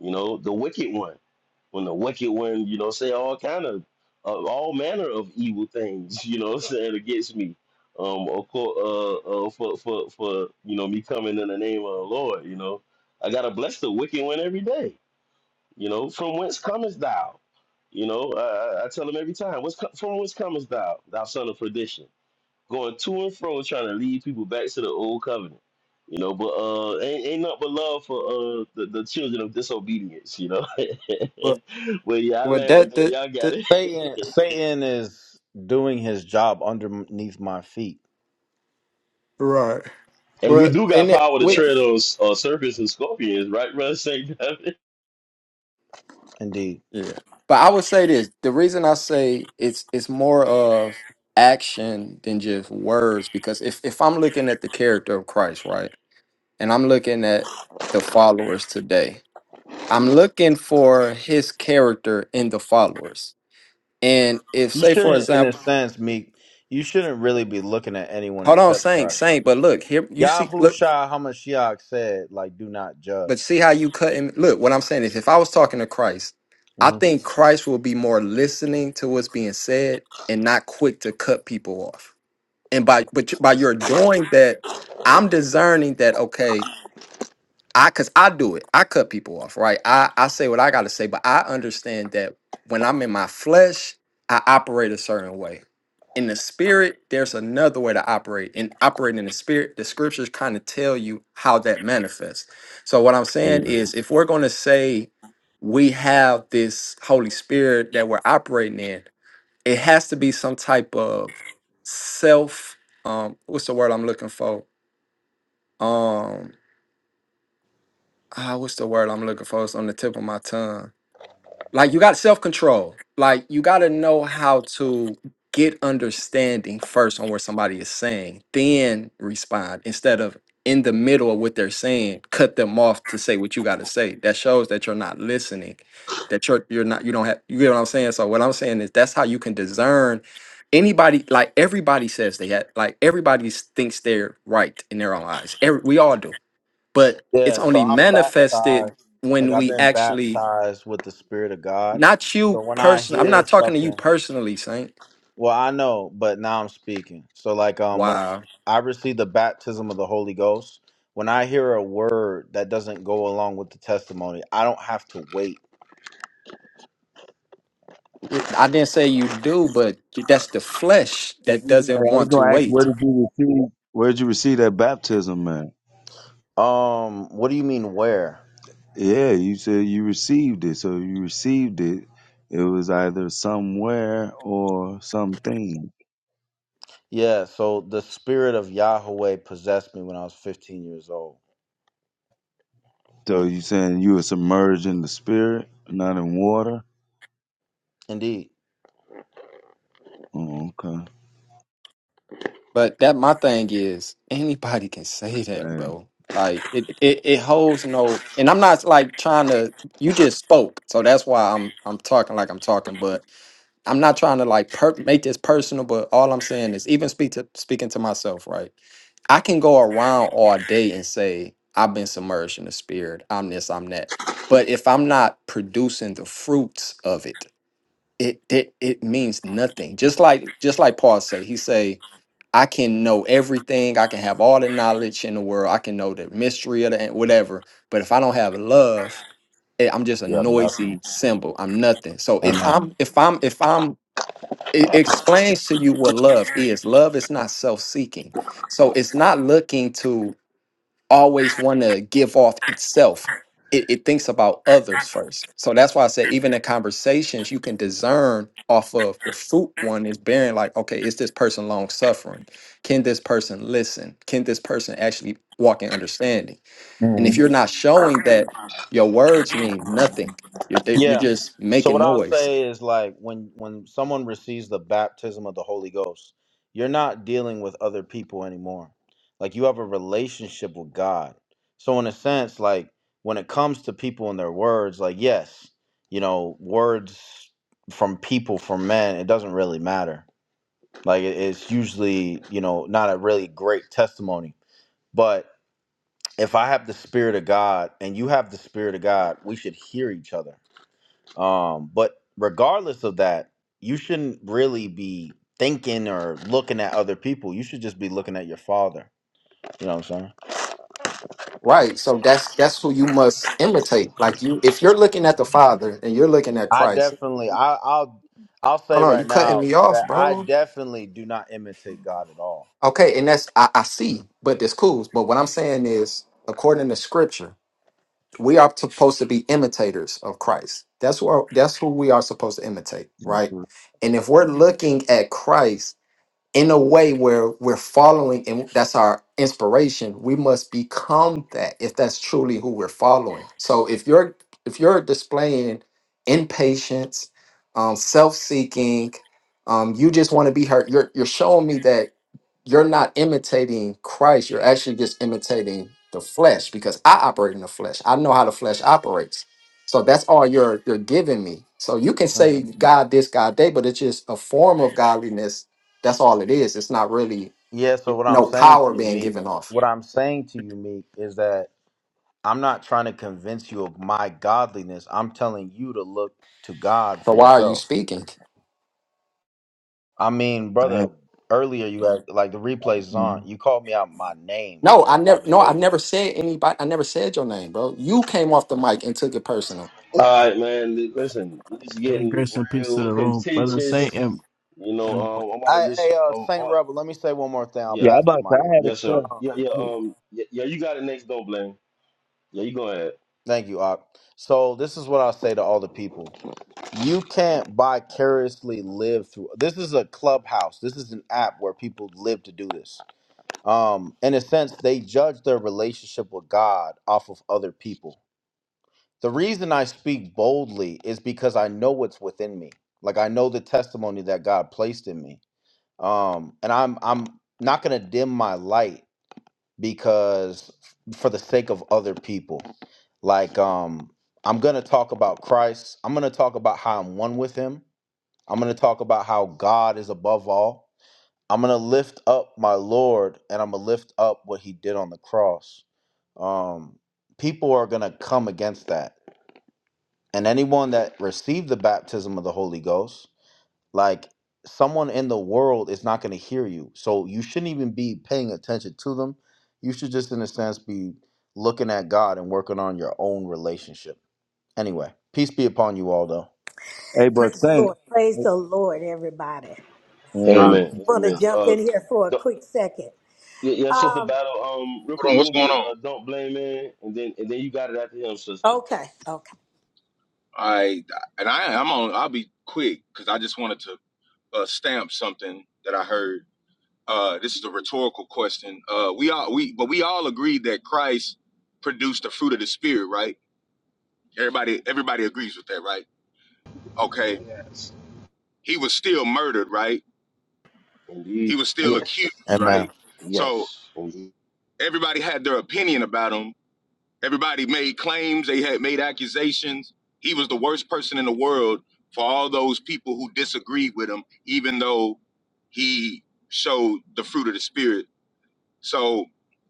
you know, the wicked one. When the wicked one, you know, say all kind of uh, all manner of evil things, [laughs] you know, what I'm saying against me. Um, of course, uh, uh, for for for you know me coming in the name of the Lord, you know, I gotta bless the wicked one every day, you know. From whence comest thou? You know, I, I I tell him every time, what's co- from whence comest thou, thou son of perdition? going to and fro trying to lead people back to the old covenant. You know, but uh ain't, ain't nothing but love for uh the, the children of disobedience, you know. Well, [laughs] But yeah, I well land with that that. the Y'all got the it. Satan, Satan is doing his job underneath my feet. right. And we But do got and it power to Yeah, tread with on uh, serpents and scorpions, right, brother Saint David? indeed. yeah. But I would say this: the reason I say it's it's more of action than just words because if if I'm looking at the character of Christ, right, and I'm looking at the followers today, I'm looking for his character in the followers. And if You say for shouldn't, in a example, sense, Meek. You shouldn't really be looking at anyone hold on, except Saint, Christ. Saint, but look, here you see look, Yahusha Hamashiach said, "Like, do not but judge." see how you cut him. Look, what I'm saying is if I was talking to Christ, I hmm think Christ will be more listening to what's being said and not quick to cut people off. And by but you- by your doing that, I'm discerning that okay, I cause I do it. I cut people off, right? I, I say what I gotta say, but I understand that when I'm in my flesh, I operate a certain way. In the spirit, there's another way to operate. And operating in the spirit, the scriptures kind of tell you how that manifests. So what I'm saying Yeah. is if we're gonna say we have this Holy Spirit that we're operating in, it has to be some type of self um what's the word I'm looking for? Um, ah, what's the word I'm looking for? It's on the tip of my tongue. Like you got self control. Like you got to know how to get understanding first on what somebody is saying, then respond instead of in the middle of what they're saying, cut them off to say what you got to say. That shows that you're not listening. That you're you're not you don't have you get what I'm saying. So what I'm saying is that's how you can discern. Anybody like everybody says they had like everybody thinks they're right in their own eyes. Every, we all do but it's Yeah. So only I'm manifested baptized. Like when I've we been actually baptized with the Spirit of God. not So you when I person i'm hear not talking to you something, personally saint Well, I know, but now I'm speaking. So like um when I, wow I receive the baptism of the Holy Ghost, when I hear a word that doesn't go along with the testimony, I don't have to wait. It- i didn't say you do but that's the flesh that doesn't Hey, I was want to gonna ask where wait did you receive where did you receive that baptism at? Um what do you mean where? Yeah, you said you received it. So you received it. It was either somewhere or something. Yeah, so the spirit of Yahweh possessed me when I was 15 years old. So you saying you were submerged in the spirit, not in water? Indeed. Oh, okay. but that my thing is anybody can say that Bang. bro like it, it it holds no and i'm not like trying to you just spoke so that's why i'm i'm talking like i'm talking but i'm not trying to like per- make this personal but all i'm saying is even speak to speaking to myself right I can go around all day and say, I've been submerged in the spirit, I'm this, I'm that. But if I'm not producing the fruits of it, it it, it means nothing. Just like just like Paul say, he say, I can know everything, I can have all the knowledge in the world, I can know the mystery of the whatever. But if I don't have love, eh, I'm just a You have noisy nothing. symbol. I'm nothing. So if I'm if I'm if I'm it explains to you what love is. Love is not self-seeking. So it's not looking to always want to give off itself. It, it thinks about others first. So that's why I say, even in conversations, you can discern off of the fruit one is bearing, like, okay, is this person long suffering? Can this person listen? Can this person actually walk in understanding? Amen. And if you're not showing that, your words mean nothing. You're, they- you're Yeah. just So making what I'll noise. say is like when when someone receives the baptism of the Holy Ghost, you're not dealing with other people anymore. Like you have a relationship with God. So in a sense, like when it comes to people and their words, like yes, you know, words from people from men, it doesn't really matter. Like it- it's usually, you know, not a really great testimony. But if I have the spirit of God and you have the spirit of God, we should hear each other um, but regardless of that, you shouldn't really be thinking or looking at other people. You should just be looking at your father. You know what I'm saying? Right. So that's that's who you must imitate. Like you if you're looking at the Father and you're looking at I Christ, definitely, I, I'll, I'll say hold on, you right cutting now me off, that I bro. definitely do not imitate God at all. Okay, and that's I, I see, but that's cool. But what I'm saying is, according to Scripture, we are supposed to be imitators of Christ. That's who that's who we are supposed to imitate, That's right? it. And if we're looking at Christ in a way where we're following and that's our inspiration we must become that if that's truly who we're following so if you're if you're displaying impatience um, self-seeking um, you just want to be hurt you're, you're showing me that you're not imitating christ you're actually just imitating the flesh because i operate in the flesh i know how the flesh operates so that's all you're you're giving me so you can hmm say god this god that but it's just a form of godliness that's all it is. It's not really Yeah. So what I'm no saying power to you, being Meek, given off. what I'm saying to you, Meek, is that I'm not trying to convince you of my godliness. I'm telling you to look to God So for why are you yourself. speaking? I mean, Bang. brother, earlier you had like the replays is on. You called me out my name No, in I your never. No, I conversation. never said anybody. I never said your name, bro. You came off the mic and took it personal. [laughs] All right, man. li- Listen, it's Hey, getting grace and peace to real the room, brother Saint contentious. and, You know, and um, I'm about to I, just hey, uh, um, Saint uh, Rebel, let me say one more thing. I'll Yeah, yeah, I pass about the to mic. I had a yes sir. Oh. Yeah, yeah, question. um yeah, yeah, you got it next, don't blame. Yeah, you go ahead. Thank you, Op. So this is what I'll say to all the people: You can't vicariously live through. This is a clubhouse. This is an app where people live to do this. Um, in a sense, they judge their relationship with God off of other people The reason I speak boldly is because I know what's within me. Like I know the testimony that God placed in me. Um, and I'm I'm not gonna dim my light because for the sake of other people. Like um I'm gonna talk about Christ. I'm gonna talk about how I'm one with him. I'm gonna talk about how God is above all. I'm gonna lift up my Lord and I'm gonna lift up what he did on the cross. Um people are gonna come against that and anyone that received the baptism of the Holy Ghost, like someone in the world is not going to hear you. So you shouldn't even be paying attention to them. You should just, in a sense, be looking at God and working on your own relationship. Anyway, peace be upon you all, though. Hey, but Praise the Saint, Lord. Praise the Lord, everybody. hey, Yeah. I just Amen. Hallelujah. want to Amen. jump Uh in here for a quick second. Yeah, yeah, sister Um, battle. Um, real Hold quick, on, we what's gonna going get on? uh, don't blame man, and then and then you got it after him, sister. okay, okay. I and I I'm on. I'll be quick because I just wanted to uh, stamp something that I heard. Uh, this is a rhetorical question. Uh, we all we but we all agreed that Christ produced the fruit of the spirit, right? Everybody everybody agrees with that, right? Okay. Yes. He was still murdered, right? Indeed. He was still Yes. accused, Amen. right? So Yes. Indeed. everybody had their opinion about him, Everybody made claims, they had made accusations. He was the worst person in the world for all those people who disagreed with him, even though he showed the fruit of the spirit so,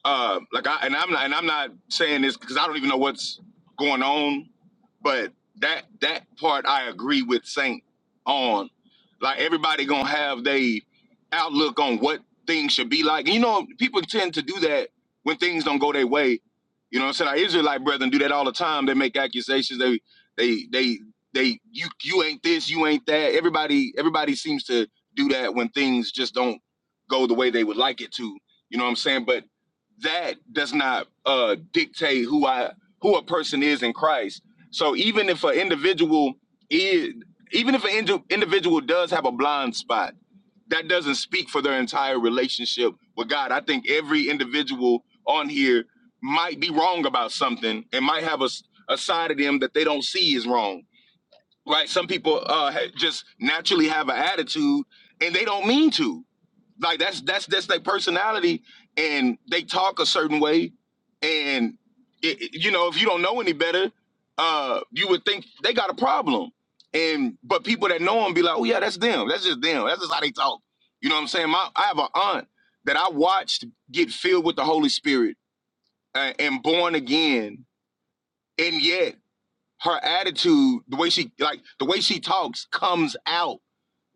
uh, like I and I'm not and I'm not saying this because I don't even know what's going on, but that that part I agree with Saint on. Like everybody gonna have they outlook on what things should be like. And You know, people tend to do that when things don't go their way. You know what I'm saying? Our Israelite brethren do that all the time. They make accusations. They they they they you you ain't this, you ain't that. Everybody everybody seems to do that when things just don't go the way they would like it to you know what I'm saying? But that does not uh, dictate who I who a person is in Christ. So even if an individual is even if an indi- individual does have a blind spot, that doesn't speak for their entire relationship with God. I think every individual on here might be wrong about something and might have a, s- a side of them that they don't see is wrong. Right? Some people uh, ha- just naturally have an attitude and they don't mean to like that's that's that's their personality, and they talk a certain way, and it, it- you know if you don't know any better, uh, you would think they got a problem, and but people that know them be like, oh yeah, that's them. That's just them. That's just how they talk. You know what I'm saying? My, I have an aunt that I watched get filled with the Holy Spirit uh, and born again, and yet her attitude, the way she like the way she talks, comes out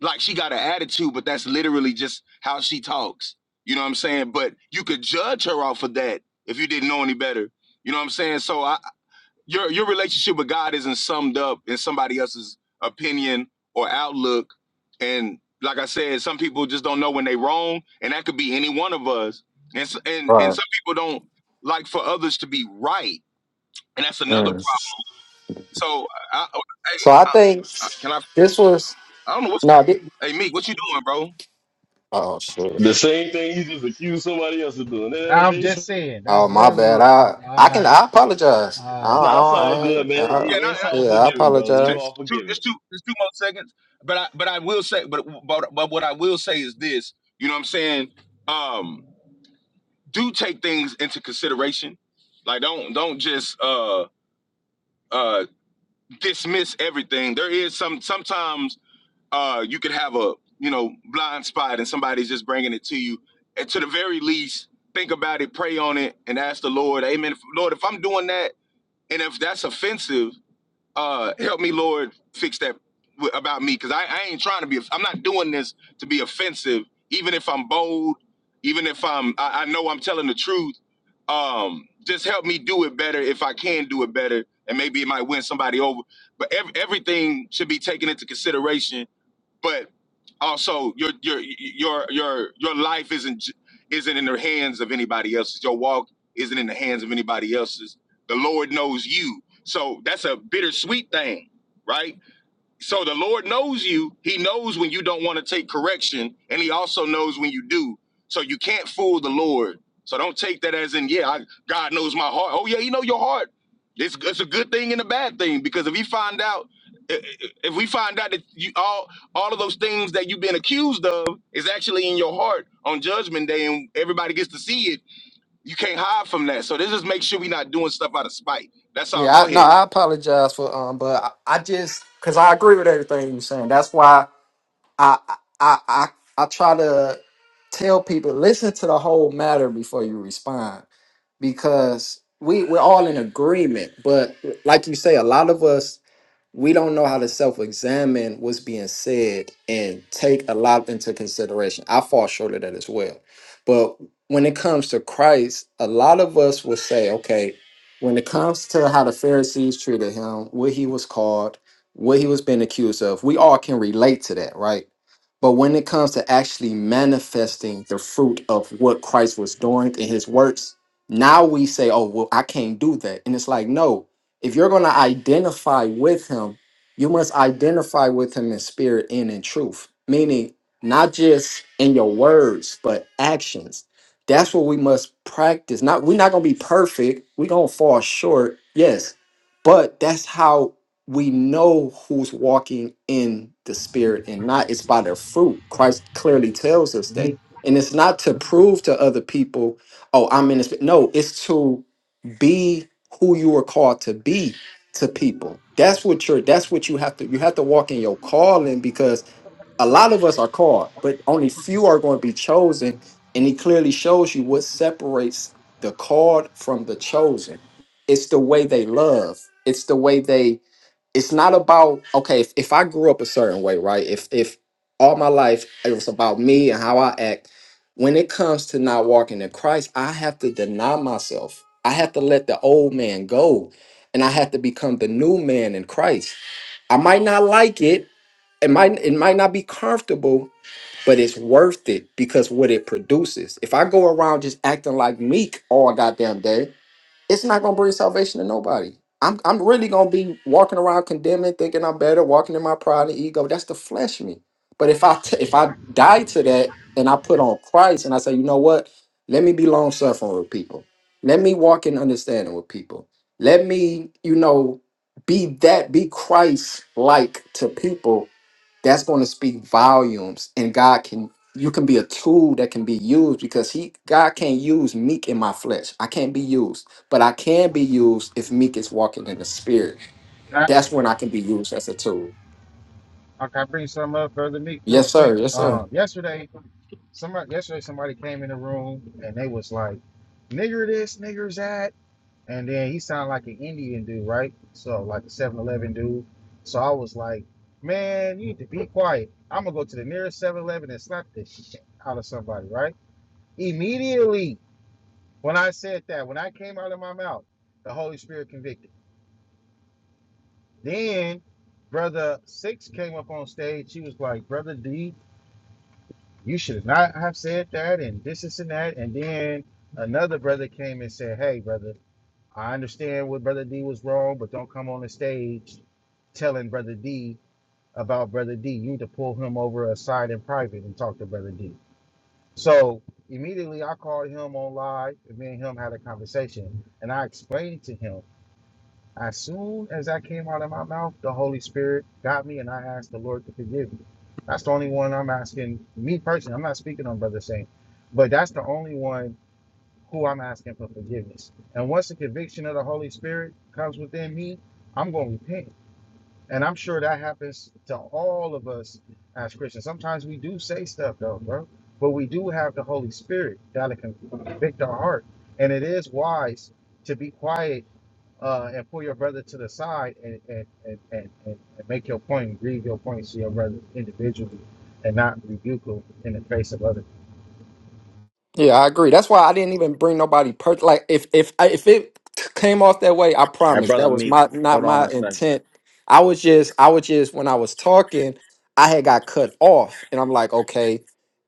like she got an attitude, but that's literally just how she talks. You know what I'm saying? But you could judge her off of that if you didn't know any better. You know what I'm saying? So I, your your relationship with God isn't summed up in somebody else's opinion or outlook. And like I said, some people just don't know when they wrong, and that could be any one of us. And s- and and Right. some people don't like for others to be right, and that's another problem. Mm. So I, I, hey, So I think I, I can I? this was I don't know what's. no. thi- Hey Meek, what you doing, bro? oh shit. The same thing you just accused somebody else of doing. Eh, I'm it's- just saying. That's Oh my bad. literally all. I I can. I I apologize. I I don't, I, Nah, it's don't, all I good, ain't. man. I, Yeah, It- It's no, all yeah, I forgiven, brother. two, You apologize. all two, forgiven. it's two, it's two more seconds. But I, but I will say, but, but, but what I will say is this. You know what I'm saying? Um, do take things into consideration. Like, don't, don't just uh, uh, dismiss everything. There is some. Sometimes uh, you could have a, you know, blind spot, and somebody's just bringing it to you. And to the very least, think about it, pray on it, and ask the Lord, Amen. Lord, if I'm doing that, and if that's offensive uh help me lord fix that w- about me because I, I ain't trying to be i'm not doing this to be offensive even if i'm bold even if i'm i, I know i'm telling the truth um just help me do it better if i can do it better and maybe it might win somebody over but ev- everything should be taken into consideration but also your your your your your life isn't j- isn't in the hands of anybody else's. Your walk isn't in the hands of anybody else's. The Lord knows you. So that's a bittersweet thing, right? So the Lord knows you. He knows when you don't want to take correction, and He also knows when you do. So you can't fool the Lord. So don't take that as in, yeah, I, God knows my heart. Oh yeah, He know your heart. It's, it's a good thing and a bad thing because if He find out, i- i- if we find out that you all all of those things that you've been accused of is actually in your heart on Judgment Day, and everybody gets to see it, you can't hide from that. So this just make sure we're not doing stuff out of spite. That's all. Yeah, Go I, no, ahead. I apologize for um, but I, I just because I agree with everything you're saying. That's why. I I I I try to tell people listen to the whole matter before you respond because we we're all in agreement, but like you say, a lot of us we don't know how to self-examine what's being said and take a lot into consideration. I fall short of that as well. But when it comes to Christ, a lot of us will say, okay, when it comes to how the Pharisees treated him, what he was called, what he was being accused of, we all can relate to that, right? But when it comes to actually manifesting the fruit of what Christ was doing in his works, now we say, oh, well, I can't do that. And it's like, no, if you're going to identify with him, you must identify with him in spirit and in truth, meaning not just in your words, but actions. That's what we must practice. Not we're not going to be perfect. We're going to fall short. Yes. But that's how we know who's walking in the spirit and not it's by their fruit. Christ clearly tells us that. meek. And it's not to prove to other people, oh, I'm in the spirit. No, it's to be who you are called to be to people that's what you're that's what you have to you have to walk in your calling because a lot of us are called but only few are going to be chosen and he clearly shows you what separates the called from the chosen it's the way they love it's the way they it's not about okay if, if i grew up a certain way right if if all my life it was about me and how i act when it comes to not walking in christ i have to deny myself i have to let the old man go and i have to become the new man in christ i might not like it it might it might not be comfortable but it's worth it because what it produces if i go around just acting like meek all goddamn day it's not gonna bring salvation to nobody. I'm I'm really gonna be walking around condemning, thinking I'm better, walking in my pride and ego. That's the flesh me. But if I t- if I die to that and I put on Christ and I say, you know what? Let me be long suffering with people. Let me walk in understanding with people. Let me, you know, be that, be Christ like to people. That's going to speak volumes, and God can. You can be a tool that can be used because He, God, can't use meek in my flesh. I can't be used but I can be used if Meek is walking in the spirit. Can I, That's when I can be used as a tool. uh, can I bring something up, brother Meek, real Yes, quick? sir. Yes, sir. Um, yesterday, somebody yesterday somebody came in the room and they was like, "Nigger this, niggers that." And then he sounded like an Indian dude, right? So like a Seven Eleven dude. So I was like, man, you need to be quiet. I'm gonna go to the nearest Seven Eleven and slap the shit out of somebody, right? Immediately when I said that, when I came out of my mouth, the Holy Spirit convicted. Then brother Six came up on stage. She was like, brother D, you should not have said that and this, this and that. And then another brother came and said, hey, brother. I understand what Brother D was wrong, but don't come on the stage telling Brother D about Brother D. You need to pull him over aside in private and talk to Brother D. So immediately I called him on live and me and him had a conversation and I explained to him as soon as I came out of my mouth, the Holy Spirit got me and I asked the Lord to forgive me. That's the only one I'm asking me personally. I'm not speaking on Brother Saint, but that's the only one who I'm asking for forgiveness. And once the conviction of the Holy Spirit comes within me, I'm going to repent. And I'm sure that happens to all of us as Christians. Sometimes we do say stuff, though, bro. But we do have the Holy Spirit that'll convict our heart. And it is wise to be quiet uh, and pull your brother to the side and, and, and, and, and, and make your point, and grieve your points to your brother individually and not rebuke him in the face of other. Yeah, I agree. That's why I didn't even bring nobody per like if if I- if it came off that way, I And promise brother that was Meek, my not hold on my a second. intent. I was just I was just when I was talking, I had got cut off, and I'm like, okay.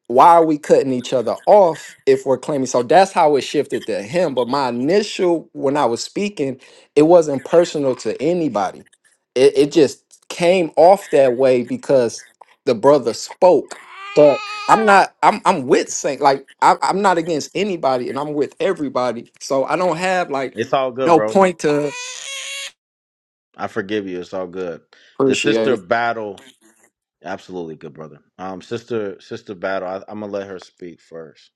why are we cutting each other off if we're claiming so that's how it shifted to him but my initial when i was speaking it wasn't personal to anybody it, it just came off that way because the brother spoke but i'm not i'm, I'm with saint like I, i'm not against anybody and i'm with everybody so i don't have like It's all good, no bro. point to I forgive you. It's all good. The appreciate sister it battle, absolutely good, brother. Um, sister, sister battle. I, I'm gonna let her speak first.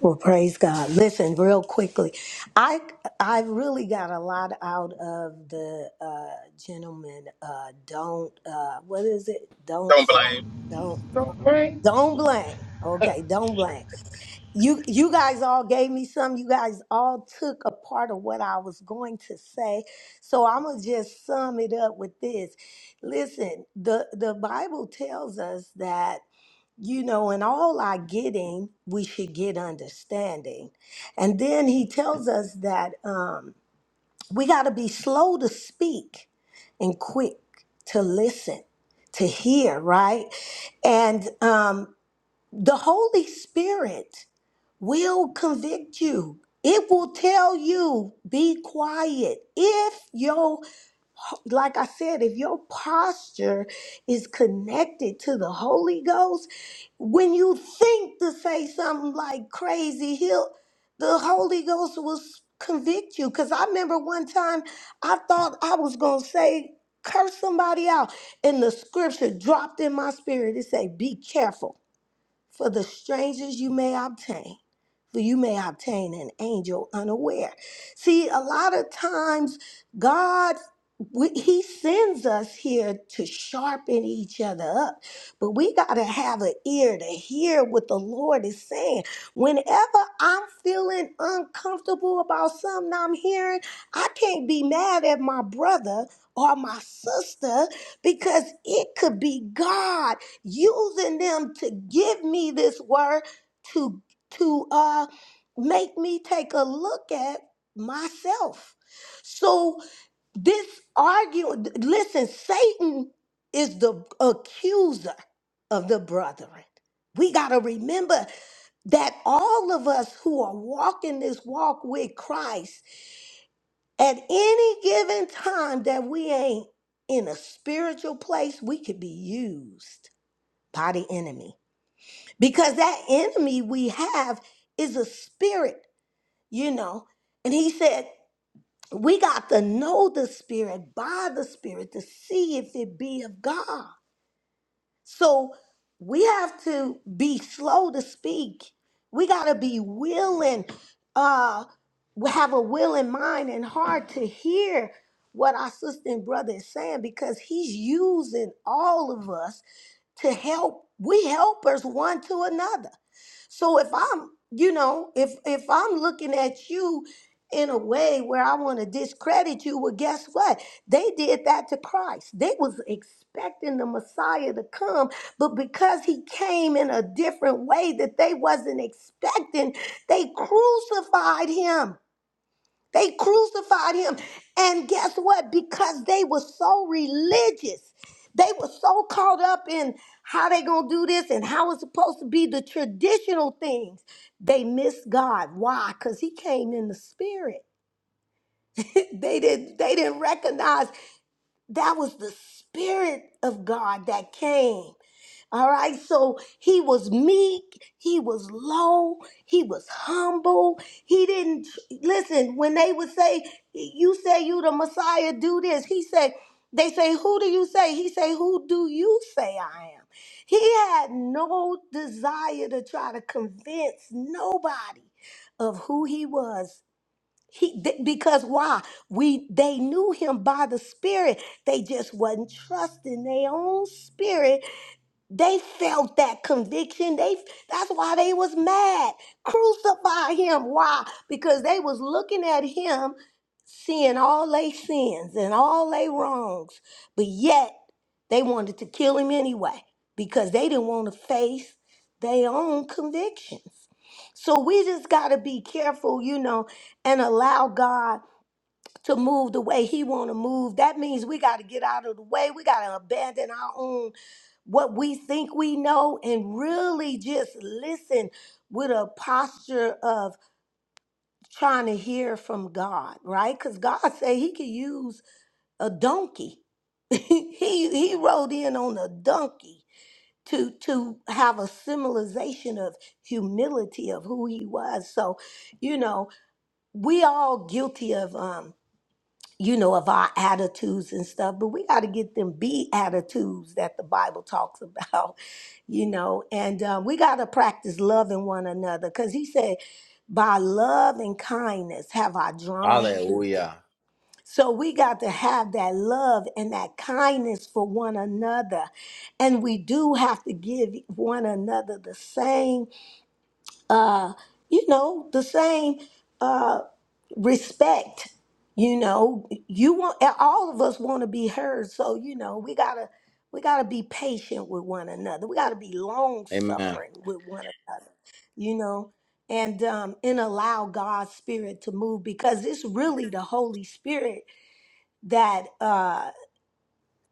Well, praise God. Listen, real quickly, I I really got a lot out of the uh, gentleman. Uh, don't uh, what is it? Don't Don't blame. don't. Don't blame. Okay, don't blame. You you guys all gave me some. You guys all took a part of what I was going to say. So I'm going to just sum it up with this. Listen, the the Bible tells us that you know, in all our getting, we should get understanding. And then he tells us that um, we got to be slow to speak and quick to listen, to hear, right? And um, the Holy Spirit will convict you. It will tell you, be quiet. If your, like I said, if your posture is connected to the Holy Ghost, when you think to say something like crazy, he'll, the Holy Ghost will s- convict you. Because I remember one time I thought I was going to say, curse somebody out. And the scripture dropped in my spirit. It said, be careful. For the strangers you may obtain, for you may obtain an angel unaware. See, a lot of times God we, he sends us here to sharpen each other up, but we got to have an ear to hear what the Lord is saying. Whenever I'm feeling uncomfortable about something I'm hearing, I can't be mad at my brother or my sister because it could be God using them to give me this word to to uh make me take a look at myself so this argument listen satan is the accuser of the brethren we got to remember that all of us who are walking this walk with Christ, at any given time that we ain't in a spiritual place, we could be used by the enemy because that enemy we have is a spirit, you know. And he said, we got to know the spirit by the spirit to see if it be of God. So we have to be slow to speak. We got to be willing, uh, have a willing mind and heart to hear what our sister and brother is saying because he's using all of us to help. We helpers one to another. So if I'm, you know, if if I'm looking at you in a way where I want to discredit you, well, guess what? They did that to Christ. They was expecting the Messiah to come, but because he came in a different way that they wasn't expecting, they crucified him. They crucified him. And guess what? Because they were so religious, they were so caught up in how they gonna do this and how it's supposed to be the traditional things. They missed God. Why? Because he came in the spirit. [laughs] they didn't they didn't recognize that was the spirit of God that came. All right, so he was meek, he was low, he was humble. He didn't listen when they would say, "You say you the Messiah, do this." He said, "They say, who do you say?" He say, "Who do you say I am?" He had no desire to try to convince nobody of who he was. He th- because why we they knew him by the Spirit. They just wasn't trusting their own spirit they felt that conviction. They that's why they was mad. Crucify him. Why? Because they was looking at him, seeing all they sins and all they wrongs. But yet they wanted to kill him anyway because they didn't want to face their own convictions. So we just gotta be careful, you know, and allow God to move the way he want to move. That means we got to get out of the way. We got to abandon our own what we think we know and really just listen with a posture of trying to hear from God, right? Cuz God said he could use a donkey. [laughs] he he rode in on a donkey to to have a symbolization of humility of who he was. So, you know, we all guilty of um you know, of our attitudes and stuff, but we got to get them be attitudes that the Bible talks about, [laughs] you know, and uh, we got to practice loving one another because he said, by love and kindness have I drawn you. Hallelujah. So we got to have that love and that kindness for one another. And we do have to give one another the same, uh, you know, the same. uh, respect you know you want all of us want to be heard so you know we gotta we gotta be patient with one another we gotta be long Amen. suffering with one another you know and um and allow god's spirit to move because it's really the holy spirit that uh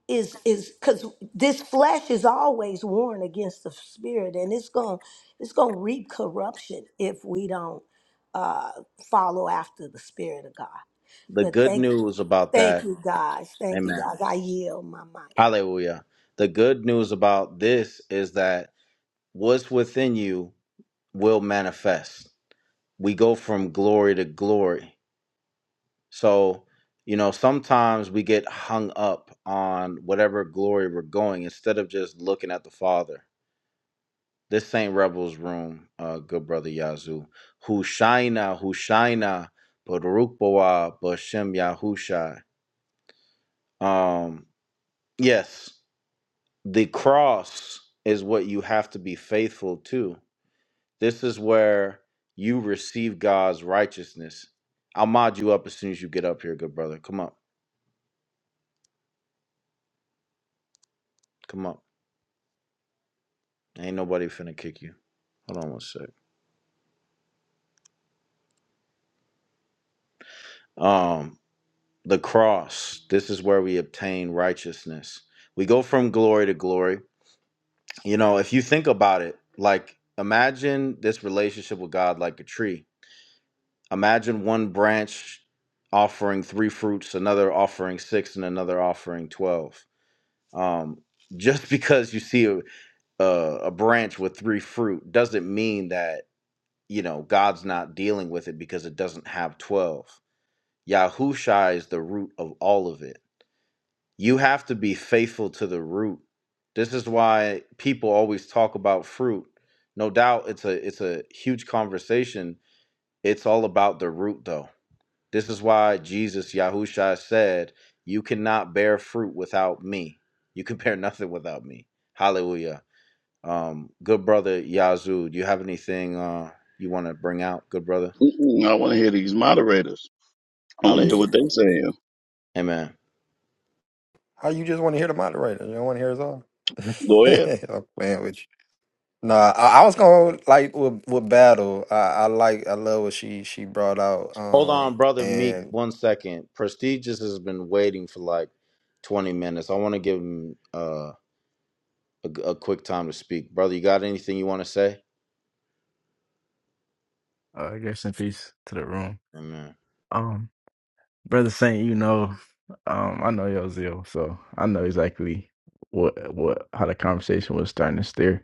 is is because this flesh is always warned against the spirit and it's gonna it's gonna reap corruption if we don't uh follow after the spirit of god The but good thank you. news about Thank that, you, guys. Thank you, amen. guys. I yield my mic. Hallelujah. The good news about this is that what's within you will manifest. We go from glory to glory. So, you know, sometimes we get hung up on whatever glory we're going instead of just looking at the Father. This Saint Rebel's room, uh, good brother Yazoo. Hushaina, Hushaina, Baruch Boa, Bashem Yahushai. Um, yes the cross is what you have to be faithful to. This is where you receive God's righteousness. I'll mod you up as soon as you get up here, good brother. Come up. Come up. Ain't nobody finna kick you. Hold on one sec. Um, the cross. This is where we obtain righteousness. We go from glory to glory. You know, if you think about it, like imagine this relationship with God like a tree Imagine one branch offering three fruits, another offering six, and another offering 12. Um, [laughs] just because you see a, a, a branch with three fruit doesn't mean that, you know, God's not dealing with it because it doesn't have 12. Yahushua is the root of all of it. You have to be faithful to the root. This is why people always talk about fruit. No doubt it's a it's a huge conversation. It's all about the root though this is why Jesus, Yahusha, said, You cannot bear fruit without me. You can [laughs] bear nothing without me. Hallelujah. Um, good brother Yazoo, do you have anything uh, you want to bring out, good brother? Mm-mm, I want to hear these moderators. I want to hear what Hallelujah. they're saying. Amen. How you just want to hear the moderator? You don't want to hear us all? [laughs] Go ahead. I'm playing with you. Nah, I, I was going to like with with battle. I, I like I love what she she brought out. Hold Um on, brother Meek, and one second. Prestigious has been waiting for like 20 minutes. I want to give him uh, a, a quick time to speak. Brother, you got anything you want to say? Uh, I guess in peace to the room. Amen. Um, Brother Saint, you know, um, I know your zeal, so I know exactly what what how the conversation was starting to steer.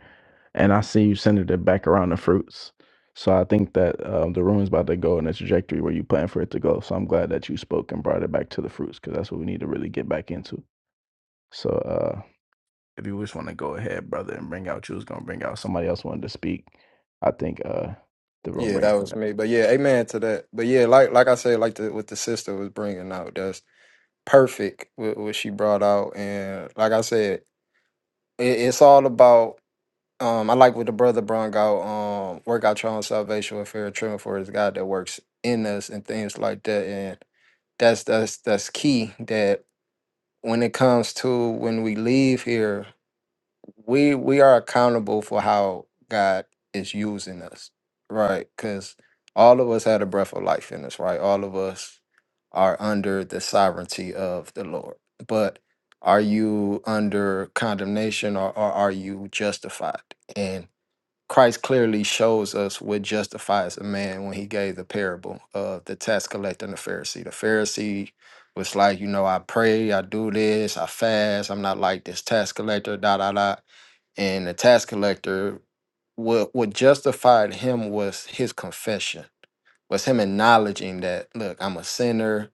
And I see you centered it back around the fruits. So I think that um, the room is about to go in the trajectory where you plan for it to go. So I'm glad that you spoke and brought it back to the fruits because that's what we need to really get back into. So uh, if you just want to go ahead, brother, and bring out you was gonna bring out somebody else wanted to speak. I think uh, the room yeah, that ready for was that. me. But yeah, amen to that. But yeah, like like I said, like the what the sister was bringing out, that's perfect with what she brought out. And like I said, it, it's all about. Um, I like what the brother brought out. Um, work out your own salvation with fear and trembling, for his God that works in us and things like that. And that's that's that's key that when it comes to when we leave here we we are accountable for how God is using us, right? Because all of us had a breath of life in us, right? All of us are under the sovereignty of the Lord. But are you under condemnation or, or are you justified? Christ clearly shows us what justifies a man when he gave the parable of the tax collector and the Pharisee. The Pharisee was like, you know, I pray, I do this, I fast, I'm not like this tax collector, da da da. And the tax collector, what what justified him was his confession was him acknowledging that, look, I'm a sinner.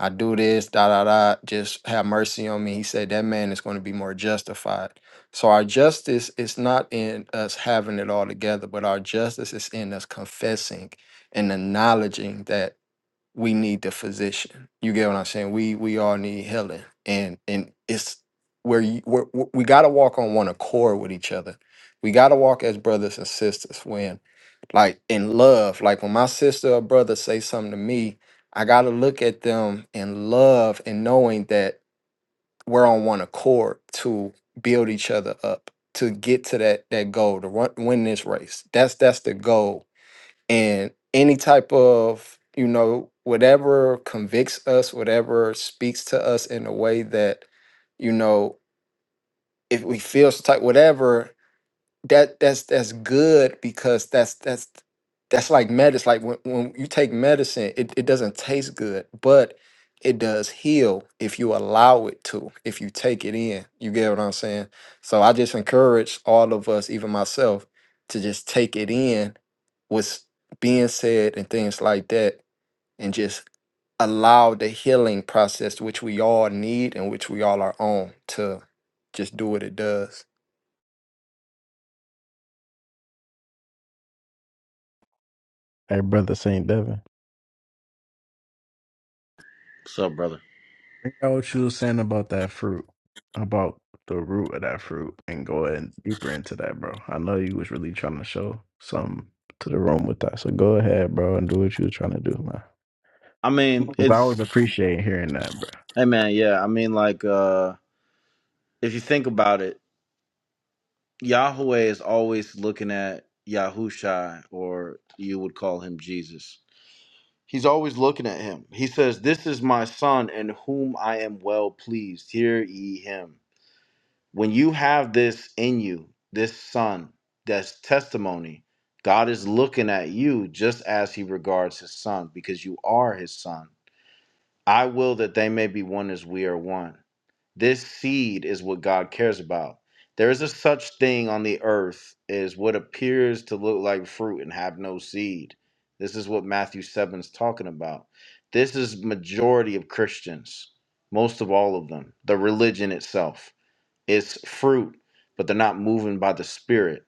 I do this, da da da. Just have mercy on me. He said that man is going to be more justified. So our justice is not in us having it all together, but our justice is in us confessing and acknowledging that we need the physician. You get what I'm saying? We we all need healing, and and it's where you we're, we got to walk on one accord with each other. We got to walk as brothers and sisters when like in love like when my sister or brother say something to me i gotta look at them in love and knowing that we're on one accord to build each other up to get to that that goal to run, win this race that's that's the goal and any type of you know whatever convicts us whatever speaks to us in a way that you know if we feel some type whatever that that's that's good because that's that's that's like medicine. Like when, when you take medicine, it, it doesn't taste good, but it does heal if you allow it to, if you take it in. You get what I'm saying? So I just encourage all of us, even myself, to just take it in what's being said and things like that, and just allow the healing process, which we all need and which we all are on, to just do what it does. Hey, brother Saint Devin. What's up, brother? Think out what you were saying about that fruit, about the root of that fruit, and go ahead deeper into that, bro. I know you was really trying to show some to the room with that, so go ahead, bro, and do what you was trying to do, man. I mean, 'Cause I it's, was appreciating hearing that, bro. hey man, yeah. I mean, like, uh, if you think about it, Yahweh is always looking at Yahusha, or you would call him Jesus. He's always looking at him. He says, This is my son in whom I am well pleased. Hear ye him. When you have this in you, this son, that's testimony, God is looking at you just as he regards his son, because you are his son. I will that they may be one as we are one. This seed is what God cares about. There is a such thing on the earth as what appears to look like fruit and have no seed. This is what Matthew 7 is talking about. This is majority of Christians, most of all of them. The religion itself is fruit, but they're not moving by the spirit,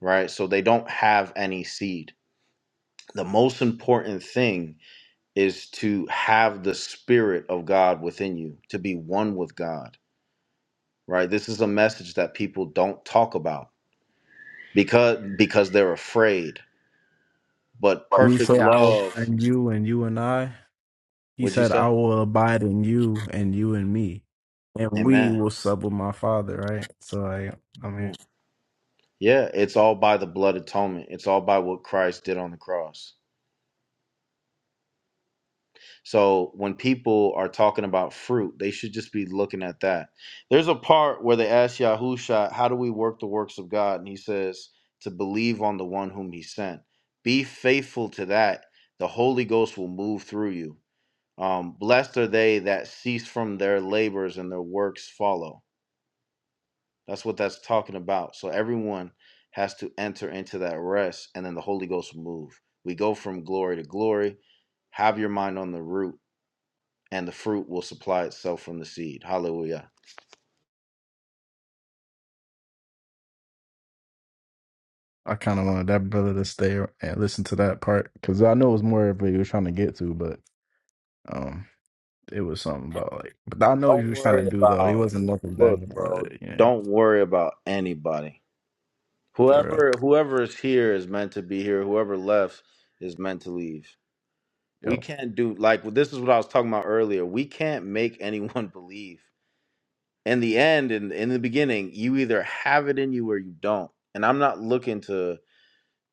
right? So they don't have any seed. The most important thing is to have the spirit of God within you, to be one with God right? This is a message that people don't talk about because because they're afraid. But When he perfect said, "I will abide love, in you and you and I," he would you said, "I say? will abide in you and you and me, and we Amen. will sub with my Father." Right. So I, I Yeah, mean, Yeah, it's all by the blood atonement. It's all by what Christ did on the cross. So when people are talking about fruit, they should just be looking at that. There's a part where they ask Yahusha, "How do we work the works of God?" And he says, "To believe on the one whom He sent. Be faithful to that. The Holy Ghost will move through you." Um, blessed are they that cease from their labors and their works follow. That's what that's talking about. So everyone has to enter into that rest, and then the Holy Ghost will move. We go from glory to glory. Have your mind on the root, and the fruit will supply itself from the seed. Hallelujah. I kind of wanted that brother to stay and listen to that part because I know it was more of what you were trying to get to, but. um. it was something about like, but I know what he Don't was trying to worry do though. He about wasn't looking back look, about bro. it. Yeah, Don't worry about anybody. for real. Whoever whoever is here is meant to be here. Whoever left is meant to leave. We Yo, can't do like well, this is what I was talking about earlier. We can't make anyone [laughs] believe. In the end and in, in the beginning, you either have it in you or you don't. And I'm not looking to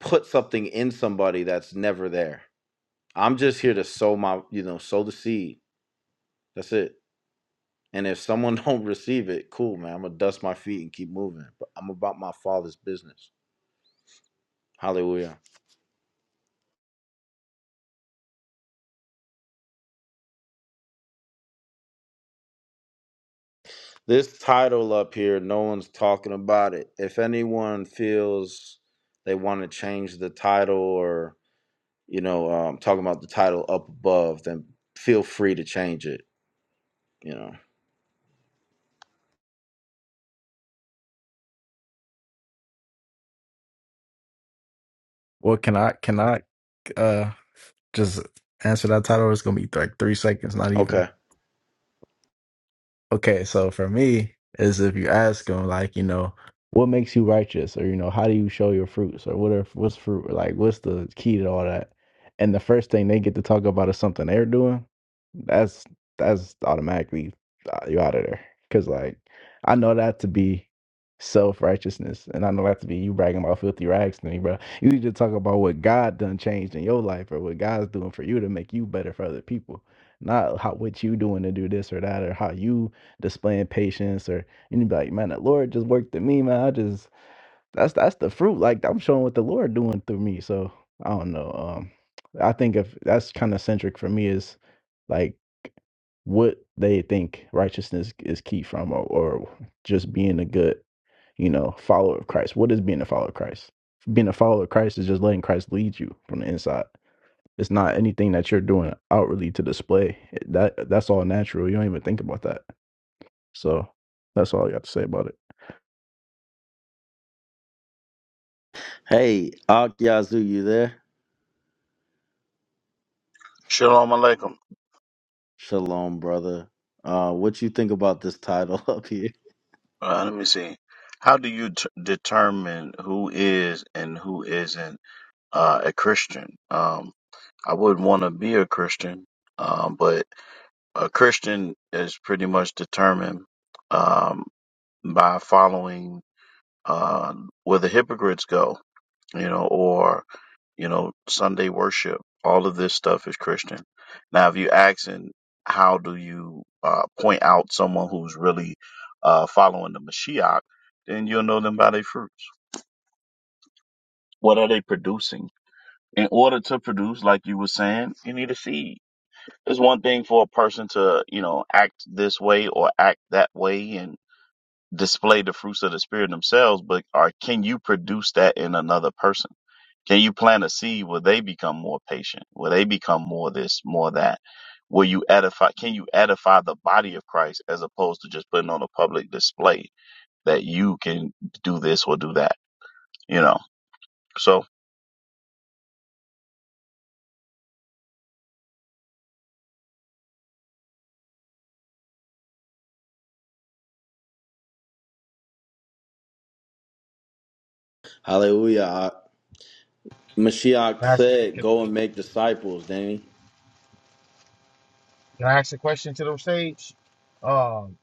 put something in somebody that's never there. I'm just here to sow my, you know, sow the seed. That's it. And if someone [laughs] don't receive it, cool, man. I'm gonna dust my feet and keep moving. But I'm about my father's business. Hallelujah. This title up here, no one's talking about it. If anyone feels they want to change the title or, you know, um, talking about the title up above, then feel free to change it, you know. well, can I can I uh just answer that title? It's gonna be like three seconds, not even. Okay. Okay, so for me, is if you ask them, like, you know, what makes you righteous, or you know, how do you show your fruits, or what are what's fruit, or like, what's the key to all that? And the first thing they get to talk about is something they're doing. That's that's automatically uh, you're out of there, because like, I know that to be self righteousness, and I know that to be you bragging about filthy rags to me, bro. You need to talk about what God done changed in your life, or what God's doing for you to make you better for other people not how what you doing to do this or that or how you displaying patience or anybody, like, man, the Lord just worked in me, man. I just that's that's the fruit. Like I'm showing what the Lord doing through me. So I don't know. Um I think if that's kind of centric for me is like what they think righteousness is key from or, or just being a good, you know, follower of Christ. What is being a follower of Christ? Being a follower of Christ is just letting Christ lead you from the inside. It's not anything that you're doing outwardly to display. That that's all natural. You don't even think about that. So that's all I got to say about it. Hey, Ak Yazoo, you there? Shalom aleichem. Shalom, brother. Uh, what you think about this title [laughs] up here? Uh, let me see. How do you t- determine who is and who isn't uh, a Christian? Um, I wouldn't want to be a Christian, um, but a Christian is pretty much determined um, by following uh, where the hypocrites go, you know, or you know, Sunday worship, all of this stuff is Christian. Now, if you ask, and how do you uh, point out someone who's really uh, following the Mashiach, then you'll know them by their fruits. What are they producing? In order to produce, like you were saying, you need a seed. It's one thing for a person to, you know, act this way or act that way, and. display the fruits of the spirit themselves, but are can you produce that in another person? Can you plant a seed where they become more patient? Where they become more this, more that? Will you edify? Can you edify the body of Christ as opposed to just putting on a public display that you can do this or do that? You know. So Hallelujah. Ak. Mashiach said, people. go and make disciples, Danny. Can I ask a question to the stage? Um,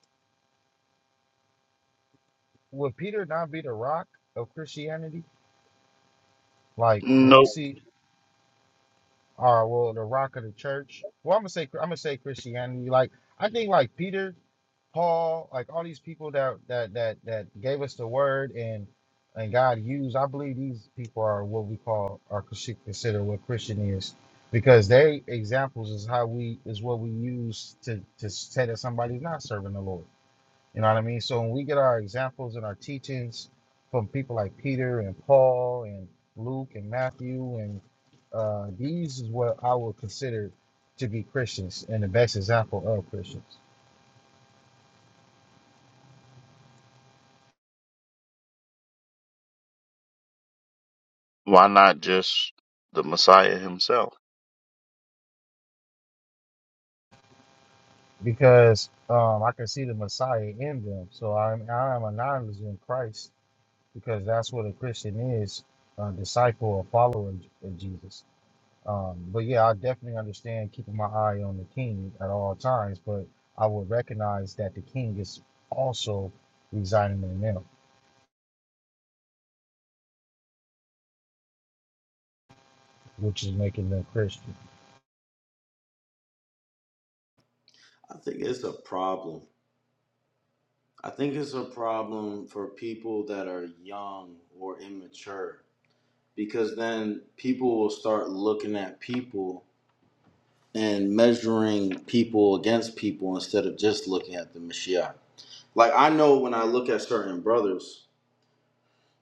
would Peter not be the rock of Christianity? Like when we nope. see, uh, well, the rock of the church. Well, I'm gonna say I'm gonna say Christianity. Like I think like Peter, Paul, like all these people that that that that gave us the word and and God used. I believe these people are what we call are consi- consider what Christian is because they examples is how we is what we use to to say that somebody's not serving the Lord. You know what I mean? So when we get our examples and our teachings from people like Peter and Paul and Luke and Matthew, and uh, these is what I would consider to be Christians and the best example of Christians Why not just the Messiah Himself? because um, I can see the Messiah in them. So I'm, I am a novice in Christ because that's what a Christian is a disciple, a follower of Jesus. Um, but yeah, I definitely understand keeping my eye on the king at all times, but I would recognize that the king is also residing in them, which is making them Christian. I think it's a problem. I think it's a problem for people that are young or immature because then people will start looking at people and measuring people against people instead of just looking at the Mashiach. Like I know when I look at certain brothers,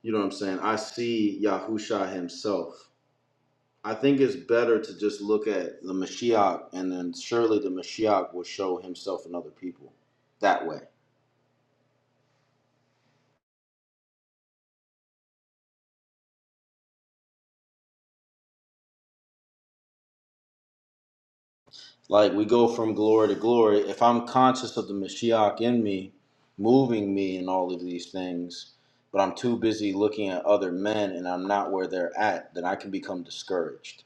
you know what I'm saying, I see Yahusha himself. I think it's better to just look at the Mashiach and then surely the Mashiach will show himself in other people that way. Like we go from glory to glory. If I'm conscious of the Mashiach in me, moving me in all of these things, but I'm too busy looking at other men and I'm not where they're at, then I can become discouraged.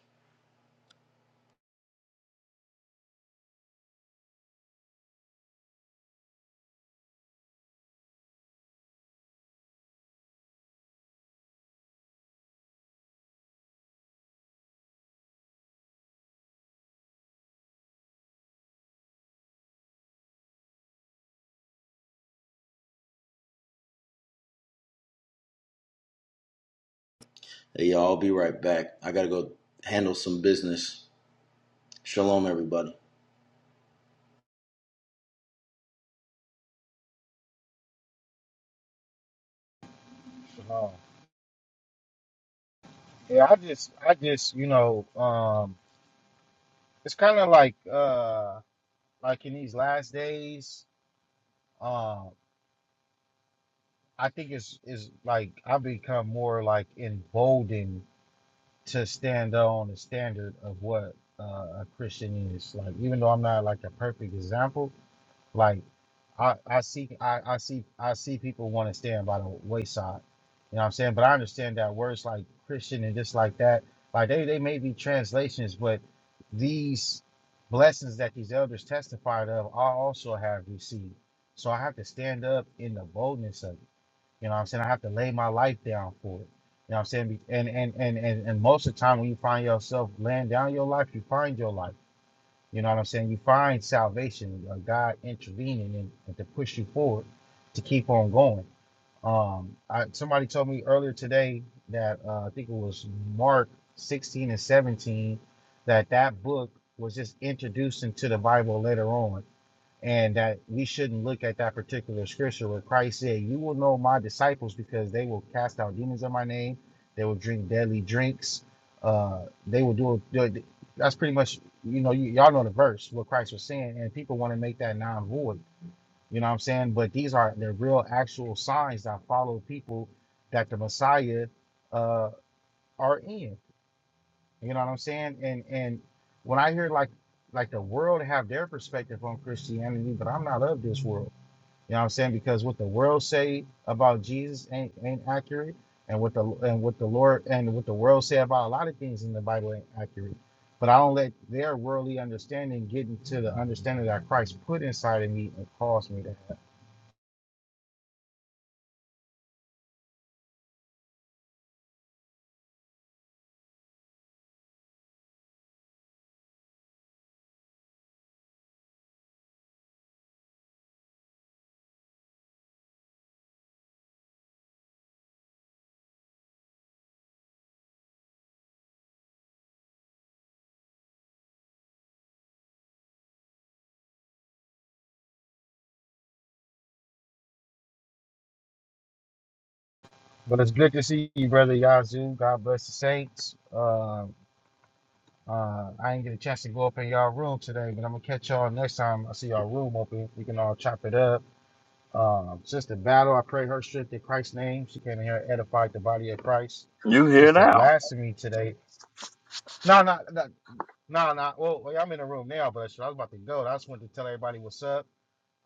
Hey, y'all, I'll be right back. I gotta go handle some business. Shalom, everybody. Um, yeah, I just, I just, you know, um, it's kind of like, uh, like in these last days, um, I think it's, is like I become more like emboldened to stand on the standard of what uh, a Christian is. Like, even though I'm not like a perfect example. Like I, I see I, I see I see people want to stand by the wayside. You know what I'm saying? But I understand that words like Christian and just like that, like they, they may be translations, but these blessings that these elders testified of, I also have received. So I have to stand up in the boldness of it. You know what I'm saying? I have to lay my life down for it. You know what I'm saying? Be- And and and and, and most of the time when you find yourself laying down your life, you find your life. You know what I'm saying? You find salvation, uh, God intervening and, and to push you forward to keep on going. Um, I, somebody told me earlier today that uh, I think it was Mark 16 and 17 that that book was just introduced into the Bible later on and that we shouldn't look at that particular scripture where Christ said, "You will know my disciples because they will cast out demons in my name, they will drink deadly drinks, uh, they will do." do- That's pretty much you know you, y'all know the verse what Christ was saying, and people want to make that non void. You know what I'm saying? But these are the real actual signs that follow people that the Messiah uh, are in. You know what I'm saying? And and when I hear like like the world have their perspective on Christianity, but I'm not of this world. You know what I'm saying? Because what the world say about Jesus ain't, ain't accurate, and what the and what the Lord and what the world say about a lot of things in the Bible ain't accurate. But I don't let their worldly understanding get into the understanding that Christ put inside of me and caused me to have. But it's good to see you, brother Yazoo. God bless the saints. Um, uh, I didn't get a chance to go up in y'all room today, but I'm gonna catch y'all next time. I see y'all room open. We can all chop it up Uh, Sister Battle, I pray her strength in Christ's name. She came in here and edified the body of Christ. You here Sister now? Blasphemy today. No, no, no, no, no. Well, well, I'm in the room now, but I was about to go. I just wanted to tell everybody what's up.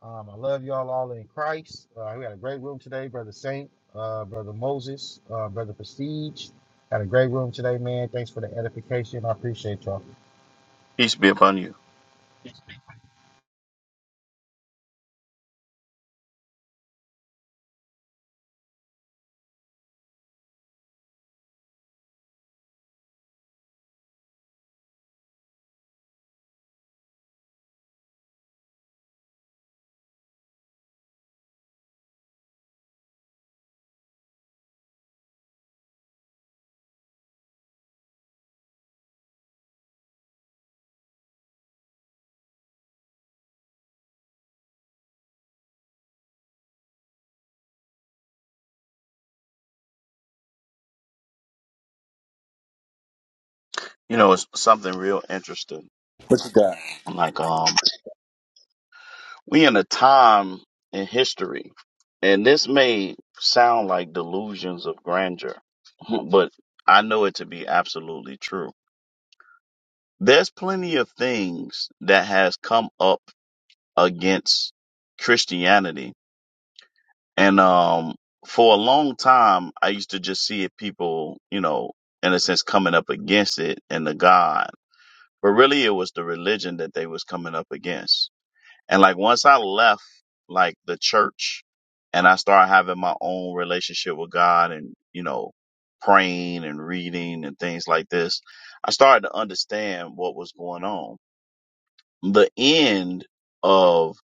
Um, I love y'all all in Christ. Uh, we had a great room today, Brother Saint, uh, Brother Moses, uh, Brother Prestige. Had a great room today, man. Thanks for the edification. I appreciate y'all. Peace be upon you. You know, it's something real interesting. What you got? [laughs] Like um. we in a time in history, and this may sound like delusions of grandeur, [laughs] but I know it to be absolutely true. There's plenty of things that has come up against Christianity, and um, for a long time, I used to just see it people, you know, in a sense, coming up against it and the God, but really it was the religion that they was coming up against And like once I left like the church and I started having my own relationship with God and, you know, praying and reading and things like this, I started to understand what was going on. The end of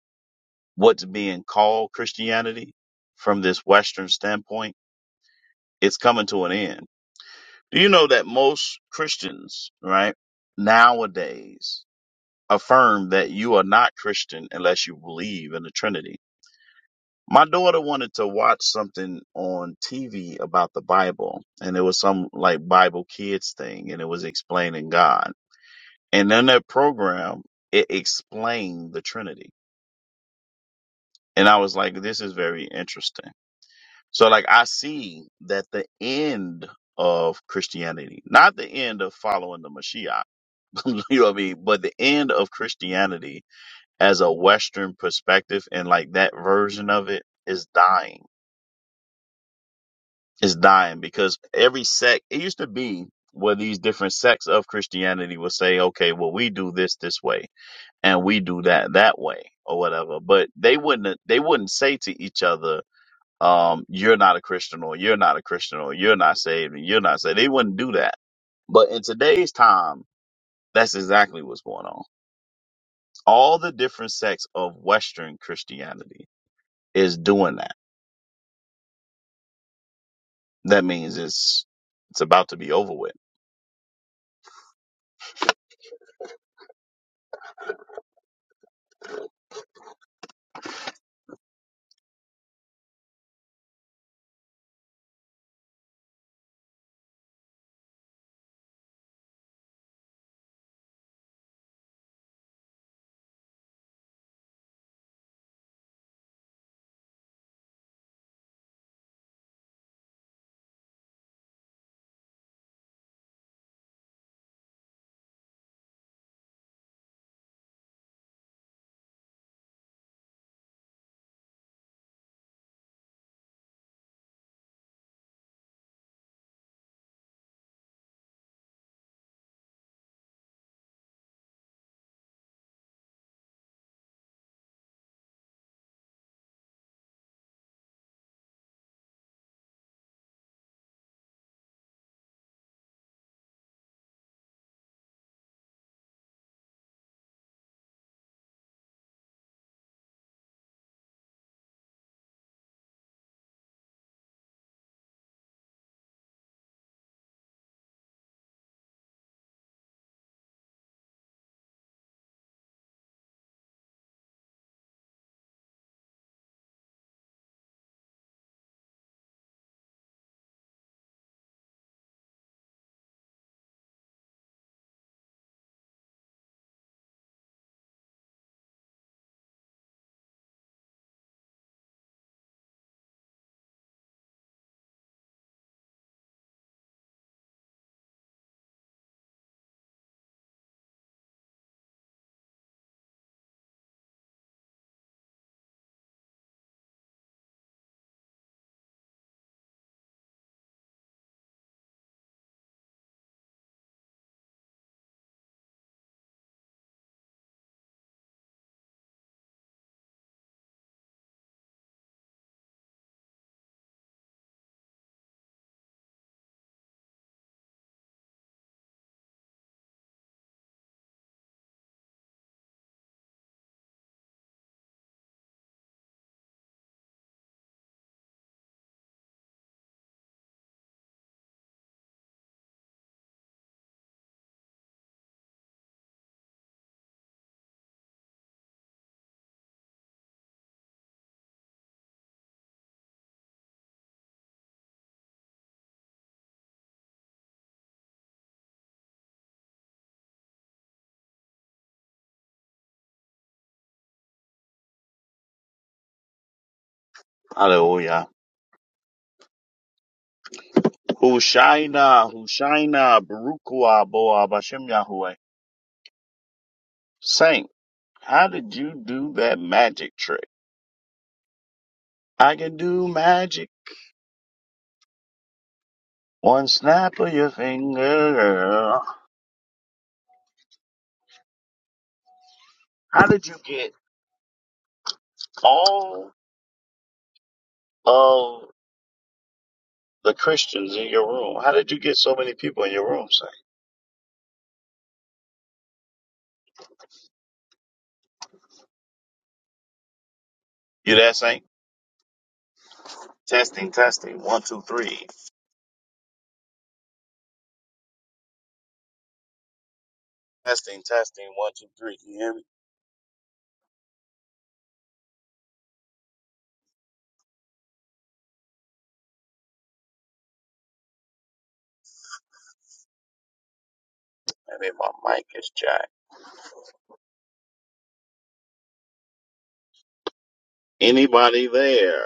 what's being called Christianity from this Western standpoint, it's coming to an end. Do you know that most Christians, right, nowadays affirm that you are not Christian unless you believe in the Trinity? My daughter wanted to watch something on TV about the Bible, and it was some like Bible Kids thing, and it was explaining God. And in that program, it explained the Trinity. And I was like, this is very interesting. So, like, I see that the end of Christianity, not the end of following the Mashiach, [laughs] you know what I mean, but the end of Christianity as a Western perspective and like that version of it is dying is dying because every sect it used to be where these different sects of Christianity would say, okay, well we do this this way and we do that that way or whatever, but they wouldn't they wouldn't say to each other, um, you're not a Christian or you're not a Christian or you're not saved and you're not saved. They wouldn't do that. But in today's time, that's exactly what's going on. All the different sects of Western Christianity is doing that. That means it's it's about to be over with. Hallelujah. Hushaina, Hushaina, Barukua, Boa, Bashem Yahweh. Saint, how did you do that magic trick? I can do magic. One snap of your finger. How did you get all of the Christians in your room? How did you get so many people in your room, Saint? You there, Saint? Testing, testing, one, two, three. Testing, testing, one, two, three. Can you hear me? And then my mic is jacked. Anybody there?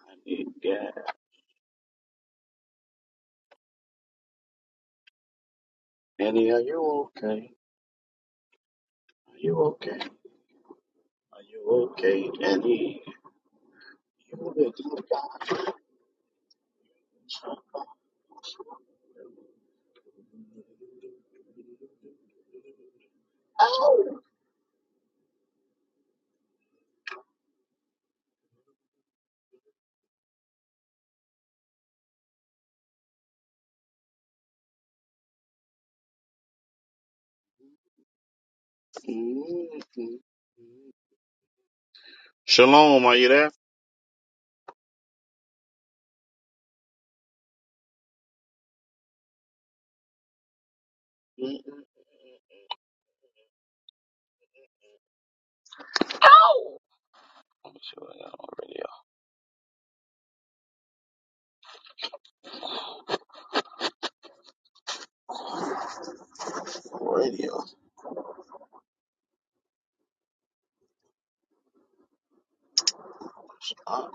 I need gas. Any Are you okay? Are you okay? Are you okay, Danny? You been through huh? Ow! Mm-hmm. Shalom, are you there? Mm-hmm. Ow! I'm sure you're on radio. radio. Uh,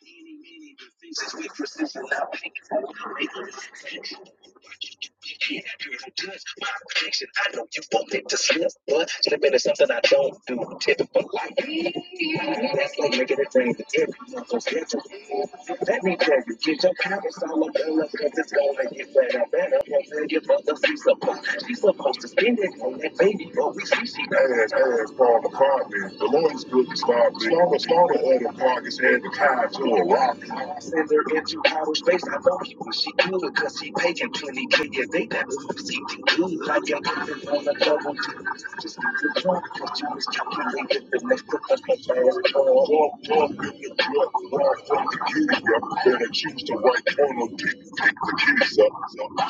Teeny, meeny, the things that we persist in now, we can not do this. My affection, I know you want me to slip, but slipping is something I don't do. Typical life. That's gonna a thing to do. So get let me tell you, get your pants all up in cause it's gonna get better, better. Once they give up, she's supposed, she's supposed to spend it on that baby, but we see she ass, ass fall the man. The Lord's good to start, start, start, other pockets had to tie to a rock send her into outer space. I know he wish she could, cause he paying 20k a day. That move seemed good. Like I'm living on a double D. Just get the drunk, cause you was calculated the next step of my last call. Walk, walk in the truck, walk from the keys up. Better choose the right corner, pick, pick the keys up.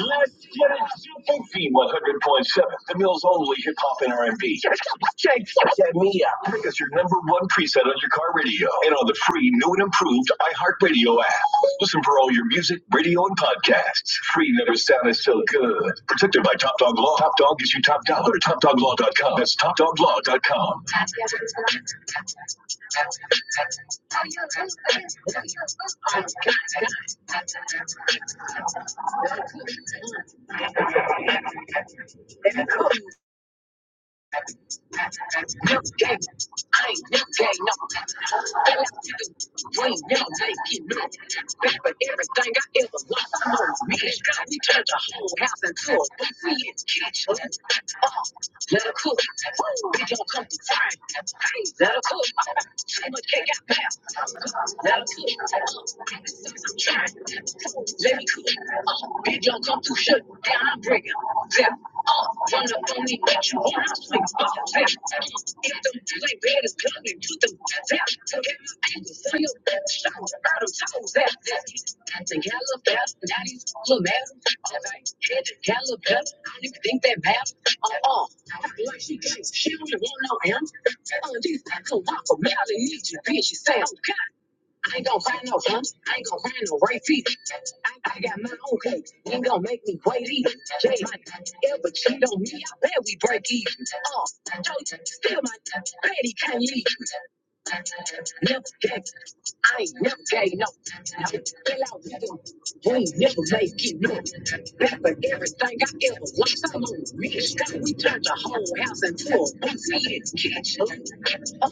Live Planet Zoo 100.7, the mill's only hip hop and R&B. Check me out. Pick us your number one preset on your car radio and on the free, new and improved iHeartRadio app. Listen for all your music, radio, and podcasts. Free never sounded. It's so good. Protected by Top Dog Law. Top Dog is you top dollar. Go to TopDogLaw.com. That's TopDogLaw.com. [laughs] No game, I ain't no game no. That's the way I keep it. But everything I ever wanted, it's got me trapped in a hole. Nothing to believe in, can't trust. Let it cool, let it cool, let it cool, let it cool, let it cool, let it cool. Don't come to shut down, I break them up. Run up on me, make you wanna swing up them. Hit them like bad as coming, put them down. Get my ankles on your back, shot out of toes at that. Had to gallop out, now these little maps. Alright, had to gallop out, I don't even think that maps. Uh-uh, like she thinks she don't want no answer. Telling these I can walk a mile I need you, bitch, you sound. I ain't gonna find no humps. I ain't gonna find no right feet. I, I got my own cake. You ain't gonna make me wait either. Jay, ever cheat on me? I bet we break even. Oh, uh, Joe, still my baby can't leave. Never gave. I ain't never gave no. I Fell out with them. We ain't never make it no. Back for everything I ever lost. I'm on the rich. God, we turned the whole house into a boutique kitchen. Uh,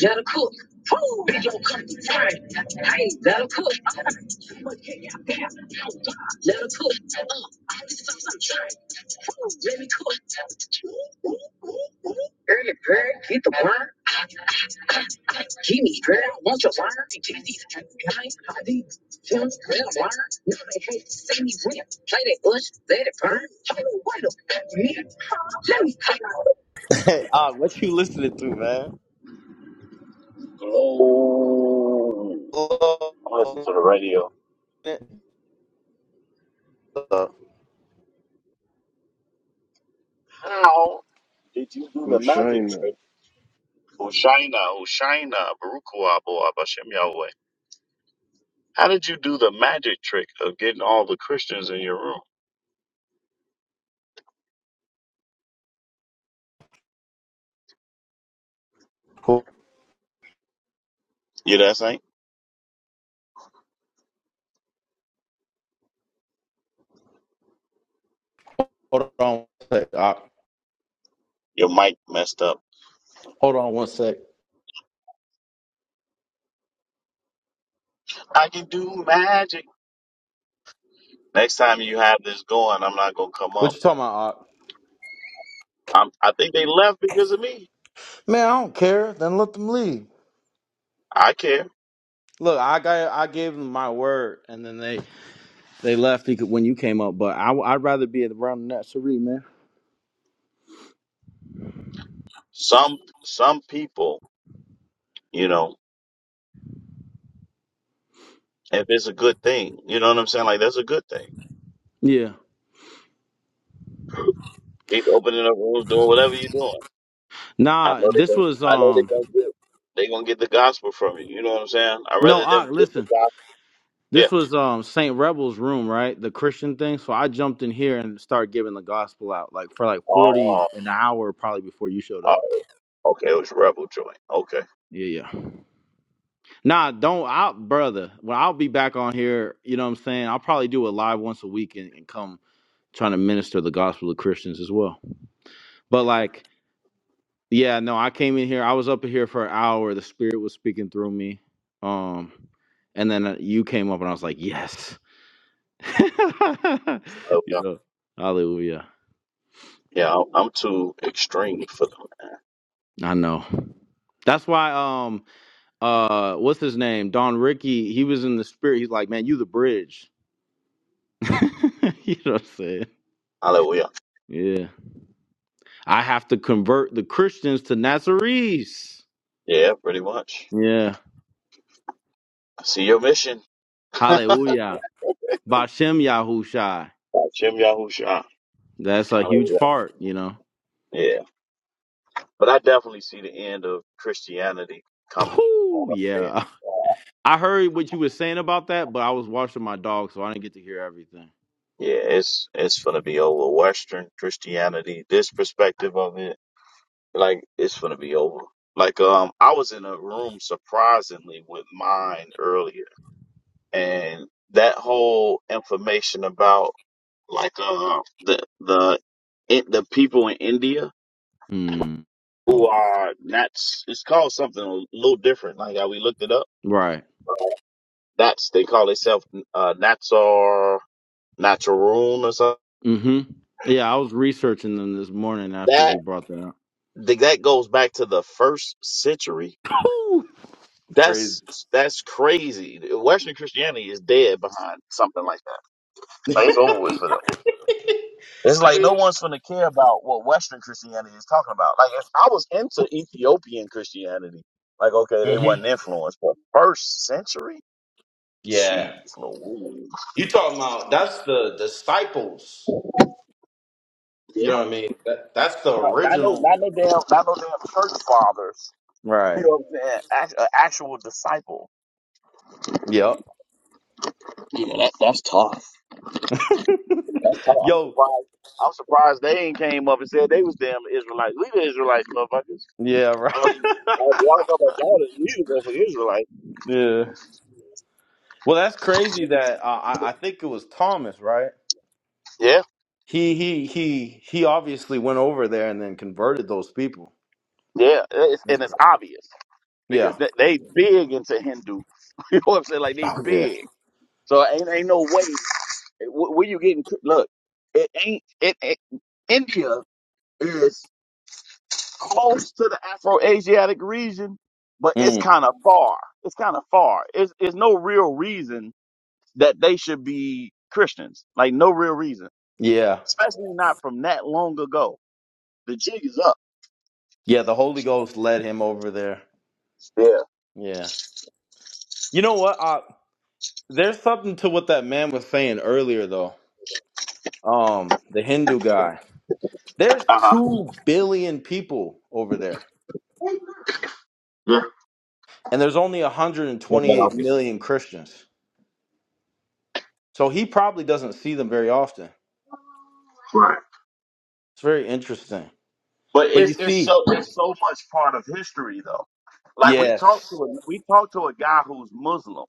gotta cook. Prove your country time. Hey, let 'em cook. Uh, What can y'all bear? Oh, God, let 'em cook. Uh, I sauce I'm trying. Prove, let me cook. Early bird, get the worm. Give me girl, want your wire? Give these nice bodies. Tell me real wire. Now they hate to see me rip. Play that bush, let it burn. Hold on, wait a minute. Let me come out. Hey, uh, what you listening to, man? Oh, Uh, I listen to the radio. How Did you do the magic Hushaina. trick? Hoshaina, Hoshaina, Barukua, Boab, Hashem Yahweh. How did you do the magic trick of getting all the Christians in your room? Hold You know what I'm saying? hold on one sec. Ock. Your mic messed up. Hold on one sec. I can do magic. Next time you have this going, I'm not gonna come up. What you talking about? Ock? i am I think they left because of me. Man, I don't care. Then let them leave. I care. Look, I got I gave them my word, and then they they left because- when you came up. But I I'd rather be around that Sari man. Some some people, you know, if it's a good thing, you know what I'm saying? Like that's a good thing. Yeah. Keep opening up rooms, doing whatever you're doing. I Nah, know they this gonna, was I know they um gonna get they gonna get the gospel from you. You know what I'm saying? I no. rather I them get the listen. gospel. Yeah. This was um Saint Rebel's room, right? The Christian thing. So I jumped in here and started giving the gospel out, like for like forty Oh, an hour, probably before you showed oh, up. okay. It was rebel joint. Okay. Yeah, yeah. Nah, don't out, brother. Well, I'll be back on here. You know what I'm saying? I'll probably do a live once a week and, and come trying to minister the gospel to Christians as well. But like. Yeah, no, I came in here. I was up in here for an hour. The spirit was speaking through me. Um, and then uh, you came up, and I was like, yes. [laughs] you Hallelujah. know, hallelujah. Yeah, I'm I'm too extreme for them. I know. That's why. Um, uh, what's his name? Don Ricky. He was in the spirit. He's like, man, you the bridge. [laughs] you know what I'm saying? Hallelujah. Yeah. I have to convert the Christians to Nazarenes. Yeah, pretty much. Yeah. I see your mission. [laughs] Hallelujah. Bashem Yahushai. Jim Yahusha. That's a huge Hallelujah. part, you know. Yeah. But I definitely see the end of Christianity coming. All Whew, I'm saying. yeah. I heard what you were saying about that, but I was watching my dog, so I didn't get to hear everything. Yeah, it's it's gonna be over Western Christianity, this perspective of it. Like it's gonna be over. Like um, I was in a room surprisingly with mine earlier, and that whole information about like uh the the it, the people in India Mm. who Mm. are Nats. It's called something a little different. Like how we looked it up. Right. That's they call themselves uh, Natsar Naturoon or something. hmm Yeah, I was researching them this morning after That he brought that up. that goes back to the first century Whew. It's crazy. That's that's crazy. Western Christianity is dead behind something like that. Like it's over with for them. It's [laughs] like no one's gonna care about what Western Christianity is talking about. Like if I was into Ethiopian Christianity, like okay, they hmm wasn't influenced, but first century, Yeah. jeez, Lord, You talking about that's the disciples. You yeah. know what I mean? That that's the Not no original. damn, not no damn church fathers. [laughs] You Right. know what I'm saying? Act, a actual disciple. Yep. Yo. Surprised- I'm surprised they ain't came up and said they was damn Israelites. We the Israelites, motherfuckers. Yeah. Right. [laughs] Oh, you- oh, y'all talk about y'all is musical for Israelite. Yeah. Well, that's crazy. That uh, I I think it was Thomas, right? Yeah, He he he he obviously went over there and then converted those people. yeah, it's, That's and it's crazy. obvious because Yeah. they, they big into Hindu. [laughs] you know what I'm saying? Like they Oh yeah. big, so ain't ain't no way eh, wh- where you getting. Look, it ain't it. it India is close to the Afro-Asiatic region, but Yeah. it's Mm. kind of far. It's kind of far. It's it's no real reason that they should be Christians. Like no real reason, Yeah. especially not from that long ago. The jig is up. Yeah, the Holy Ghost led him over there. Yeah. You know what? Uh there's something to what that man was saying earlier though. Um, the Hindu guy. There's two billion people over there. And there's only 128 million Christians. So he probably doesn't see them very often. It's very interesting. But But you it's it's see, so it's so much part of history though. Like we talked yes. to a, we talked to a guy who's Muslim.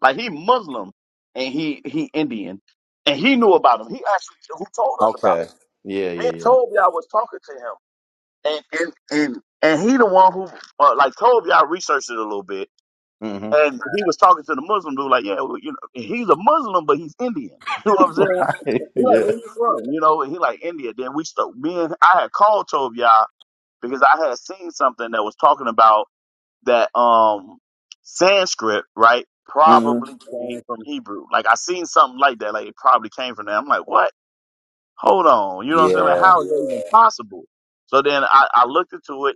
Like he Muslim and he he Indian and he knew about him. He actually who told us about Okay. it. Yeah, yeah, Me yeah. and Toby I was talking to him and and and, and he the one who uh, like Toby I researched it a little bit hmm and he was talking to the Muslim dude like yeah well, you know he's a Muslim but he's Indian. [laughs] You know what I'm [laughs] saying? Right. He like Yeah. where you from? You know and he like India. Then we stuck. Me and I had called Toby because I had seen something that was talking about that um Sanskrit, right? hmm Probably came from Hebrew. Like I seen something like that. Like it probably came from there. I'm like, what? Hold on. You know what I'm saying? Like Yeah. how is that even possible? So then I, I looked into it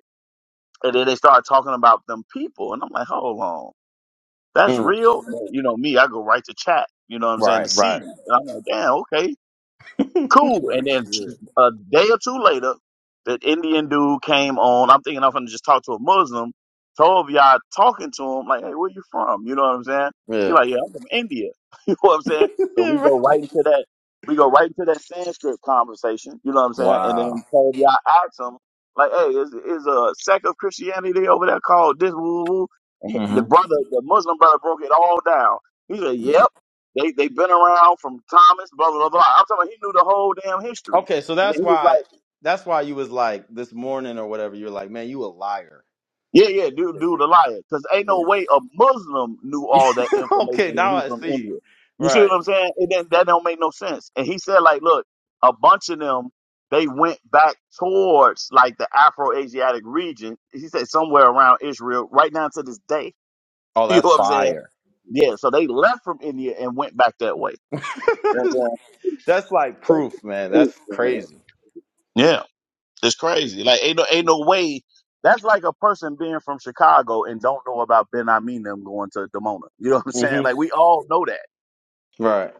and then they started talking about them people and I'm like, hold on. That's Mm. real? You know me, I go right to chat, you know what I'm saying, to Right. see. Right. And I'm like, damn, okay. [laughs] Cool. And right. then Yeah. a day or two later, that Indian dude came on. I'm thinking I'm going to just talk to a Muslim. Told y'all talking to him, like, hey, where you from? You know what I'm saying? He Yeah. [laughs] like, yeah, I'm from India. [laughs] you know what I'm saying? So Yeah, we right. go right into that. We go right into that Sanskrit conversation. You know what I'm saying? And Wow. then told y'all asked him, like, hey, is is a sect of Christianity over there called this woo woo? woo? And The hmm brother, the Muslim brother, broke it all down. He said, yep. They they've been around from Thomas, blah blah blah. I'm talking. About he knew the whole damn history, Okay, so and then that's he was why like, that's why you was like this morning or whatever. You're like, man, you a liar. "Yeah, yeah, dude, Yeah. dude, a liar," because ain't no Yeah. way a Muslim knew yeah. all that [laughs] okay, information, now and he I from see. India. You see what Right. I'm saying? It did that don't make no sense. And he said, like, look, a bunch of them they went back towards like the Afro-Asiatic region. He said somewhere around Israel, right now to this day. [laughs] Oh, You know that's what I'm saying? fire. Yeah. So they left from India and went back that way. [laughs] that's like proof, man. That's crazy. Yeah. It's crazy. Like ain't no ain't no way. That's like a person being from Chicago and don't know about Ben I mean them going to Demona. You know what I'm saying? hmm Like we all know that. Right.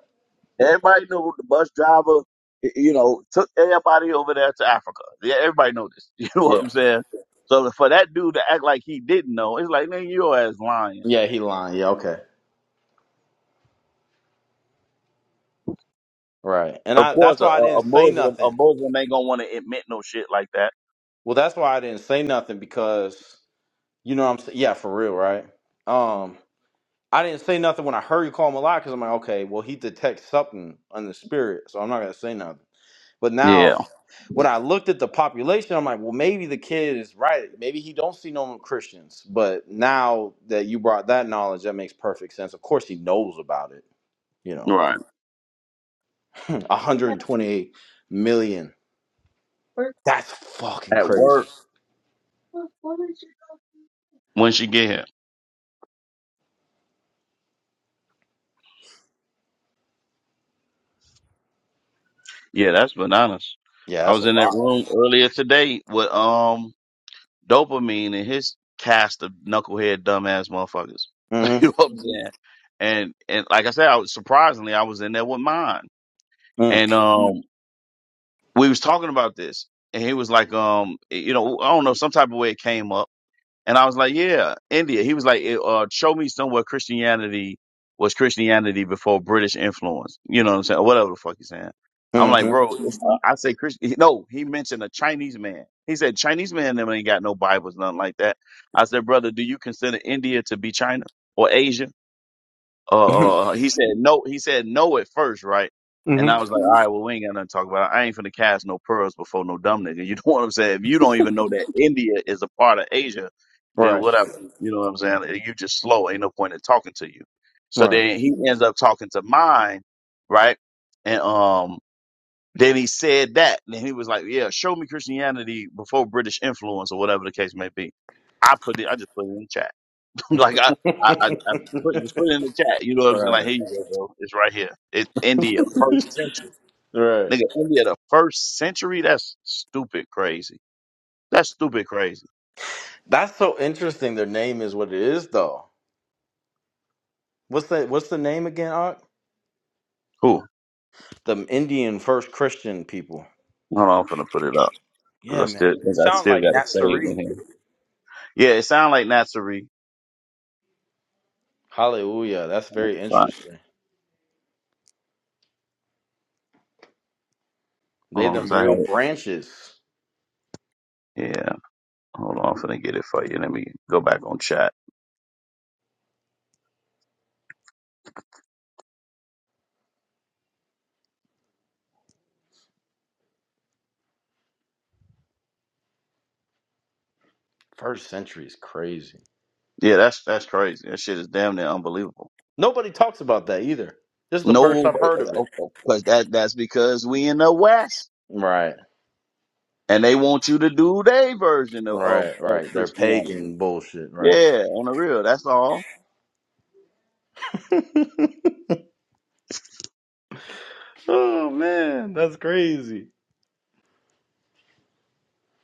Everybody knew the bus driver, y- you know, took everybody over there to Africa. Yeah, everybody know this. [laughs] You know what Yeah. I'm saying? So for that dude to act like he didn't know, it's like nigga, your ass lying. Yeah, he lying. Yeah. Okay. Right. And Of I that's course, a, why I a a didn't say Muslim, a nothing Muslim ain't gonna want to admit no shit like that. Well, that's why I didn't say nothing because you know what I'm saying. Yeah, for real, right? Um, I didn't say nothing when I heard you call him a liar because I'm like, okay, well, he detects something on the spirit, so I'm not gonna say nothing. But now, Yeah, when I looked at the population, I'm like, well, maybe the kid is right. Maybe he don't see no Christians. But now that you brought that knowledge, that makes perfect sense. Of course, he knows about it. You know, right. [laughs] 128 million. That's fucking At crazy. work when she get here. Yeah, that's bananas. Yeah, I that's was a in that lot. room earlier today with um dopamine and his cast of knucklehead dumbass motherfuckers. [laughs] you know man. what I'm saying? And and like I said, I was surprisingly I was in there with mine. Mhm. And um we was talking about this. And he was like, um, you know, I don't know, some type of way it came up. And I was like, yeah, India. He was like, eh, uh, show me somewhere Christianity was Christianity before British influence. You know what I'm saying? Or whatever the fuck he's saying. I'm like, Mm. bro, it's, uh, I say Christian. No, he mentioned a Chinese man. He said, Chinese man never ain't got no Bibles, nothing like that. I said, brother, do you consider India to be China or Asia? Mhm. [laughs] uh, uh he said no he said no at first right and hmm i was like all right well we ain't got nothing to talk about i ain't finna cast no pearls before no dumb nigga you know [laughs] what i'm saying if you don't even know that india is a part of asia then Right. whatever you know what i'm saying you just slow ain't no point in talking to you so Right. then he ends up talking to mine right and um then he said that and then he was like yeah show me christianity before british influence or whatever the case may be i put it i just put it in the chat [laughs] Like I, I, I, [laughs] I put, just put it in the chat. You know what I'm saying? Like right. here you go, bro. It's right here. It's India, first century. Right. Nigga, India, the first century. That's stupid crazy. That's stupid crazy. That's so interesting. Their name is what it is, though. What's the What's the name again? Ark? Cool. The Indian first Christian people. Hold on, I'm gonna put it up because I Yeah, man. still It think I sounds still like got it saved in Nazarene. here. Yeah, it sounds like Natsuri. Hallelujah. That's very Right. interesting. Hold They on, them 'cause I had real branches. it. Yeah. Hold on, I'm gonna get it for you. Let me go back on chat. First century is crazy. Yeah, that's that's crazy. That shit is damn near unbelievable. Nobody talks about that either. This is the first No, I've heard of it. because that that's because we in the West. Right. and they want you to do their version of, of, Right. of Right. They're Christianity. pagan bullshit. Right. Yeah, on the real, that's all. Oh man, that's crazy.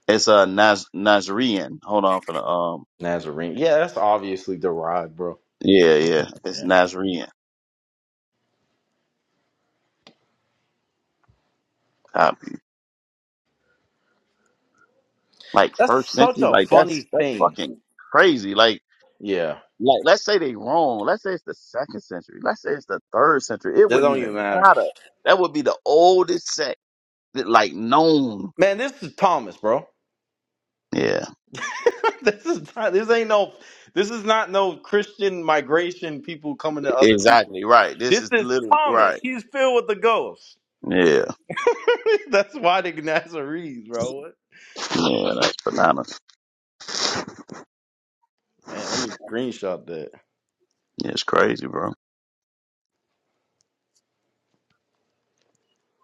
It's a Naz- Nazarene. Hold on for the um. Nazarene. Yeah, that's obviously the rod, bro. Yeah, yeah, it's Yeah. Nazarene copy. Like That's first such century, a like funny that's that's thing. fucking crazy. Like Yeah. like let's say they wrong. Let's say it's the second century. Let's say it's the third century. It That wouldn't don't even even matter. matter. That would be the oldest sect that like known. Man, this is Thomas, bro. Yeah, [laughs] this is not, this ain't no this is not no Christian migration people coming to other people. exactly right. This This is is literally Thomas. right. He's filled with the ghost. Yeah, [laughs] That's why the Nazarenes, bro. What? yeah, that's bananas. Man, let me screenshot that. Yeah, it's crazy, bro.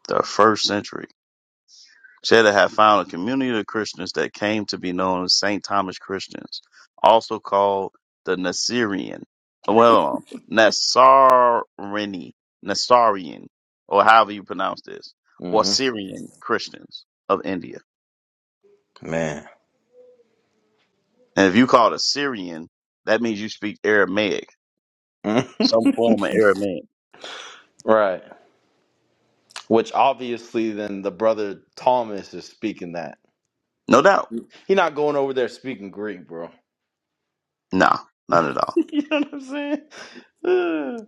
the first century. Cheddar had found a community of Christians that came to be known as St. Thomas Christians, also called the Nasirian, well, Nasarini, Nasarian, or however you pronounce this, or Mm-hmm. Syrian Christians of India. Man. And if you call it a Syrian, that means you speak Aramaic, Mhm. some form of Aramaic. Right. Which obviously then the brother Thomas is speaking that. No doubt. He not going over there speaking Greek, bro. Nah, not at [laughs] all. you know what I'm saying? [sighs]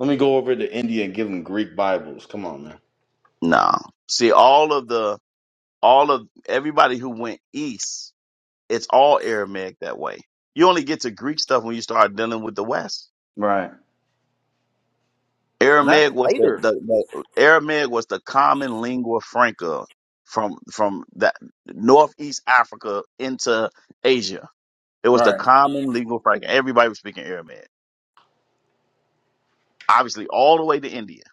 Let me go over to India and give him Greek Bibles. Come on, man. Nah. See, all of the, all of everybody who went east It's all Aramaic that way. You only get to Greek stuff when you start dealing with the West. Right. And that's Aramaic was the, later. the, the Aramaic was the common lingua franca from from that northeast Africa into Asia. It was the Right. common lingua franca. Everybody was speaking Aramaic. Obviously, all the way to India.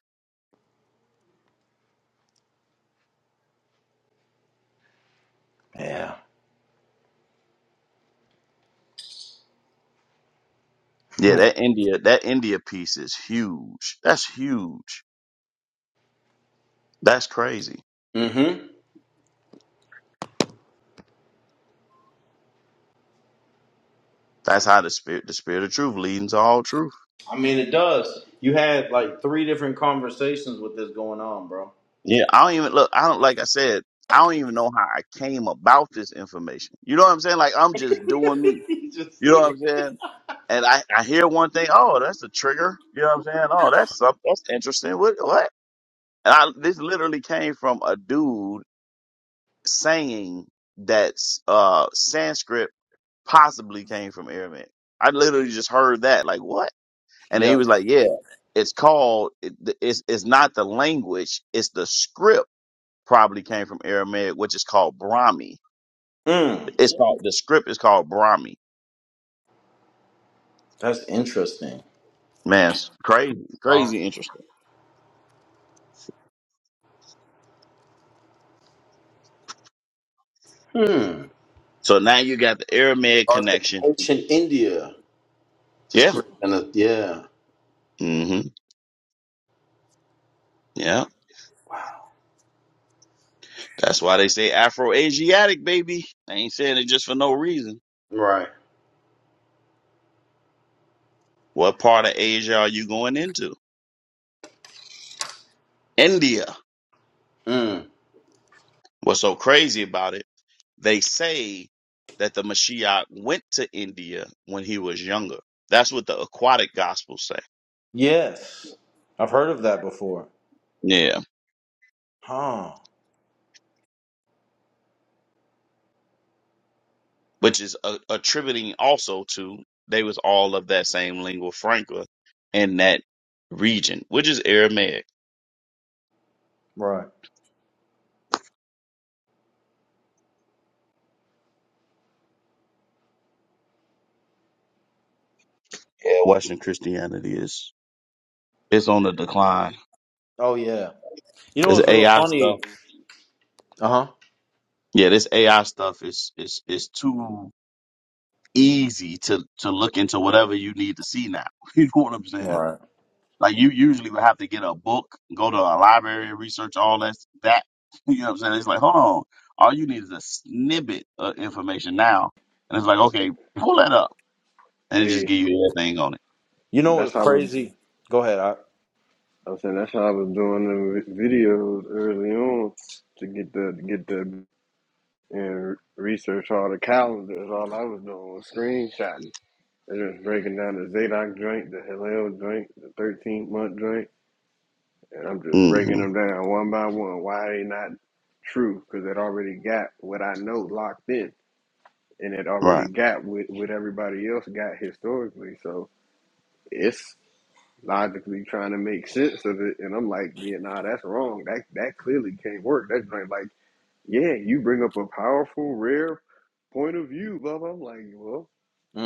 Yeah. Yeah, that India that India piece is huge. That's huge. That's crazy. Mm-hmm. That's how the spirit the spirit of truth leads into all truth. I mean, it does. You had like three different conversations with this going on, bro. Yeah, I don't even look. I don't like I said. I don't even know how I came about this information. You know what I'm saying? Like I'm just [laughs] doing me. you just You know seen what I'm it. saying? And I, I hear one thing. Oh, that's a trigger. You know what I'm saying? Oh, that's something. That's interesting. What what? And I, this literally came from a dude saying that uh Sanskrit possibly came from Aramaic. I literally just heard that. Like what? And he Yep. was like, yeah, it's called. It, it's it's not the language. It's the script probably came from Aramaic, which is called Brahmi. Mm, It's called the script is called Brahmi. that's interesting, Man, it's crazy, bro. crazy interesting. Hmm. So now you got the Aramaic Or it's the connection. ancient India Yeah. script. And it- yeah. hmm Yeah. Wow. That's why they say Afro Asiatic, baby. They ain't saying it just for no reason. Right. What part of Asia are you going into? India. Mm. What's so crazy about it? They say that the Mashiach went to India when he was younger. That's what the aquatic gospels say. Yes. I've heard of that before. Yeah. Huh. which is a, attributing also to they was all of that same lingua franca in that region, which is Aramaic. Right. Yeah, Western Christianity is it's on the decline. Oh yeah. You know This what's real AI funny? stuff, Uh huh. yeah, this AI stuff is is is too easy to to look into whatever you need to see now. [laughs] You know what I'm saying? Right. Like you usually would have to get a book, go to a library, research all that. That [laughs] you know what I'm saying? It's like, hold on, all you need is a snippet of information now, and it's like, okay, pull that up, and it just Hey, give you everything on it. You know that's what's how I was, crazy? Go ahead. I, I was saying that's how I was doing the videos early on to get the to get the and research all the calendars. All I was doing was screenshotting and just breaking down the Zadok drink, the Hillel drink, the Thirteenth month drink, and I'm just breaking hmm them down one by one. Why they not true? Because it already got what I know locked in, and it already Right. got what, what everybody else got historically. So. it's logically trying to make sense of it, and I'm like, yeah, nah, that's wrong. That that clearly can't work. That's right. Like, yeah, you bring up a powerful, rare point of view, blah blah. I'm like, well,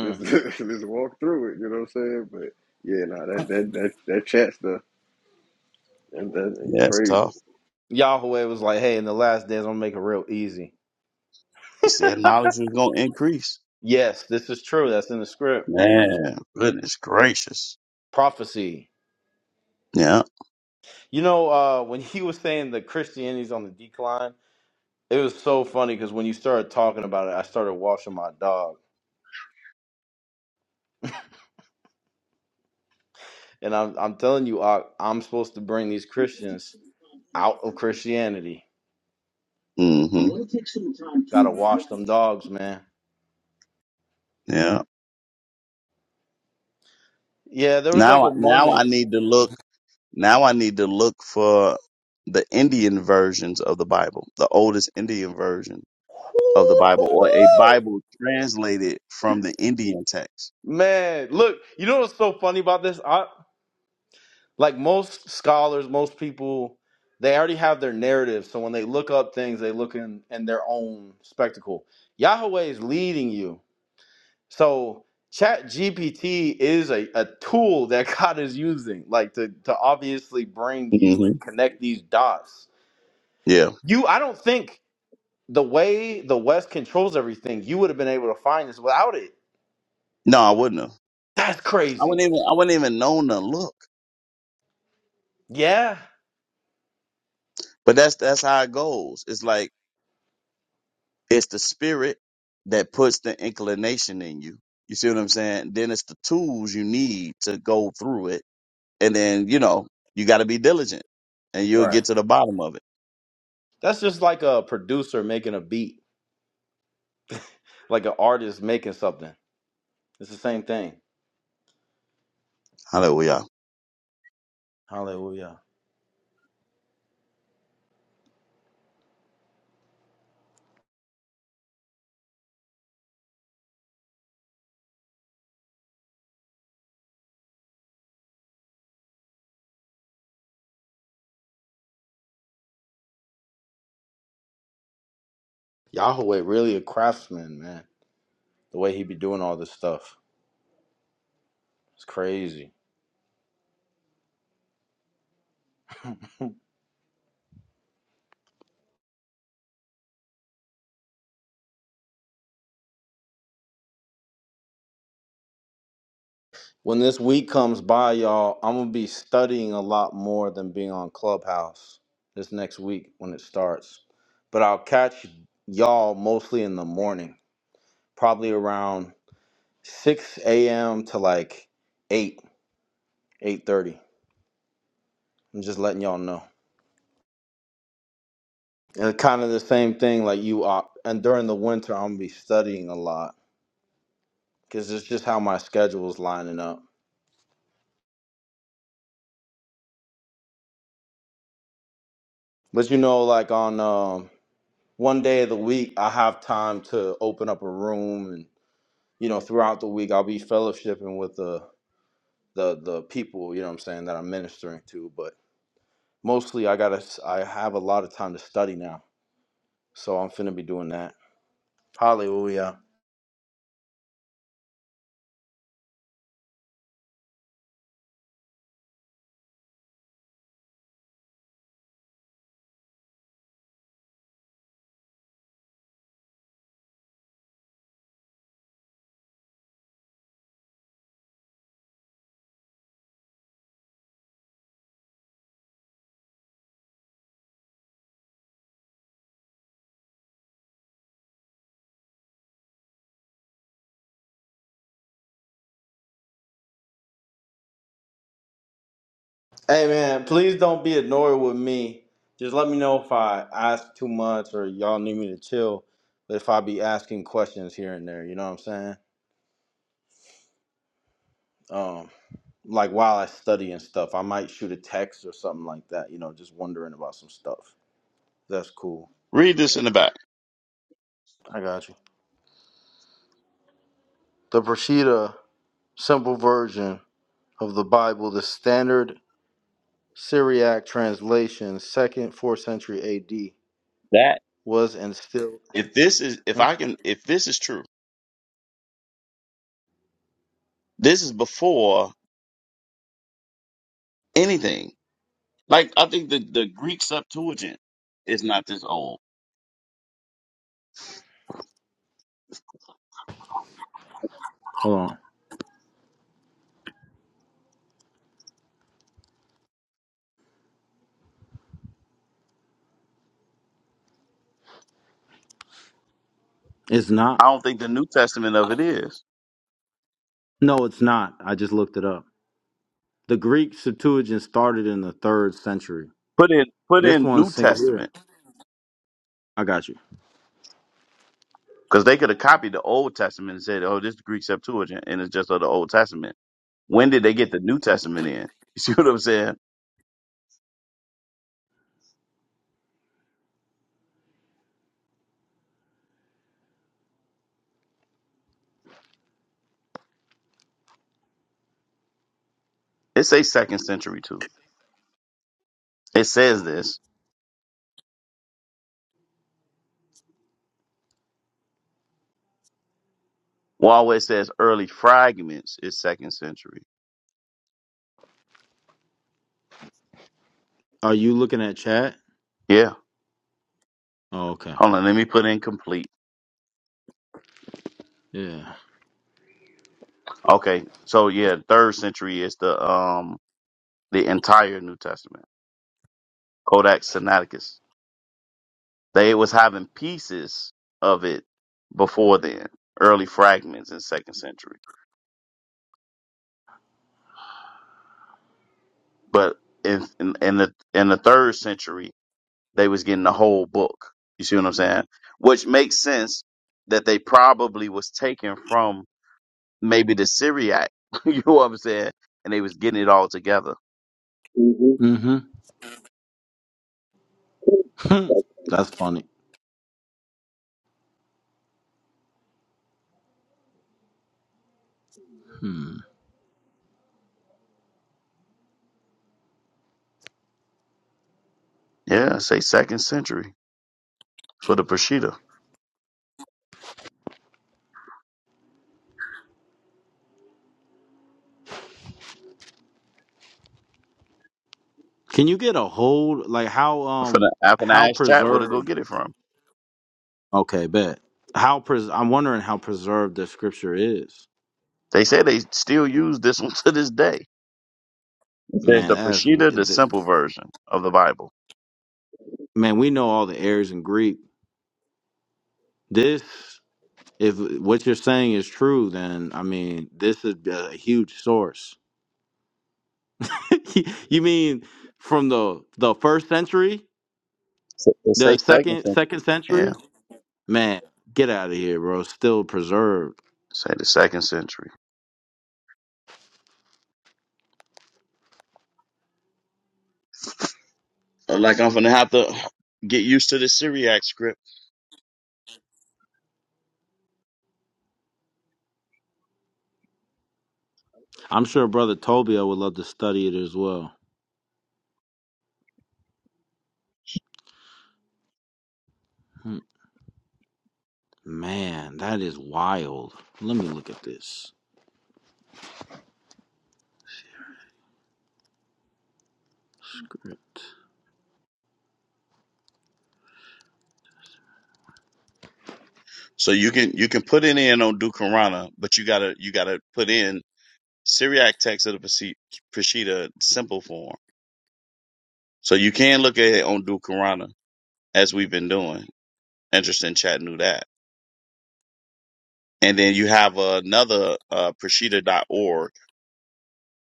let's [laughs] let's walk through it. You know what I'm saying? But yeah, nah, that that that that chat stuff, that, that That's crazy. tough. Yahweh was like, "Hey, in the last days, I'm gonna make it real easy." He said knowledge was gonna increase. Yes, this is true. That's in the script. Man, goodness gracious. Prophecy. Yeah. You know, uh, [laughs] when he was saying that Christianity's on the decline, it was so funny because when you started talking about it, I started washing my dog, and I'm I'm telling you, I, I'm supposed to bring these Christians out of Christianity. hmm Gotta wash them dogs, man. Yeah. Yeah, there was like a Now, now moment I need to look. Now I need to look for the Indian versions of the Bible, the oldest Indian versions of the Bible or a Bible translated from the Indian text. Man, look, you know what's so funny about this? I like most scholars, most people, they already have their narrative. So when they look up things, they look in in their own spectacle. Yahweh is leading you. So Chat GPT is a, a tool [laughs] that God is using, like to to obviously bring you hmm and connect these dots. Yeah. You, I don't think the way the West controls everything, you would have been able to find this without it. No, I wouldn't have. That's I crazy. wouldn't even. I wouldn't even known to look. Yeah. But that's that's how it goes. It's like it's the spirit that puts the inclination in you. You see what I'm saying? Then it's the tools you need to go through it, and then you know you got to be diligent, and you'll Right. get to the bottom of it. That's just like a producer making a beat, like an artist making something. It's the same thing. Hallelujah. Hallelujah. Yahweh really a craftsman, man. The way he be doing all this stuff. It's crazy. When this week comes by, y'all, I'm gonna be studying a lot more than being on Clubhouse this next week when it starts. But I'll catch y'all mostly in the morning, probably around 6 a.m. to like 8, 8:30. I'm just letting y'all know. And kind of the same thing, like you are. And during the winter, I'm gonna be studying a lot because it's just how my schedule is lining up. But you know, like on um, one day of the week, I have time to open up a room, and you know, throughout the week, I'll be fellowshipping with the the the people. You know, what I'm saying that I'm ministering to. But mostly, I gotta, s- I have a lot of time to study now, so I'm finna be doing that. Hallelujah. Hey man, please don't be annoyed with me. Just let me know if I ask too much or y'all need me to chill. But if I be asking questions here and there, you know what I'm saying? Um, like while I study and stuff, I might shoot a text or something like that. You know, just wondering about some stuff. That's cool. Read this in the back. I got you. The Brashida, simple version of the Bible, the Standard Syriac translation, second, fourth century A.D. That was and still. if this is if Hmm? I can if this is true, this is before anything Like I think the, the Greek Septuagint is not this old. Hold on. It's not. I don't think the New Testament of it is. No, it's not. I just looked it up. The Greek Septuagint started in the third century. Put in put This in one New says here. Testament I got you. because they could have copied the Old Testament and said, "Oh, this is the Greek Septuagint and it's just of the Old Testament." When did they get the New Testament in? [laughs] You see what I'm saying? It says second century too. It says this. While it says early fragments is second century. Are you looking at chat? Yeah. Oh, okay. Hold on, let me put in complete. Yeah. Okay. So yeah, third century is the um the entire New Testament. Codex Sinaiticus. They was having pieces of it before then, early fragments in second century. But in, in in the in the third century, they was getting the whole book. You see what I'm saying? Which makes sense that they probably was taken from maybe the Syriac. [laughs] you know what I'm saying? And they was getting it all together. Mm-hmm. [laughs] That's funny. Hmm. Yeah, say second century for the Peshitta. Can you get a hold like how For um the how Afanash chat, where to go preserved get it from? Okay, bet. How pres I'm wondering how preserved the scripture is. They say they still use this one [laughs] to this day. It says Man, the as Peshitta, the simple version of the Bible. man, we know all the errors in Greek. This if what you're saying is true, then I mean, this is uh, a huge source [laughs] you mean from the the first century, It the say second second century. second century? Yeah, Man, get out of here, bro. Still preserved. say the second century. Like I'm gonna have to get used to the Syriac script. I'm sure brother Tobio would love to study it as well. Hmm, Man, that is wild. Let me look at this. Great. So you can you can put it in on Dukarana, but you gotta you gotta put in Syriac text of the Pesi- Peshitta simple form. So you can look at it on Dukarana as we've been doing. Interesting chat knew that. And then you have another uh, Peshitta.org.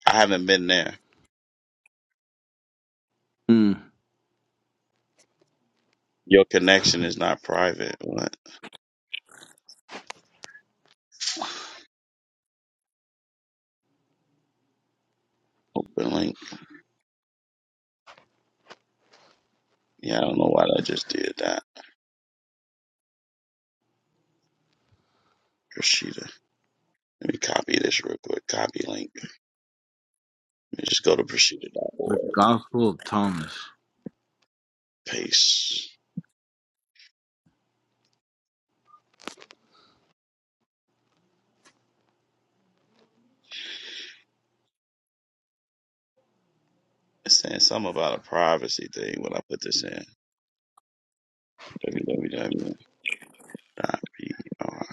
I haven't been there. Mm, Your connection is not private. What? Open link. Yeah, I don't know why I just did that. the Gospel of Thomas, www.prshittitta dot b r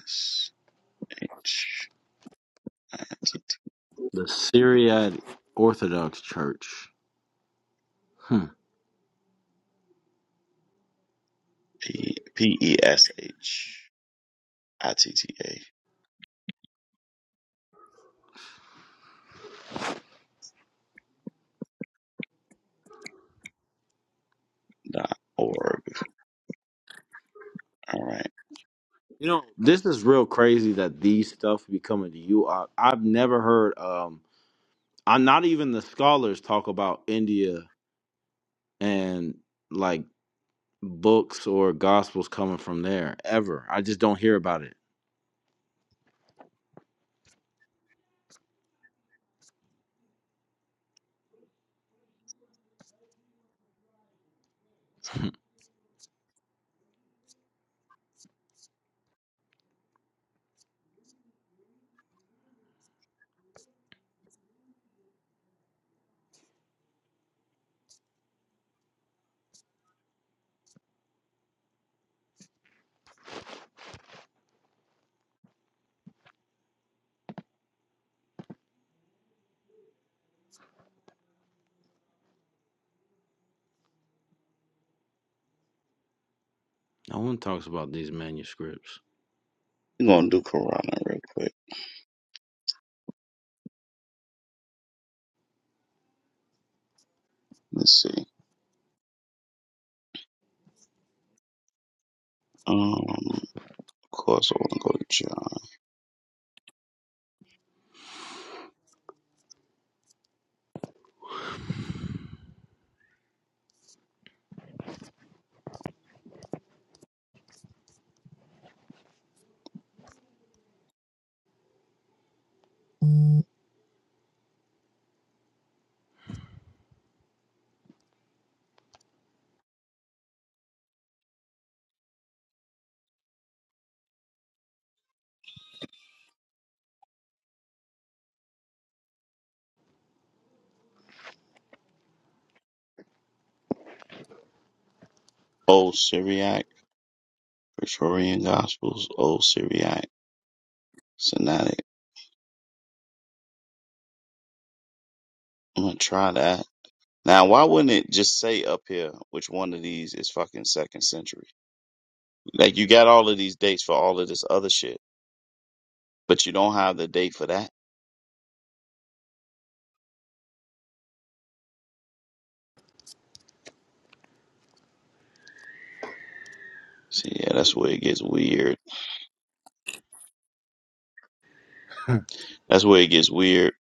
s h i t the Syriac Orthodox Church. Hmm. t a p e s h i t t a dot org. All right. You know, this is real crazy that these stuff be coming to you. I, I've never heard. Um, I not even the scholars talk about India and like books or gospels coming from there ever. I just don't hear about it. No one talks about these manuscripts. We're going to do Corona real quick. Let's see. Um, of course, I want to go to John. Old Syriac, Praetorian Gospels, Old Syriac, Synodic. I'm going to try that. Now, why wouldn't it just say up here which one of these is fucking second century? Like you got all of these dates for all of this other shit, but you don't have the date for that. See, yeah, that's where it gets weird. That's where it gets weird.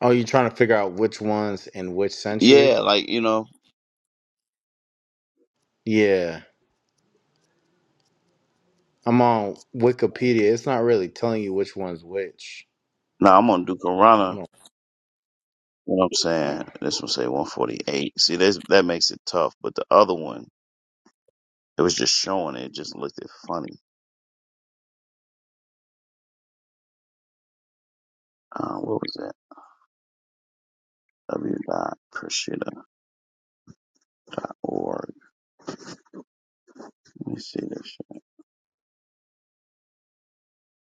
Oh, you trying to figure out which ones in which century? Yeah, like you know, Yeah. I'm on Wikipedia. It's not really telling you which one's which. now I'm gonna do Corona. Hold You know what I'm on. saying? Uh, This one say 148. See, that's that makes it tough. But the other one, it was just showing it. it just looked it funny. Uh, what was that? W dot Kushida dot org. Let me see this shit.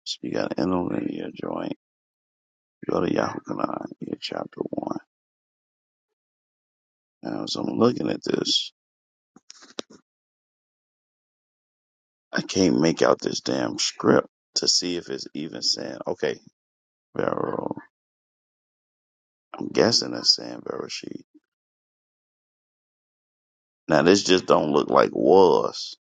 So you got an interlinear joint. Go to Yahoo Canaan, chapter one. And so I'm looking at this. I can't make out this damn script to see if it's even saying okay, Vero. I'm guessing it's saying Verashid. Now this just don't look like was.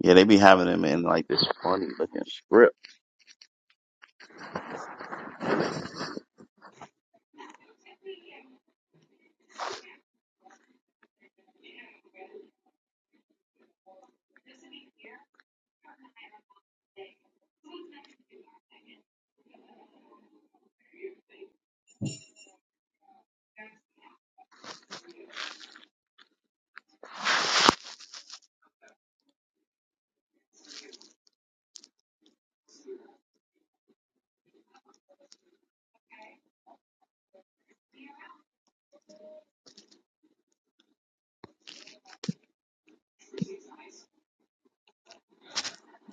Yeah, they be having them in like this funny looking script.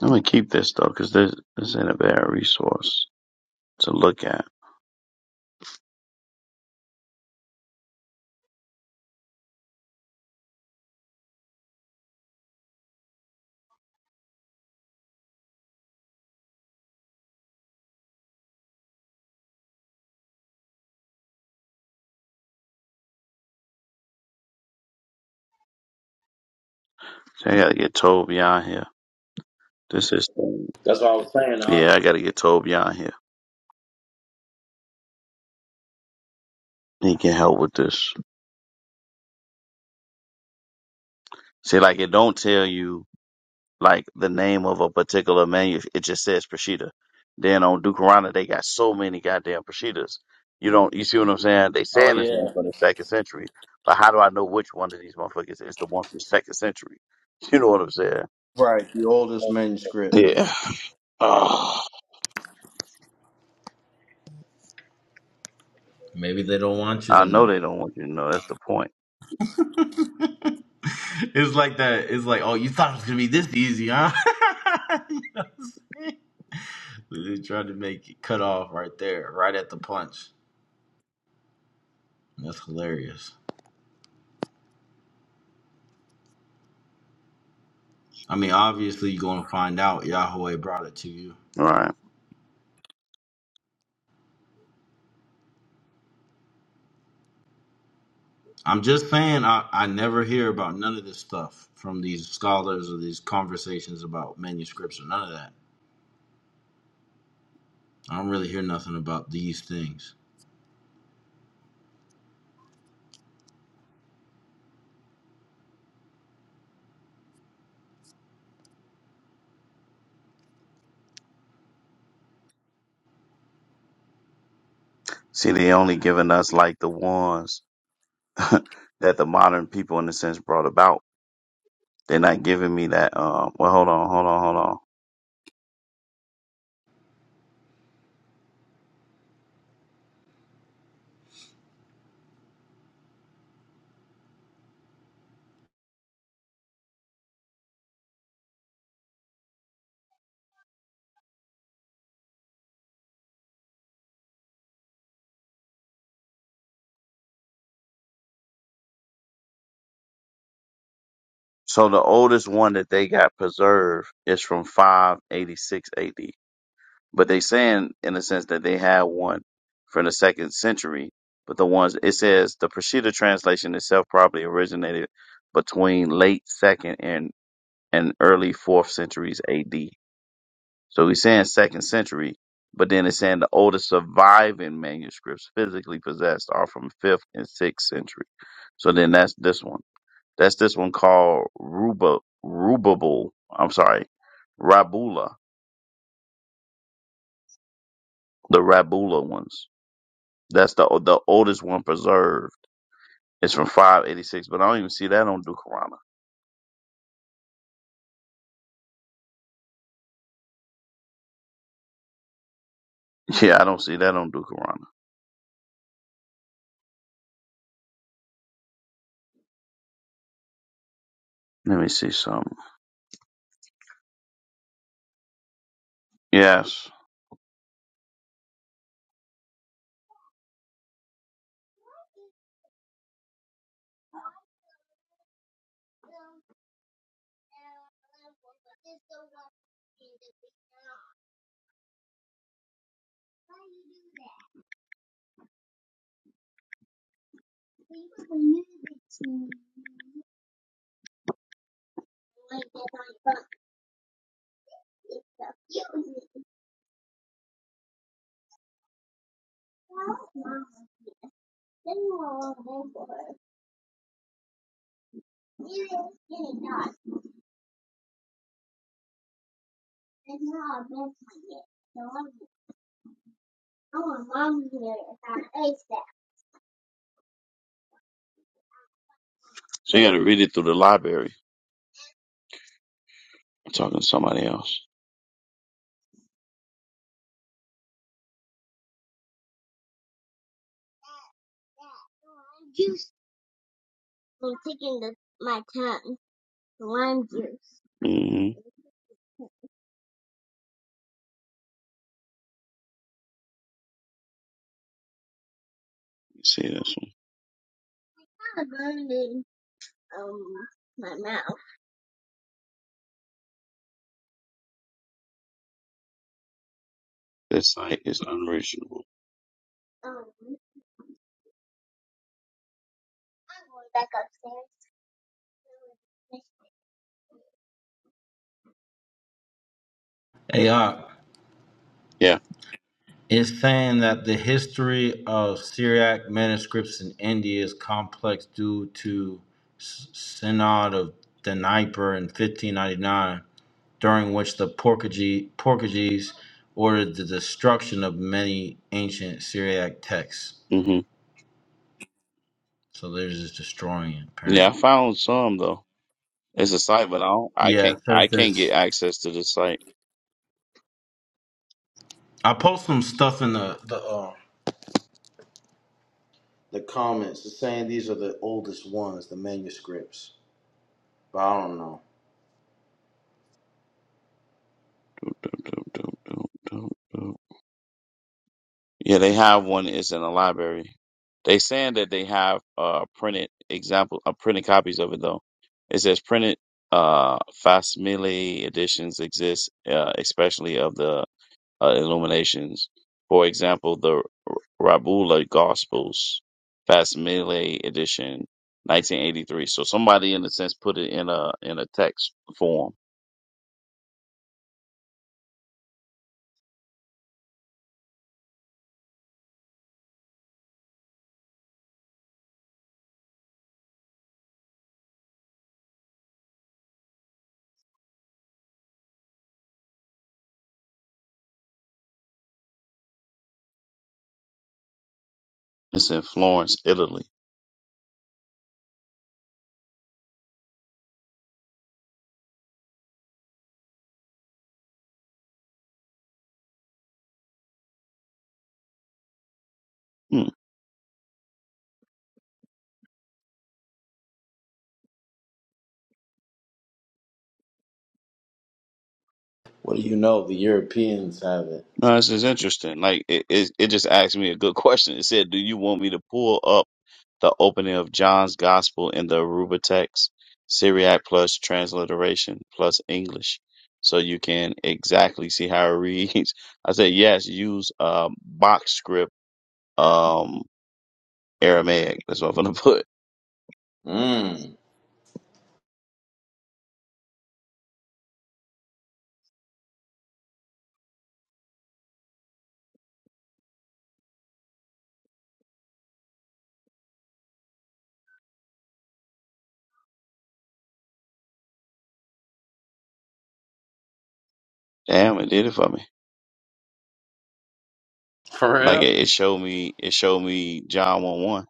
I'm gonna keep this though, cause this this ain't a bad resource to look at. So I gotta get Toby on here. This is That's what I was saying. I, yeah, I gotta get Toby on here. He can help with this. See, like it don't tell you. like the name of a particular menu. It just says prosciutto. Then on Ducarana, they got so many goddamn prosciuttos. You don't, you see what I'm saying? They oh saying it's yeah, one from the second century, but how do I know which one of these motherfuckers is the one from the second century? [laughs] You know what I'm saying? right. The oldest manuscript. Yeah. Oh, Maybe they don't want you I to know know. they don't want you to know. That's the point. [laughs] It's like that. It's like, oh, you thought it was gonna be this easy, huh? [laughs] you know what I'm saying? They tried to make it cut off right there, right at the punch. That's hilarious. I mean, obviously, you're gonna find out Yahweh brought it to you. Right. I'm just saying, I, I never hear about none of this stuff from these scholars or these conversations about manuscripts or none of that. I don't really hear nothing about these things. See, they only giving us like the ones [laughs] that the modern people in a sense brought about. They're not giving me that. Um, well, hold on, hold on, hold on. So the oldest one that they got preserved is from 586 AD. But they saying in a sense that they had one from the second century. But the ones it says the Peshitta translation itself probably originated between late second and and early fourth centuries AD. So he's saying second century, but then it's saying the oldest surviving manuscripts physically possessed are from fifth and sixth century. So then that's this one. That's this one called Ruba Rubable. I'm sorry, Rabula. The Rabula ones. That's the the oldest one preserved. It's from 586, but I don't even see that on Dukarana. [laughs] Yeah, I don't see that on Dukarana. Let me see something. Yes. So you got to read it through the library. I'm talking to somebody else. hmm See this one. This site is unreachable. Hey, Ak, Yeah. It's saying that the history of Syriac manuscripts in India is complex due to S- Synod of Dnieper in 1599, during which the Portuguese, Portuguese ordered the destruction of many ancient Syriac texts. hmm So they're just destroying it, Yeah, I apparently. found some though. It's a site, but I don't. I Yeah, can't. it I says can't there's. get access to this site. I post some stuff in the the uh, the comments. It's saying these are the oldest ones, the manuscripts, but I don't know. Yeah, they have one. It's in the library. They saying that they have uh printed example, uh, printed copies of it though. It says printed uh facsimile editions exist, uh, especially of the uh, Illuminations. For example, the Rabula Gospels facsimile edition, 1983. So somebody in a sense put it in a in a text form. It's in Florence, Italy. Hmm. What do you know? The Europeans have it. No, this is interesting. Like it, it, it just asked me a good [laughs] question. It said, "Do you want me to pull up the opening of John's Gospel in the Aruba text, Syriac plus transliteration plus English, so you can exactly see how it reads?" [laughs] I said, "Yes. Use um, box script um, Aramaic. That's what I'm gonna [laughs] put." Mm. Damn, it did it for me. For Like real? it, it showed me, it showed me John one one,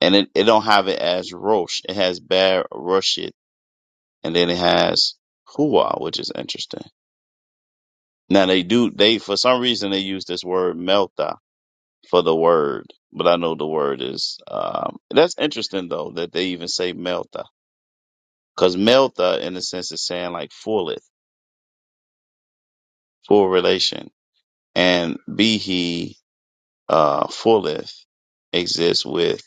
and it, it don't have it as Rosh. It has Bar Rosh and then it has hua, which is interesting. Now they do they for some reason they use this word melta for the word, but I know the word is um, that's interesting though that they even say melta because melta in a sense is saying like fulleth, full relation, and bihi uh, fulleth exists with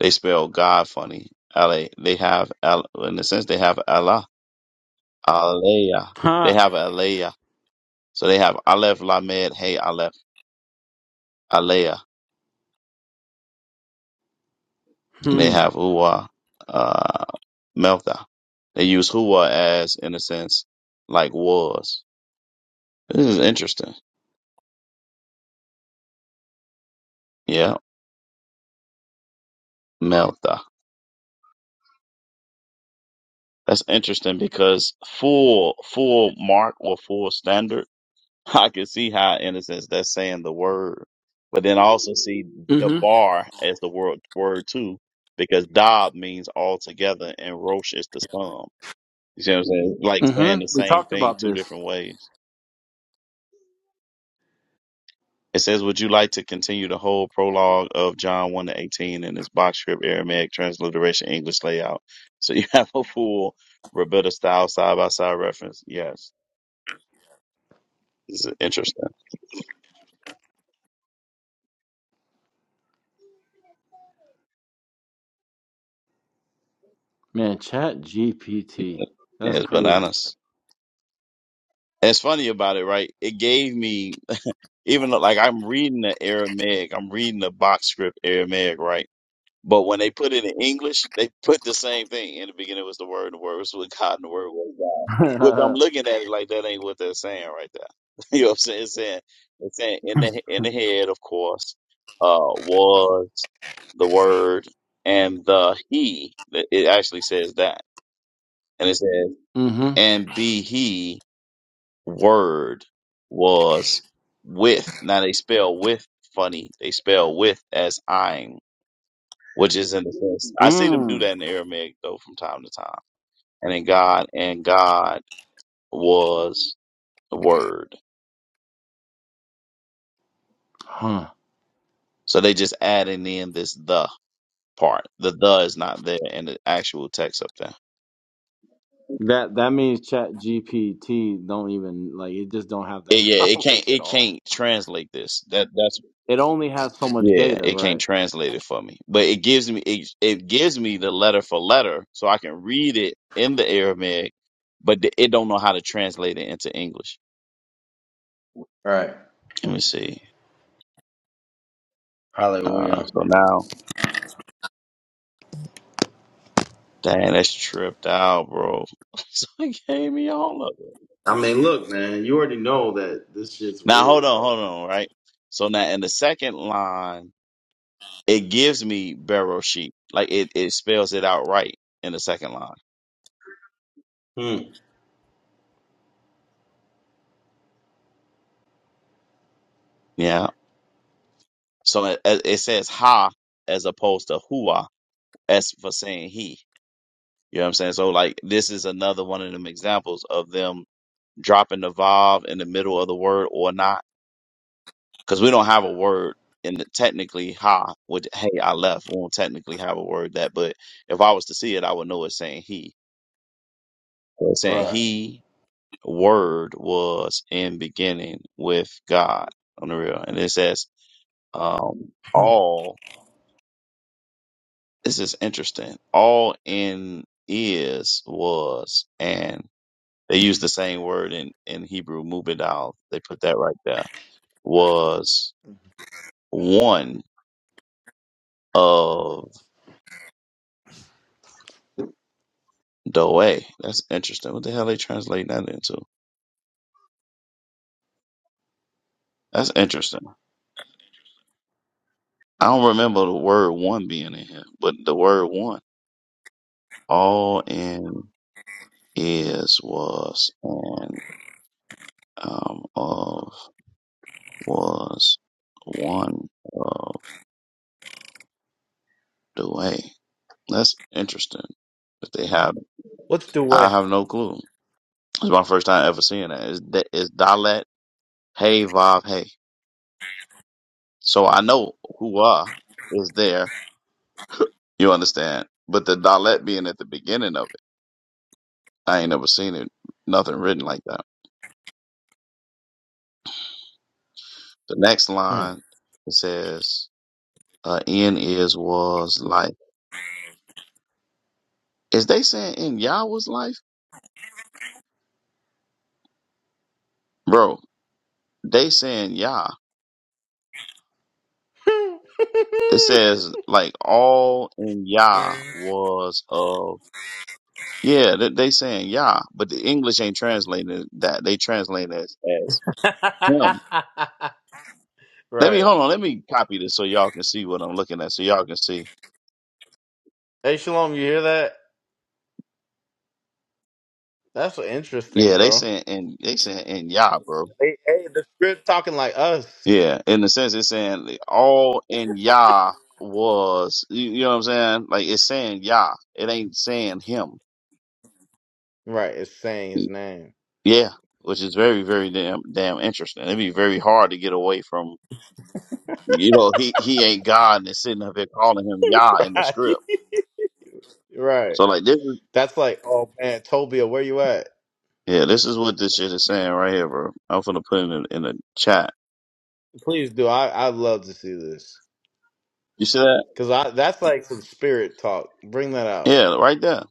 they spell God funny. Ale, they have Al, in a sense they have Allah, Aleya. They Huh. have Aleya. So they have Aleph Lamed Hey Aleph. Alea, and they Hmm. have Uwa, uh, Meltha. They use Hua as, in a sense, like was. This is interesting. Yeah, Meltha. That's interesting because full, full mark or full standard, [laughs] I can see how, in a sense, that's saying the word. But then I also see the Mm-hmm. bar as the word, word too, because Dab means all together and Rosh is the sum. You see what I'm saying? Like saying Mm-hmm. the We same talked thing about two this. different ways. It says, Would you like to continue the whole prologue of John 1 to 18 in this box script, Aramaic transliteration, English layout? [laughs] So you have a full Roberta style side by side reference. Yes. This is interesting. Man, chat GPT. Yeah. That's It's crazy. bananas. And It's funny about it, right? It gave me, even though, like I'm reading the Aramaic, I'm reading the box script Aramaic, right? But when they put it in English, they put the same thing. In the beginning was the word, and the word was with God, and the word was God. [laughs] Which I'm mm-hmm. looking at it like that ain't what they're saying right there. [laughs] you know what I'm saying? It's saying, it's saying in the in the head, of course, uh, was the word and the he. It it actually says that, and it says and be he word was with. Now they spell with funny. They spell with as I'm which is in the sense I see them do Mm. that in Aramaic though from time to time. And in God and God was the word. Huh. So they just adding in this the part. The the is not there in the actual text up there. That that means chat GPT don't even like it just don't have It- that [laughs] yeah, it can't knowledge at it all. can't translate this. That that's It only has so much yeah, data, it can't right? translate it for me. But it gives me it, it gives me the letter for letter so I can read it in the Aramaic, but it don't know how to translate it into English. Right. Let me see. Uh, Hallelujah. so now Dang, that's tripped out, bro. [laughs] So he gave me all of it. I mean, look, man, you already know that this shit's Now real, hold on, bro. hold on, right? So now in the second line, it gives me barrel sheet. Like it, it spells it out right in the second line. Hmm. Yeah. So it, it it says ha as opposed to hua as for saying he. You know what I'm saying? So like this is another one of them examples of them dropping the Vav in the middle of the word or not because we don't have a word in the, technically ha would hey I left. We won't technically have a word that, but if I was to see it, I would know it's saying he. So It's saying Right. he word was in beginning with God on the real, and it says um all. This is interesting. All in is was and they use the same word in in Hebrew mubidal. They put that right there was one of. The way. That's interesting. What the hell they translate that into? That's interesting. I don't remember the word one being in here, but the word one. All in is was and um of was one of the way. That's interesting. That they have What's the I way? have no clue. It's my first time ever seeing that. Is that is Dalet Hey Vav Hey. So I know Hua is there. You understand? But the Dalet being at the beginning of it. I ain't never seen it, nothing written like that. The next line it says, uh, "In is was life." Is they saying in Yah was life, bro? They saying Yah. It [laughs] says like all in Yah was of. Yeah, they, they saying Yah, but the English ain't translating that. They translate it as, as him. Let me right. hold on. Let me copy this so y'all can see what I'm looking at. So y'all can see. Hey, Shalom, you hear that? That's interesting, Yeah, they bro. saying in they saying in Yah, bro. Hey, hey, the script talking like us. Yeah, in the sense, it's saying like, all in Yah was, you, you know what I'm saying? Like it's saying Yah, it ain't saying Him. Right, it's saying his name. Yeah, which is very, very damn, damn interesting. It'd be very hard to get away from, you know, he he ain't God and it's sitting up here calling him Yah [laughs] in the Right. script. Right. So like this is, That's like, oh man, Tobia, where you at? yeah, this is what this shit is saying right here, bro. I'm gonna put it in, in the chat. Please do. I I love to see this You see that? because I that's like some spirit talk. Bring that out. Yeah, right there.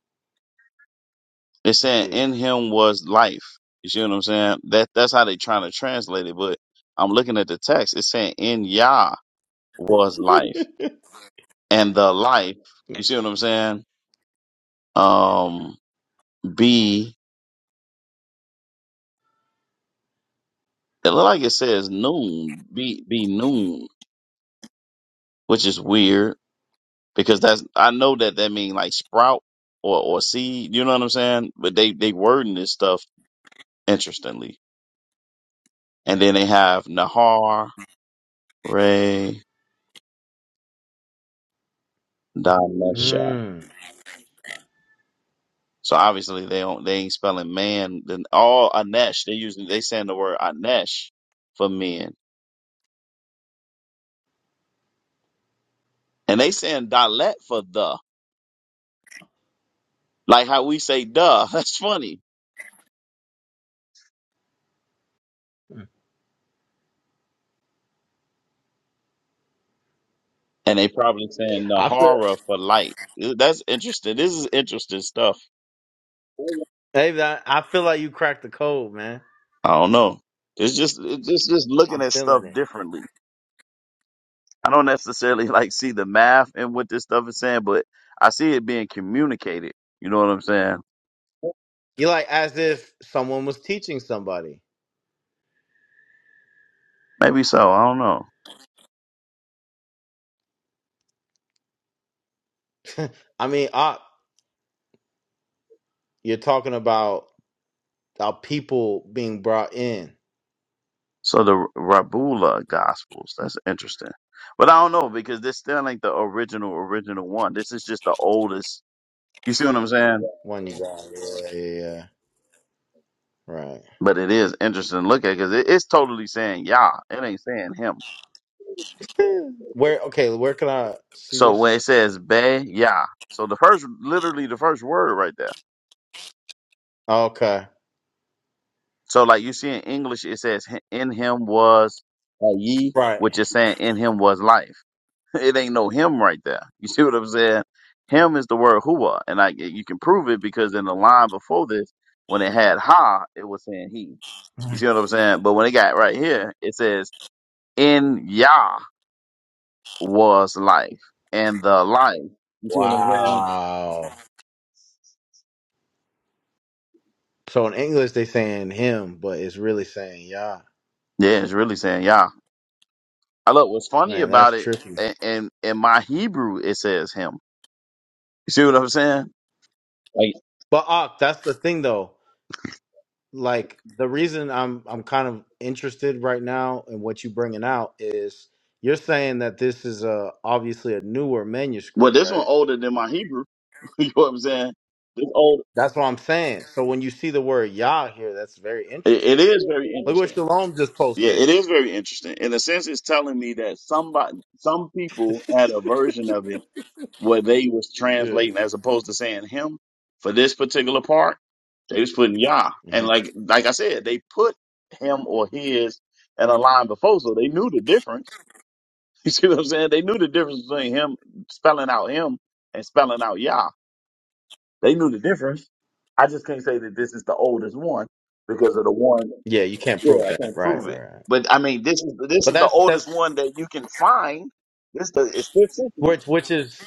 It's Let's saying see. in him was life. You see what I'm saying? That that's how they trying to translate it, but I'm looking at the text. It's saying in Yah was life. [laughs] And the life, you see what I'm saying? Um be it look like it says noon. Be be noon, which is weird because that's I know that that mean like sprout or or seed, you know what I'm saying? But they they wording this stuff interestingly. And then they have Nahar, Ray, Hmm. So obviously they don't they ain't spelling man. Then all anesh they using they saying the word anesh for men, and they saying dalet for the like how we say duh. [laughs] That's funny, and they probably saying I feel. nahara for light. That's interesting. This is interesting stuff. Hey, that I feel like you cracked the code, man. I don't know. It's just it's just just looking I'm at stuff feeling it. differently. I don't necessarily [laughs] like see the math and what this stuff is saying, but I see it being communicated. You know what I'm saying? You like as if someone was teaching somebody. Maybe so. I don't know. I mean, op, you're talking about our people being brought in. So the Rabula Gospels. That's interesting. But I don't know because this still ain't the original original one. This is just the oldest. You see what I'm saying? One you got, yeah, yeah, yeah. right. But it is interesting. to Look at because it- it's totally saying Yah. It ain't saying him. [laughs] Where? Okay, where can I see So this? when it says Be Yah, so the first, literally the first word right there. Okay, So like you see in English, it says in him was a ye, right. which is saying in him was life. [laughs] It ain't no him right there. You see what I'm saying? Him is the word hua, and I you can prove it because in the line before this, when it had ha, it was saying he. You see what I'm saying? But when it got right here, it says in Yah was life, and the life. Wow. So in English they saying him, but it's really saying yeah. Yeah, it's really saying Yah. I look. What's funny Man, about that's it? trippy. And in, in in my Hebrew, it says him. You see what I'm saying? But Ak, that's the thing though. like the reason I'm I'm kind of interested right now in what you bringing out is you're saying that this is a obviously a newer Well, manuscript, this one right? older than my Hebrew. [laughs] you know what I'm saying? It's old. That's what I'm saying. So when you see the word Yah here, that's very It, it interesting. is very Look what interesting. Shalom just Yeah, posted. it is very interesting. In a sense, it's telling me that somebody, some people [laughs] had a version of it where they was yeah. translating as opposed to saying him for this particular part. They was putting Yah, hmm and like like I said, they put him or his in a line before, so they knew the difference. [laughs] You see what I'm saying? They knew the difference between him spelling out him and spelling out Yah. They knew the difference. I just can't say that this is the oldest one because of the one. Yeah, you can't prove Yeah, I that. can't Right, prove it. right, right. But I mean, this is this But is the that's oldest that's one that you can find. This the it's fifth century. which which is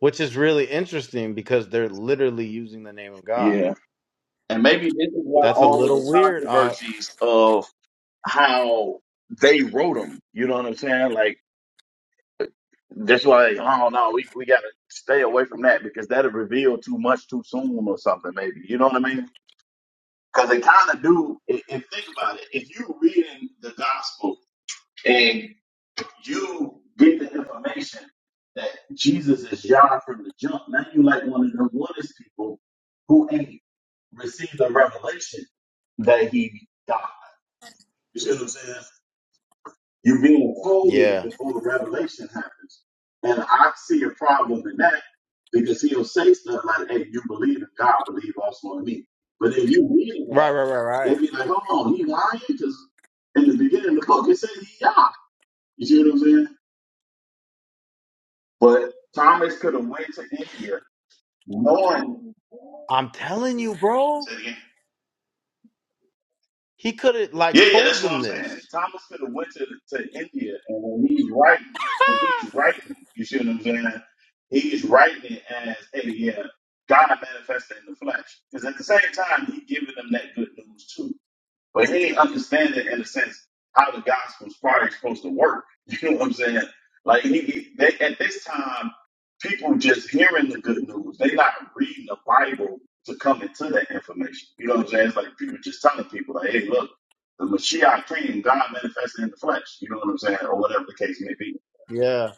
which is really interesting because they're literally using the name of God. Yeah, and maybe this is why That's a all of little the weird. Uh controversies of how they wrote them. You know what I'm saying? Like that's why. Oh no, we we gotta stay away from that because that'll reveal too much too soon or something. Maybe you know what I mean? Because they kind of do. If, if think about it, if you're reading the gospel you get the information that Jesus is Yah from the jump. Now you like one of them oneness people who ain't received the revelation that he died. You see what I'm saying? You're being folded yeah. before the revelation happens. And I see a problem in that because he'll say stuff like, hey, you believe in God, believe also in me. But if you read Right, right, right, that, it'd right. be like, hold on, he lying? Because in the beginning of the book, it says he Yah. You see what I'm saying? But Thomas could have went to India knowing. I'm telling you, bro. Say it again. He could have Yeah, like yeah, told that's what them I'm saying. this. Thomas could have went to, to India, and when he's writing, when he's writing, you see what I'm saying? He's writing it as, hey, yeah, God manifested. But like, look, Yeah.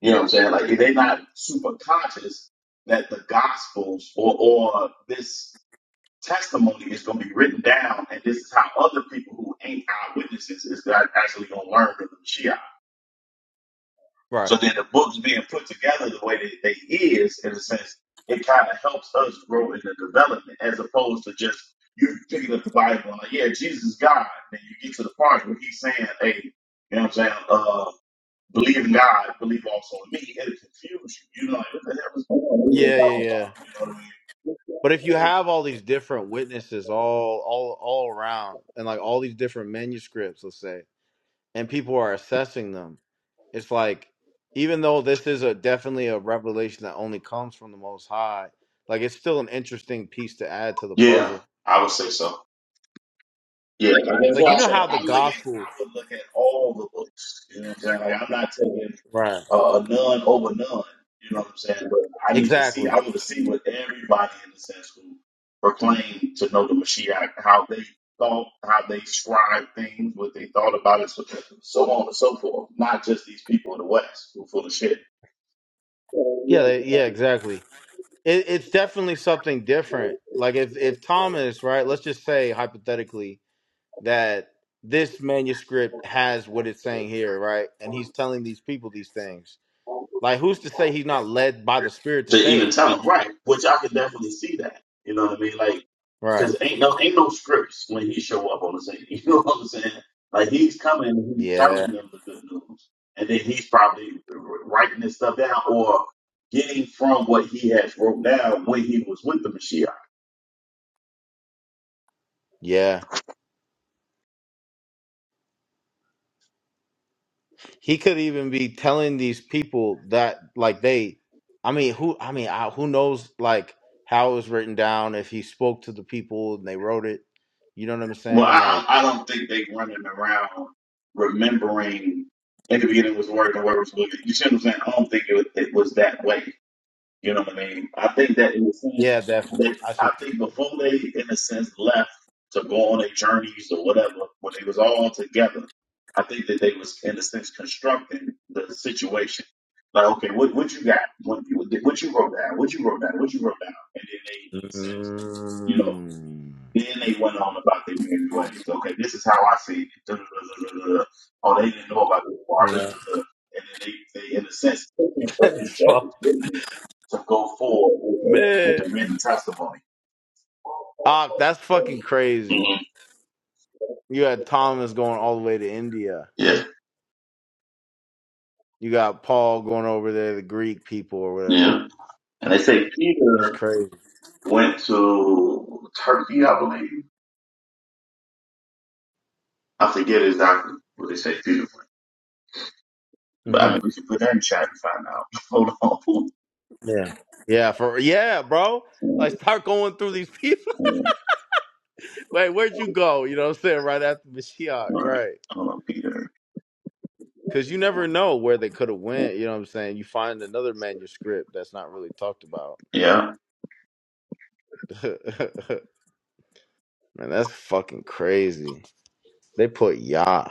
you know what I'm saying? Like, they're not super conscious that the Gospels or or this testimony is going to be written down, and this is how other people who ain't eyewitnesses is actually going to learn from the Mashiach. So Right. then the books being put together the way that they is, in a sense, it kind of helps us grow in the development as opposed to just you picking up the Bible and like, yeah, Jesus is God. Then you get to the part where he's saying, hey, you know what I'm saying? Uh, believe in God, believe also in me. It'll confuse you. You know, like, what the hell is going on? What are you Yeah, talking yeah, about? yeah. You know what I mean? But if you have all these different witnesses all all all around and like all these different manuscripts, let's say, and people are assessing them, it's like even though this is a definitely a revelation that only comes from the most high, like it's still an interesting piece to add to the Yeah, puzzle. I would say so. Yeah, that's Like what you I know say how the I look at I gospel look at all the books. I'm not taking. Right. uh, a none over none. You know what I'm saying? But I need to see. Exactly. I want to see what everybody in the sense who proclaim to know the Mashiach, how they thought, how they scribed things, what they thought about it, so, so on and so forth. Not just these people in the West who full of shit Yeah, they, yeah, exactly. It, it's definitely something different. Like if if Thomas, right? Let's just say hypothetically that this manuscript has what it's saying here, right? And he's telling these people these things. Like who's to say he's not led by the Spirit to to say even it? tell them right. Which I can definitely see that. You know what I mean? Like. Right. Cause ain't no ain't no scripts when he show up on the scene. [laughs] You know what I'm saying? Like he's coming, and he's Yeah. telling them the good news, and then he's probably writing this stuff down or getting from what he has wrote down when he was with the Mashiach. Yeah. He could even be telling these people that like they I mean, who I mean, I, who knows like how it was written down if he spoke to the people and they wrote it. You know what I'm Well, saying? I Like I don't think they running around remembering in the beginning was the word, the word was with it. You see what I'm saying? I don't think it, was- it was that way. You know what I mean? I think that in a sense yeah, definitely. that I see what I think before they in a sense left to go on their journeys or whatever, when they was all together, I think that they was in a sense constructing the situation. Like, okay, what what you got? What you what you wrote down? What you wrote down? What you wrote down? And then they in a sense, you know. Mm. Then they went on about their married ways. Okay, this is how I see it. Duh, duh, duh, duh, duh, duh. Oh, they didn't know about this part. Duh, Yeah. duh, duh. And then they, they, in a sense, taking [laughs] from That's each other's fuck, witness to go forward with the, with the Man. written testimony. Ah, that's fucking crazy. Mhm. You had Thomas going all the way to India. Yeah, You got Paul going over there, the Greek people or whatever. yeah. And they say That's Peter crazy. went to Turkey, I believe. I forget exactly what they say Peter. But I hmm mean, we should put that in chat and find out. [laughs] Hold on. Yeah. Yeah, for yeah, bro. Like start going through these people. [laughs] Wait, where'd you go? You know what I'm saying? Right after Mashiach, All right. right. Hold on, Peter. Cause you never know where they could have went, you know what I'm saying? You find another manuscript that's not really talked about. Yeah. [laughs] Man, that's fucking crazy. They put Yah.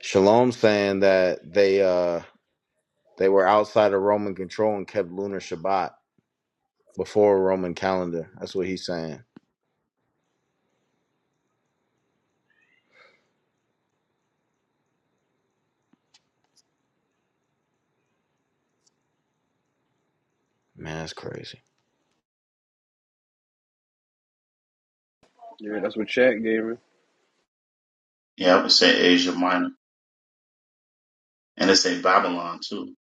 Shalom saying that they uh they were outside of Roman control and kept lunar Shabbat before a Roman calendar. That's what he's saying. Man, that's crazy. Yeah, that's what chat gave me. Yeah, I would say Asia Minor. and it's in Babylon too.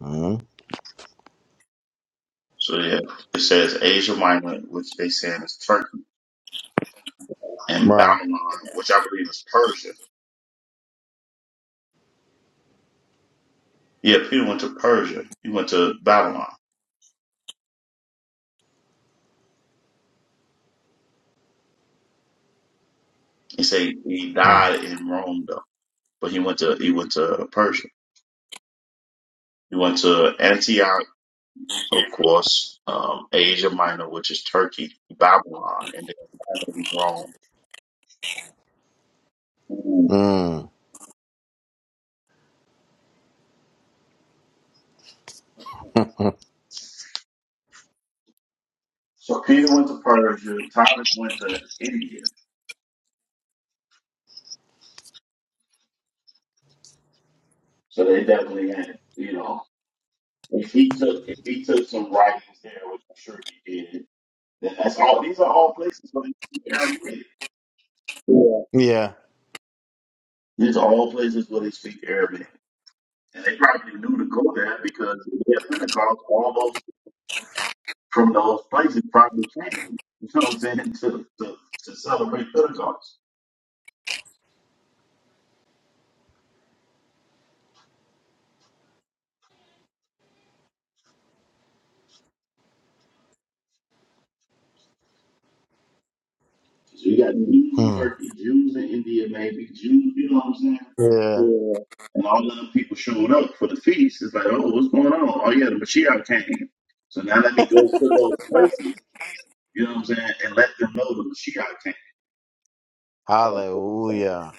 hmm So yeah, it says Asia Minor, which they saying is Turkey, and Right. Babylon, which I believe is Persia. Yeah, Peter went to Persia. He went to Babylon. He say he Mm. died in Rome though, but he went to he went to Persia. He went to Antioch, of course, um, Asia Minor, which is Turkey, Babylon, and then Rome. Mm. Mm. [laughs] So Peter went to Persia. Thomas went to India. So they definitely had, you know. If he took if he took some writings there, which I'm sure he did, then that's all. These are all places where they speak Aramaic. Yeah. Yeah. These are all places where they speak Arabic, and they probably knew to go there because at Pentecost, all those from those places probably came. You know what I'm saying to to, to celebrate Pentecost. So you got Jews in Mm. Turkey, Jews in India, maybe Jews, you know what I'm saying? Yeah. Yeah. And all of them people showed up for the feast. It's like, oh, what's going on? Oh, yeah, the Mashiach came. So now let me go to those places, you know what I'm saying, and let them know the Mashiach came. [laughs] Hallelujah.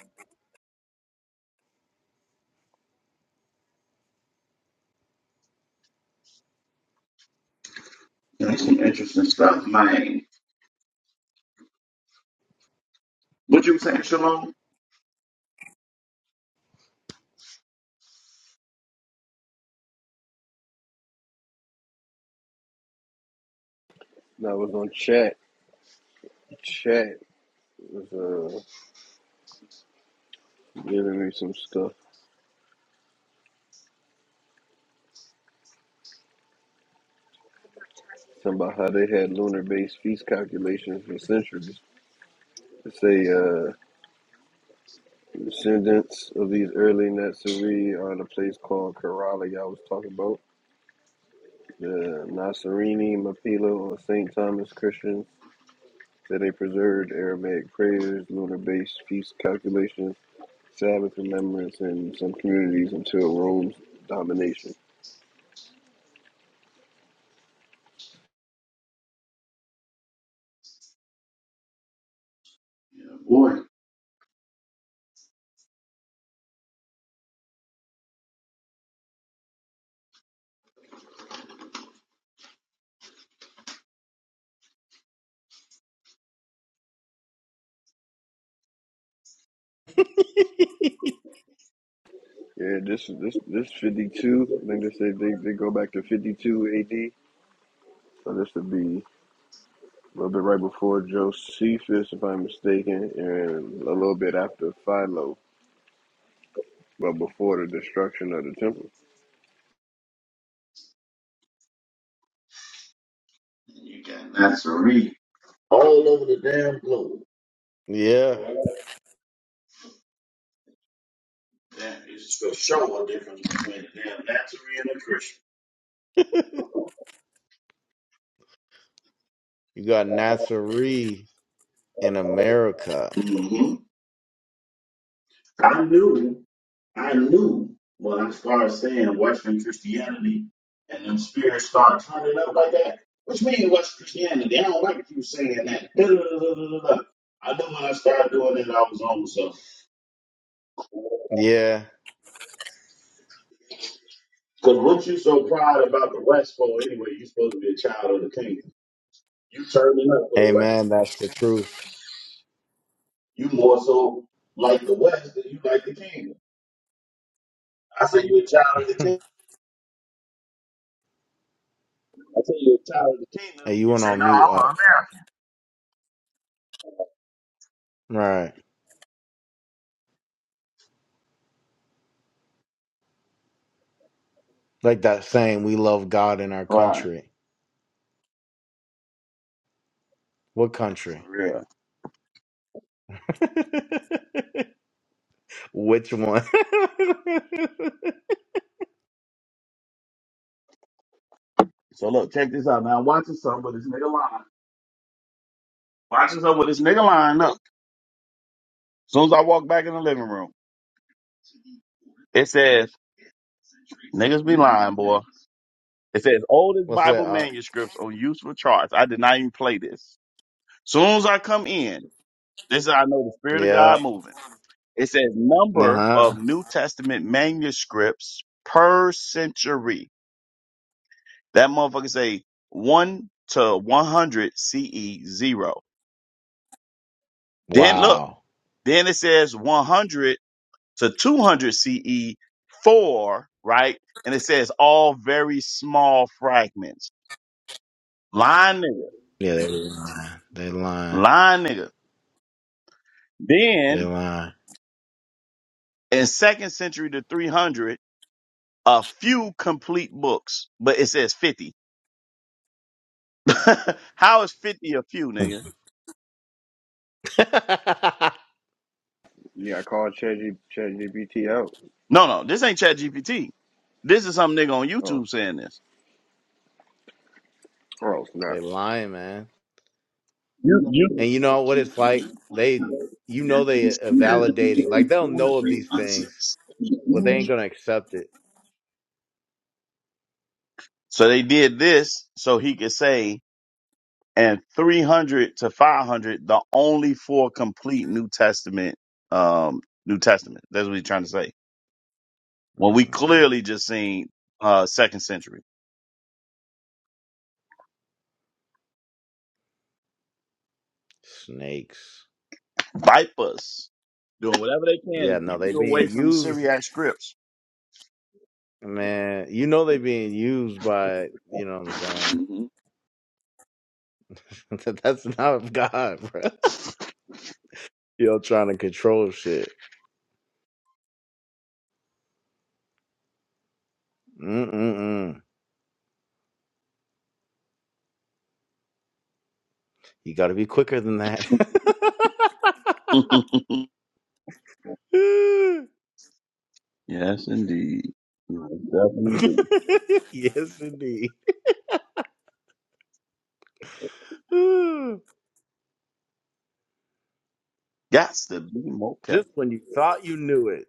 Which one? No, I was on chat. Chat was uh giving me some stuff. Talking about how they had lunar based feast calculations for centuries to say uh, Descendants of these early Natsiri are in a place called Kerala, y'all was talking about. The Nasserini, Mapilo, or St. Thomas Christians say they preserved Aramaic prayers, lunar based feast calculations, Sabbath remembrance in some communities until Rome's domination. Yeah, this is this this 52. I think they say they, they go back to 52 AD. So this would be a little bit right before Josephus, if I'm mistaken, and a little bit after Philo. But before the destruction of the temple, You got Nazarene all over the damn globe. Yeah. That is to show a difference between the damn Nazarene and a Christian. You got Nazarene in America. hmm I knew. I knew when I started saying Western Christianity and them spirits start turning up like that, which means Western Christianity. I don't like you saying that. Da, da, da, da, da, da, da. [laughs] I knew when I started doing it, I was on myself. Because Yeah. what you so proud about the West for anyway, you are supposed to be a child of the kingdom. You turning up for the West. Amen. That's the truth. You more so like the West than you like the kingdom. I say you a child of the kingdom. I say you a child of the kingdom. Hey, you You went say, on no, mute I'm a up. man. Right. Like that saying, we love God in our Right. country. What country? [laughs] Which one? [laughs] So look, check this out. Now I'm watching something with this nigga line. Watching something with this nigga line up. As soon as I walk back in the living room, it says, niggas be lying, boy. It says oldest What's Bible that? Uh, manuscripts on useful charts. I did not even play this. Soon as I come in, this is how I know the Spirit of yeah. God moving. It says Uh number huh. of New Testament manuscripts per century. That motherfucker say one to 100 CE zero. Then look, Wow. then it says 100 to 200 CE four, right? And it says all very small fragments. Line nigga, Yeah, they lying. They lying. line nigga. They Then lying. in second century to 300, a few complete books, but it says 50. [laughs] How is 50 a few, nigga? [laughs] yeah, I called ChatG- ChatGPT out. No, no, this ain't chat GPT. This is some nigga on Oh, YouTube saying this. oh, snap. they lying, man. You, you. And you know what it's like? They, you know, they are validating. Like they'll know of these things, but they ain't gonna accept it. So they did this so he could say and 300 to 500 the only four complete new testament um new testament that's what he's trying to say when we hmm clearly just seen uh second century Snakes. vipers doing whatever they can to Yeah, no, keep they you away being from the used, syriac scripts man. You know they being used by. You know what I'm saying? Mhm. [laughs] That's not God, bro. [laughs] Y'all trying to control shit. Mm-mm-mm. You gotta be quicker than that. [laughs] yes indeed Yes, definitely [laughs] yes, indeed. yes the be mocap Just when you thought you knew it.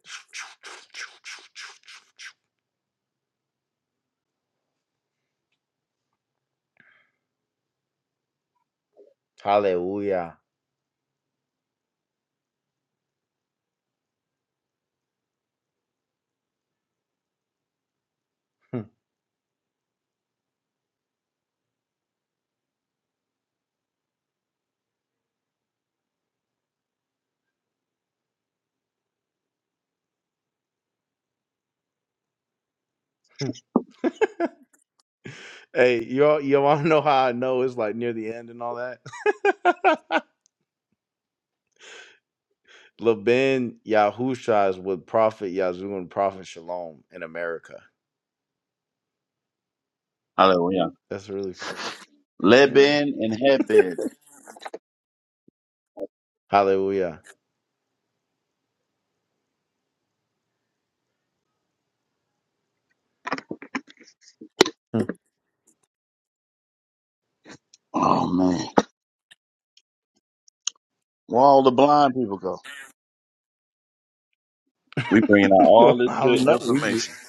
Hallelujah. [laughs] Hey, you all, you want to know how I know it's like near the end and all that? [laughs] Laban Yahusha is with Prophet Yazoo and Prophet Shalom in America. hallelujah That's really funny. Yeah. Leban and headbed Hallelujah. oh man where all the blind people go we bringing out [laughs] all this I good don't know. information We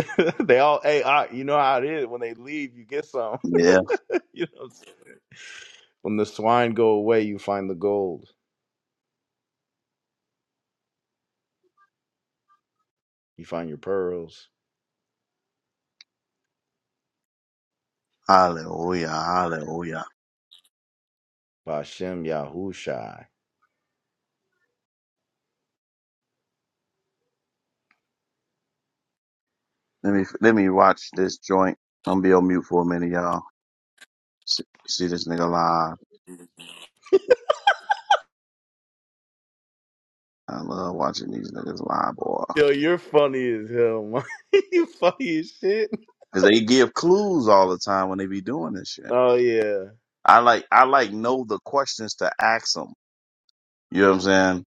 just, [laughs] they all hey, I, you know how it is. When they leave, you get some. Yeah. [laughs] you know, when the swine go away, you find the gold. You find your pearls. Hallelujah. Hallelujah. Bashem Yahushai. Let me let me watch this joint. I'm gonna be on mute for a minute, y'all. See, see this nigga live. I love watching these niggas live, boy. Yo, you're funny as hell, man. [laughs] you funny as shit. Cause they give clues all the time when they be doing this shit. Oh yeah. I like I like know the questions to ask them. You know what I'm saying?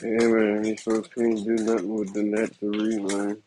Hey, man, these folks can't do nothing with the net to read, man.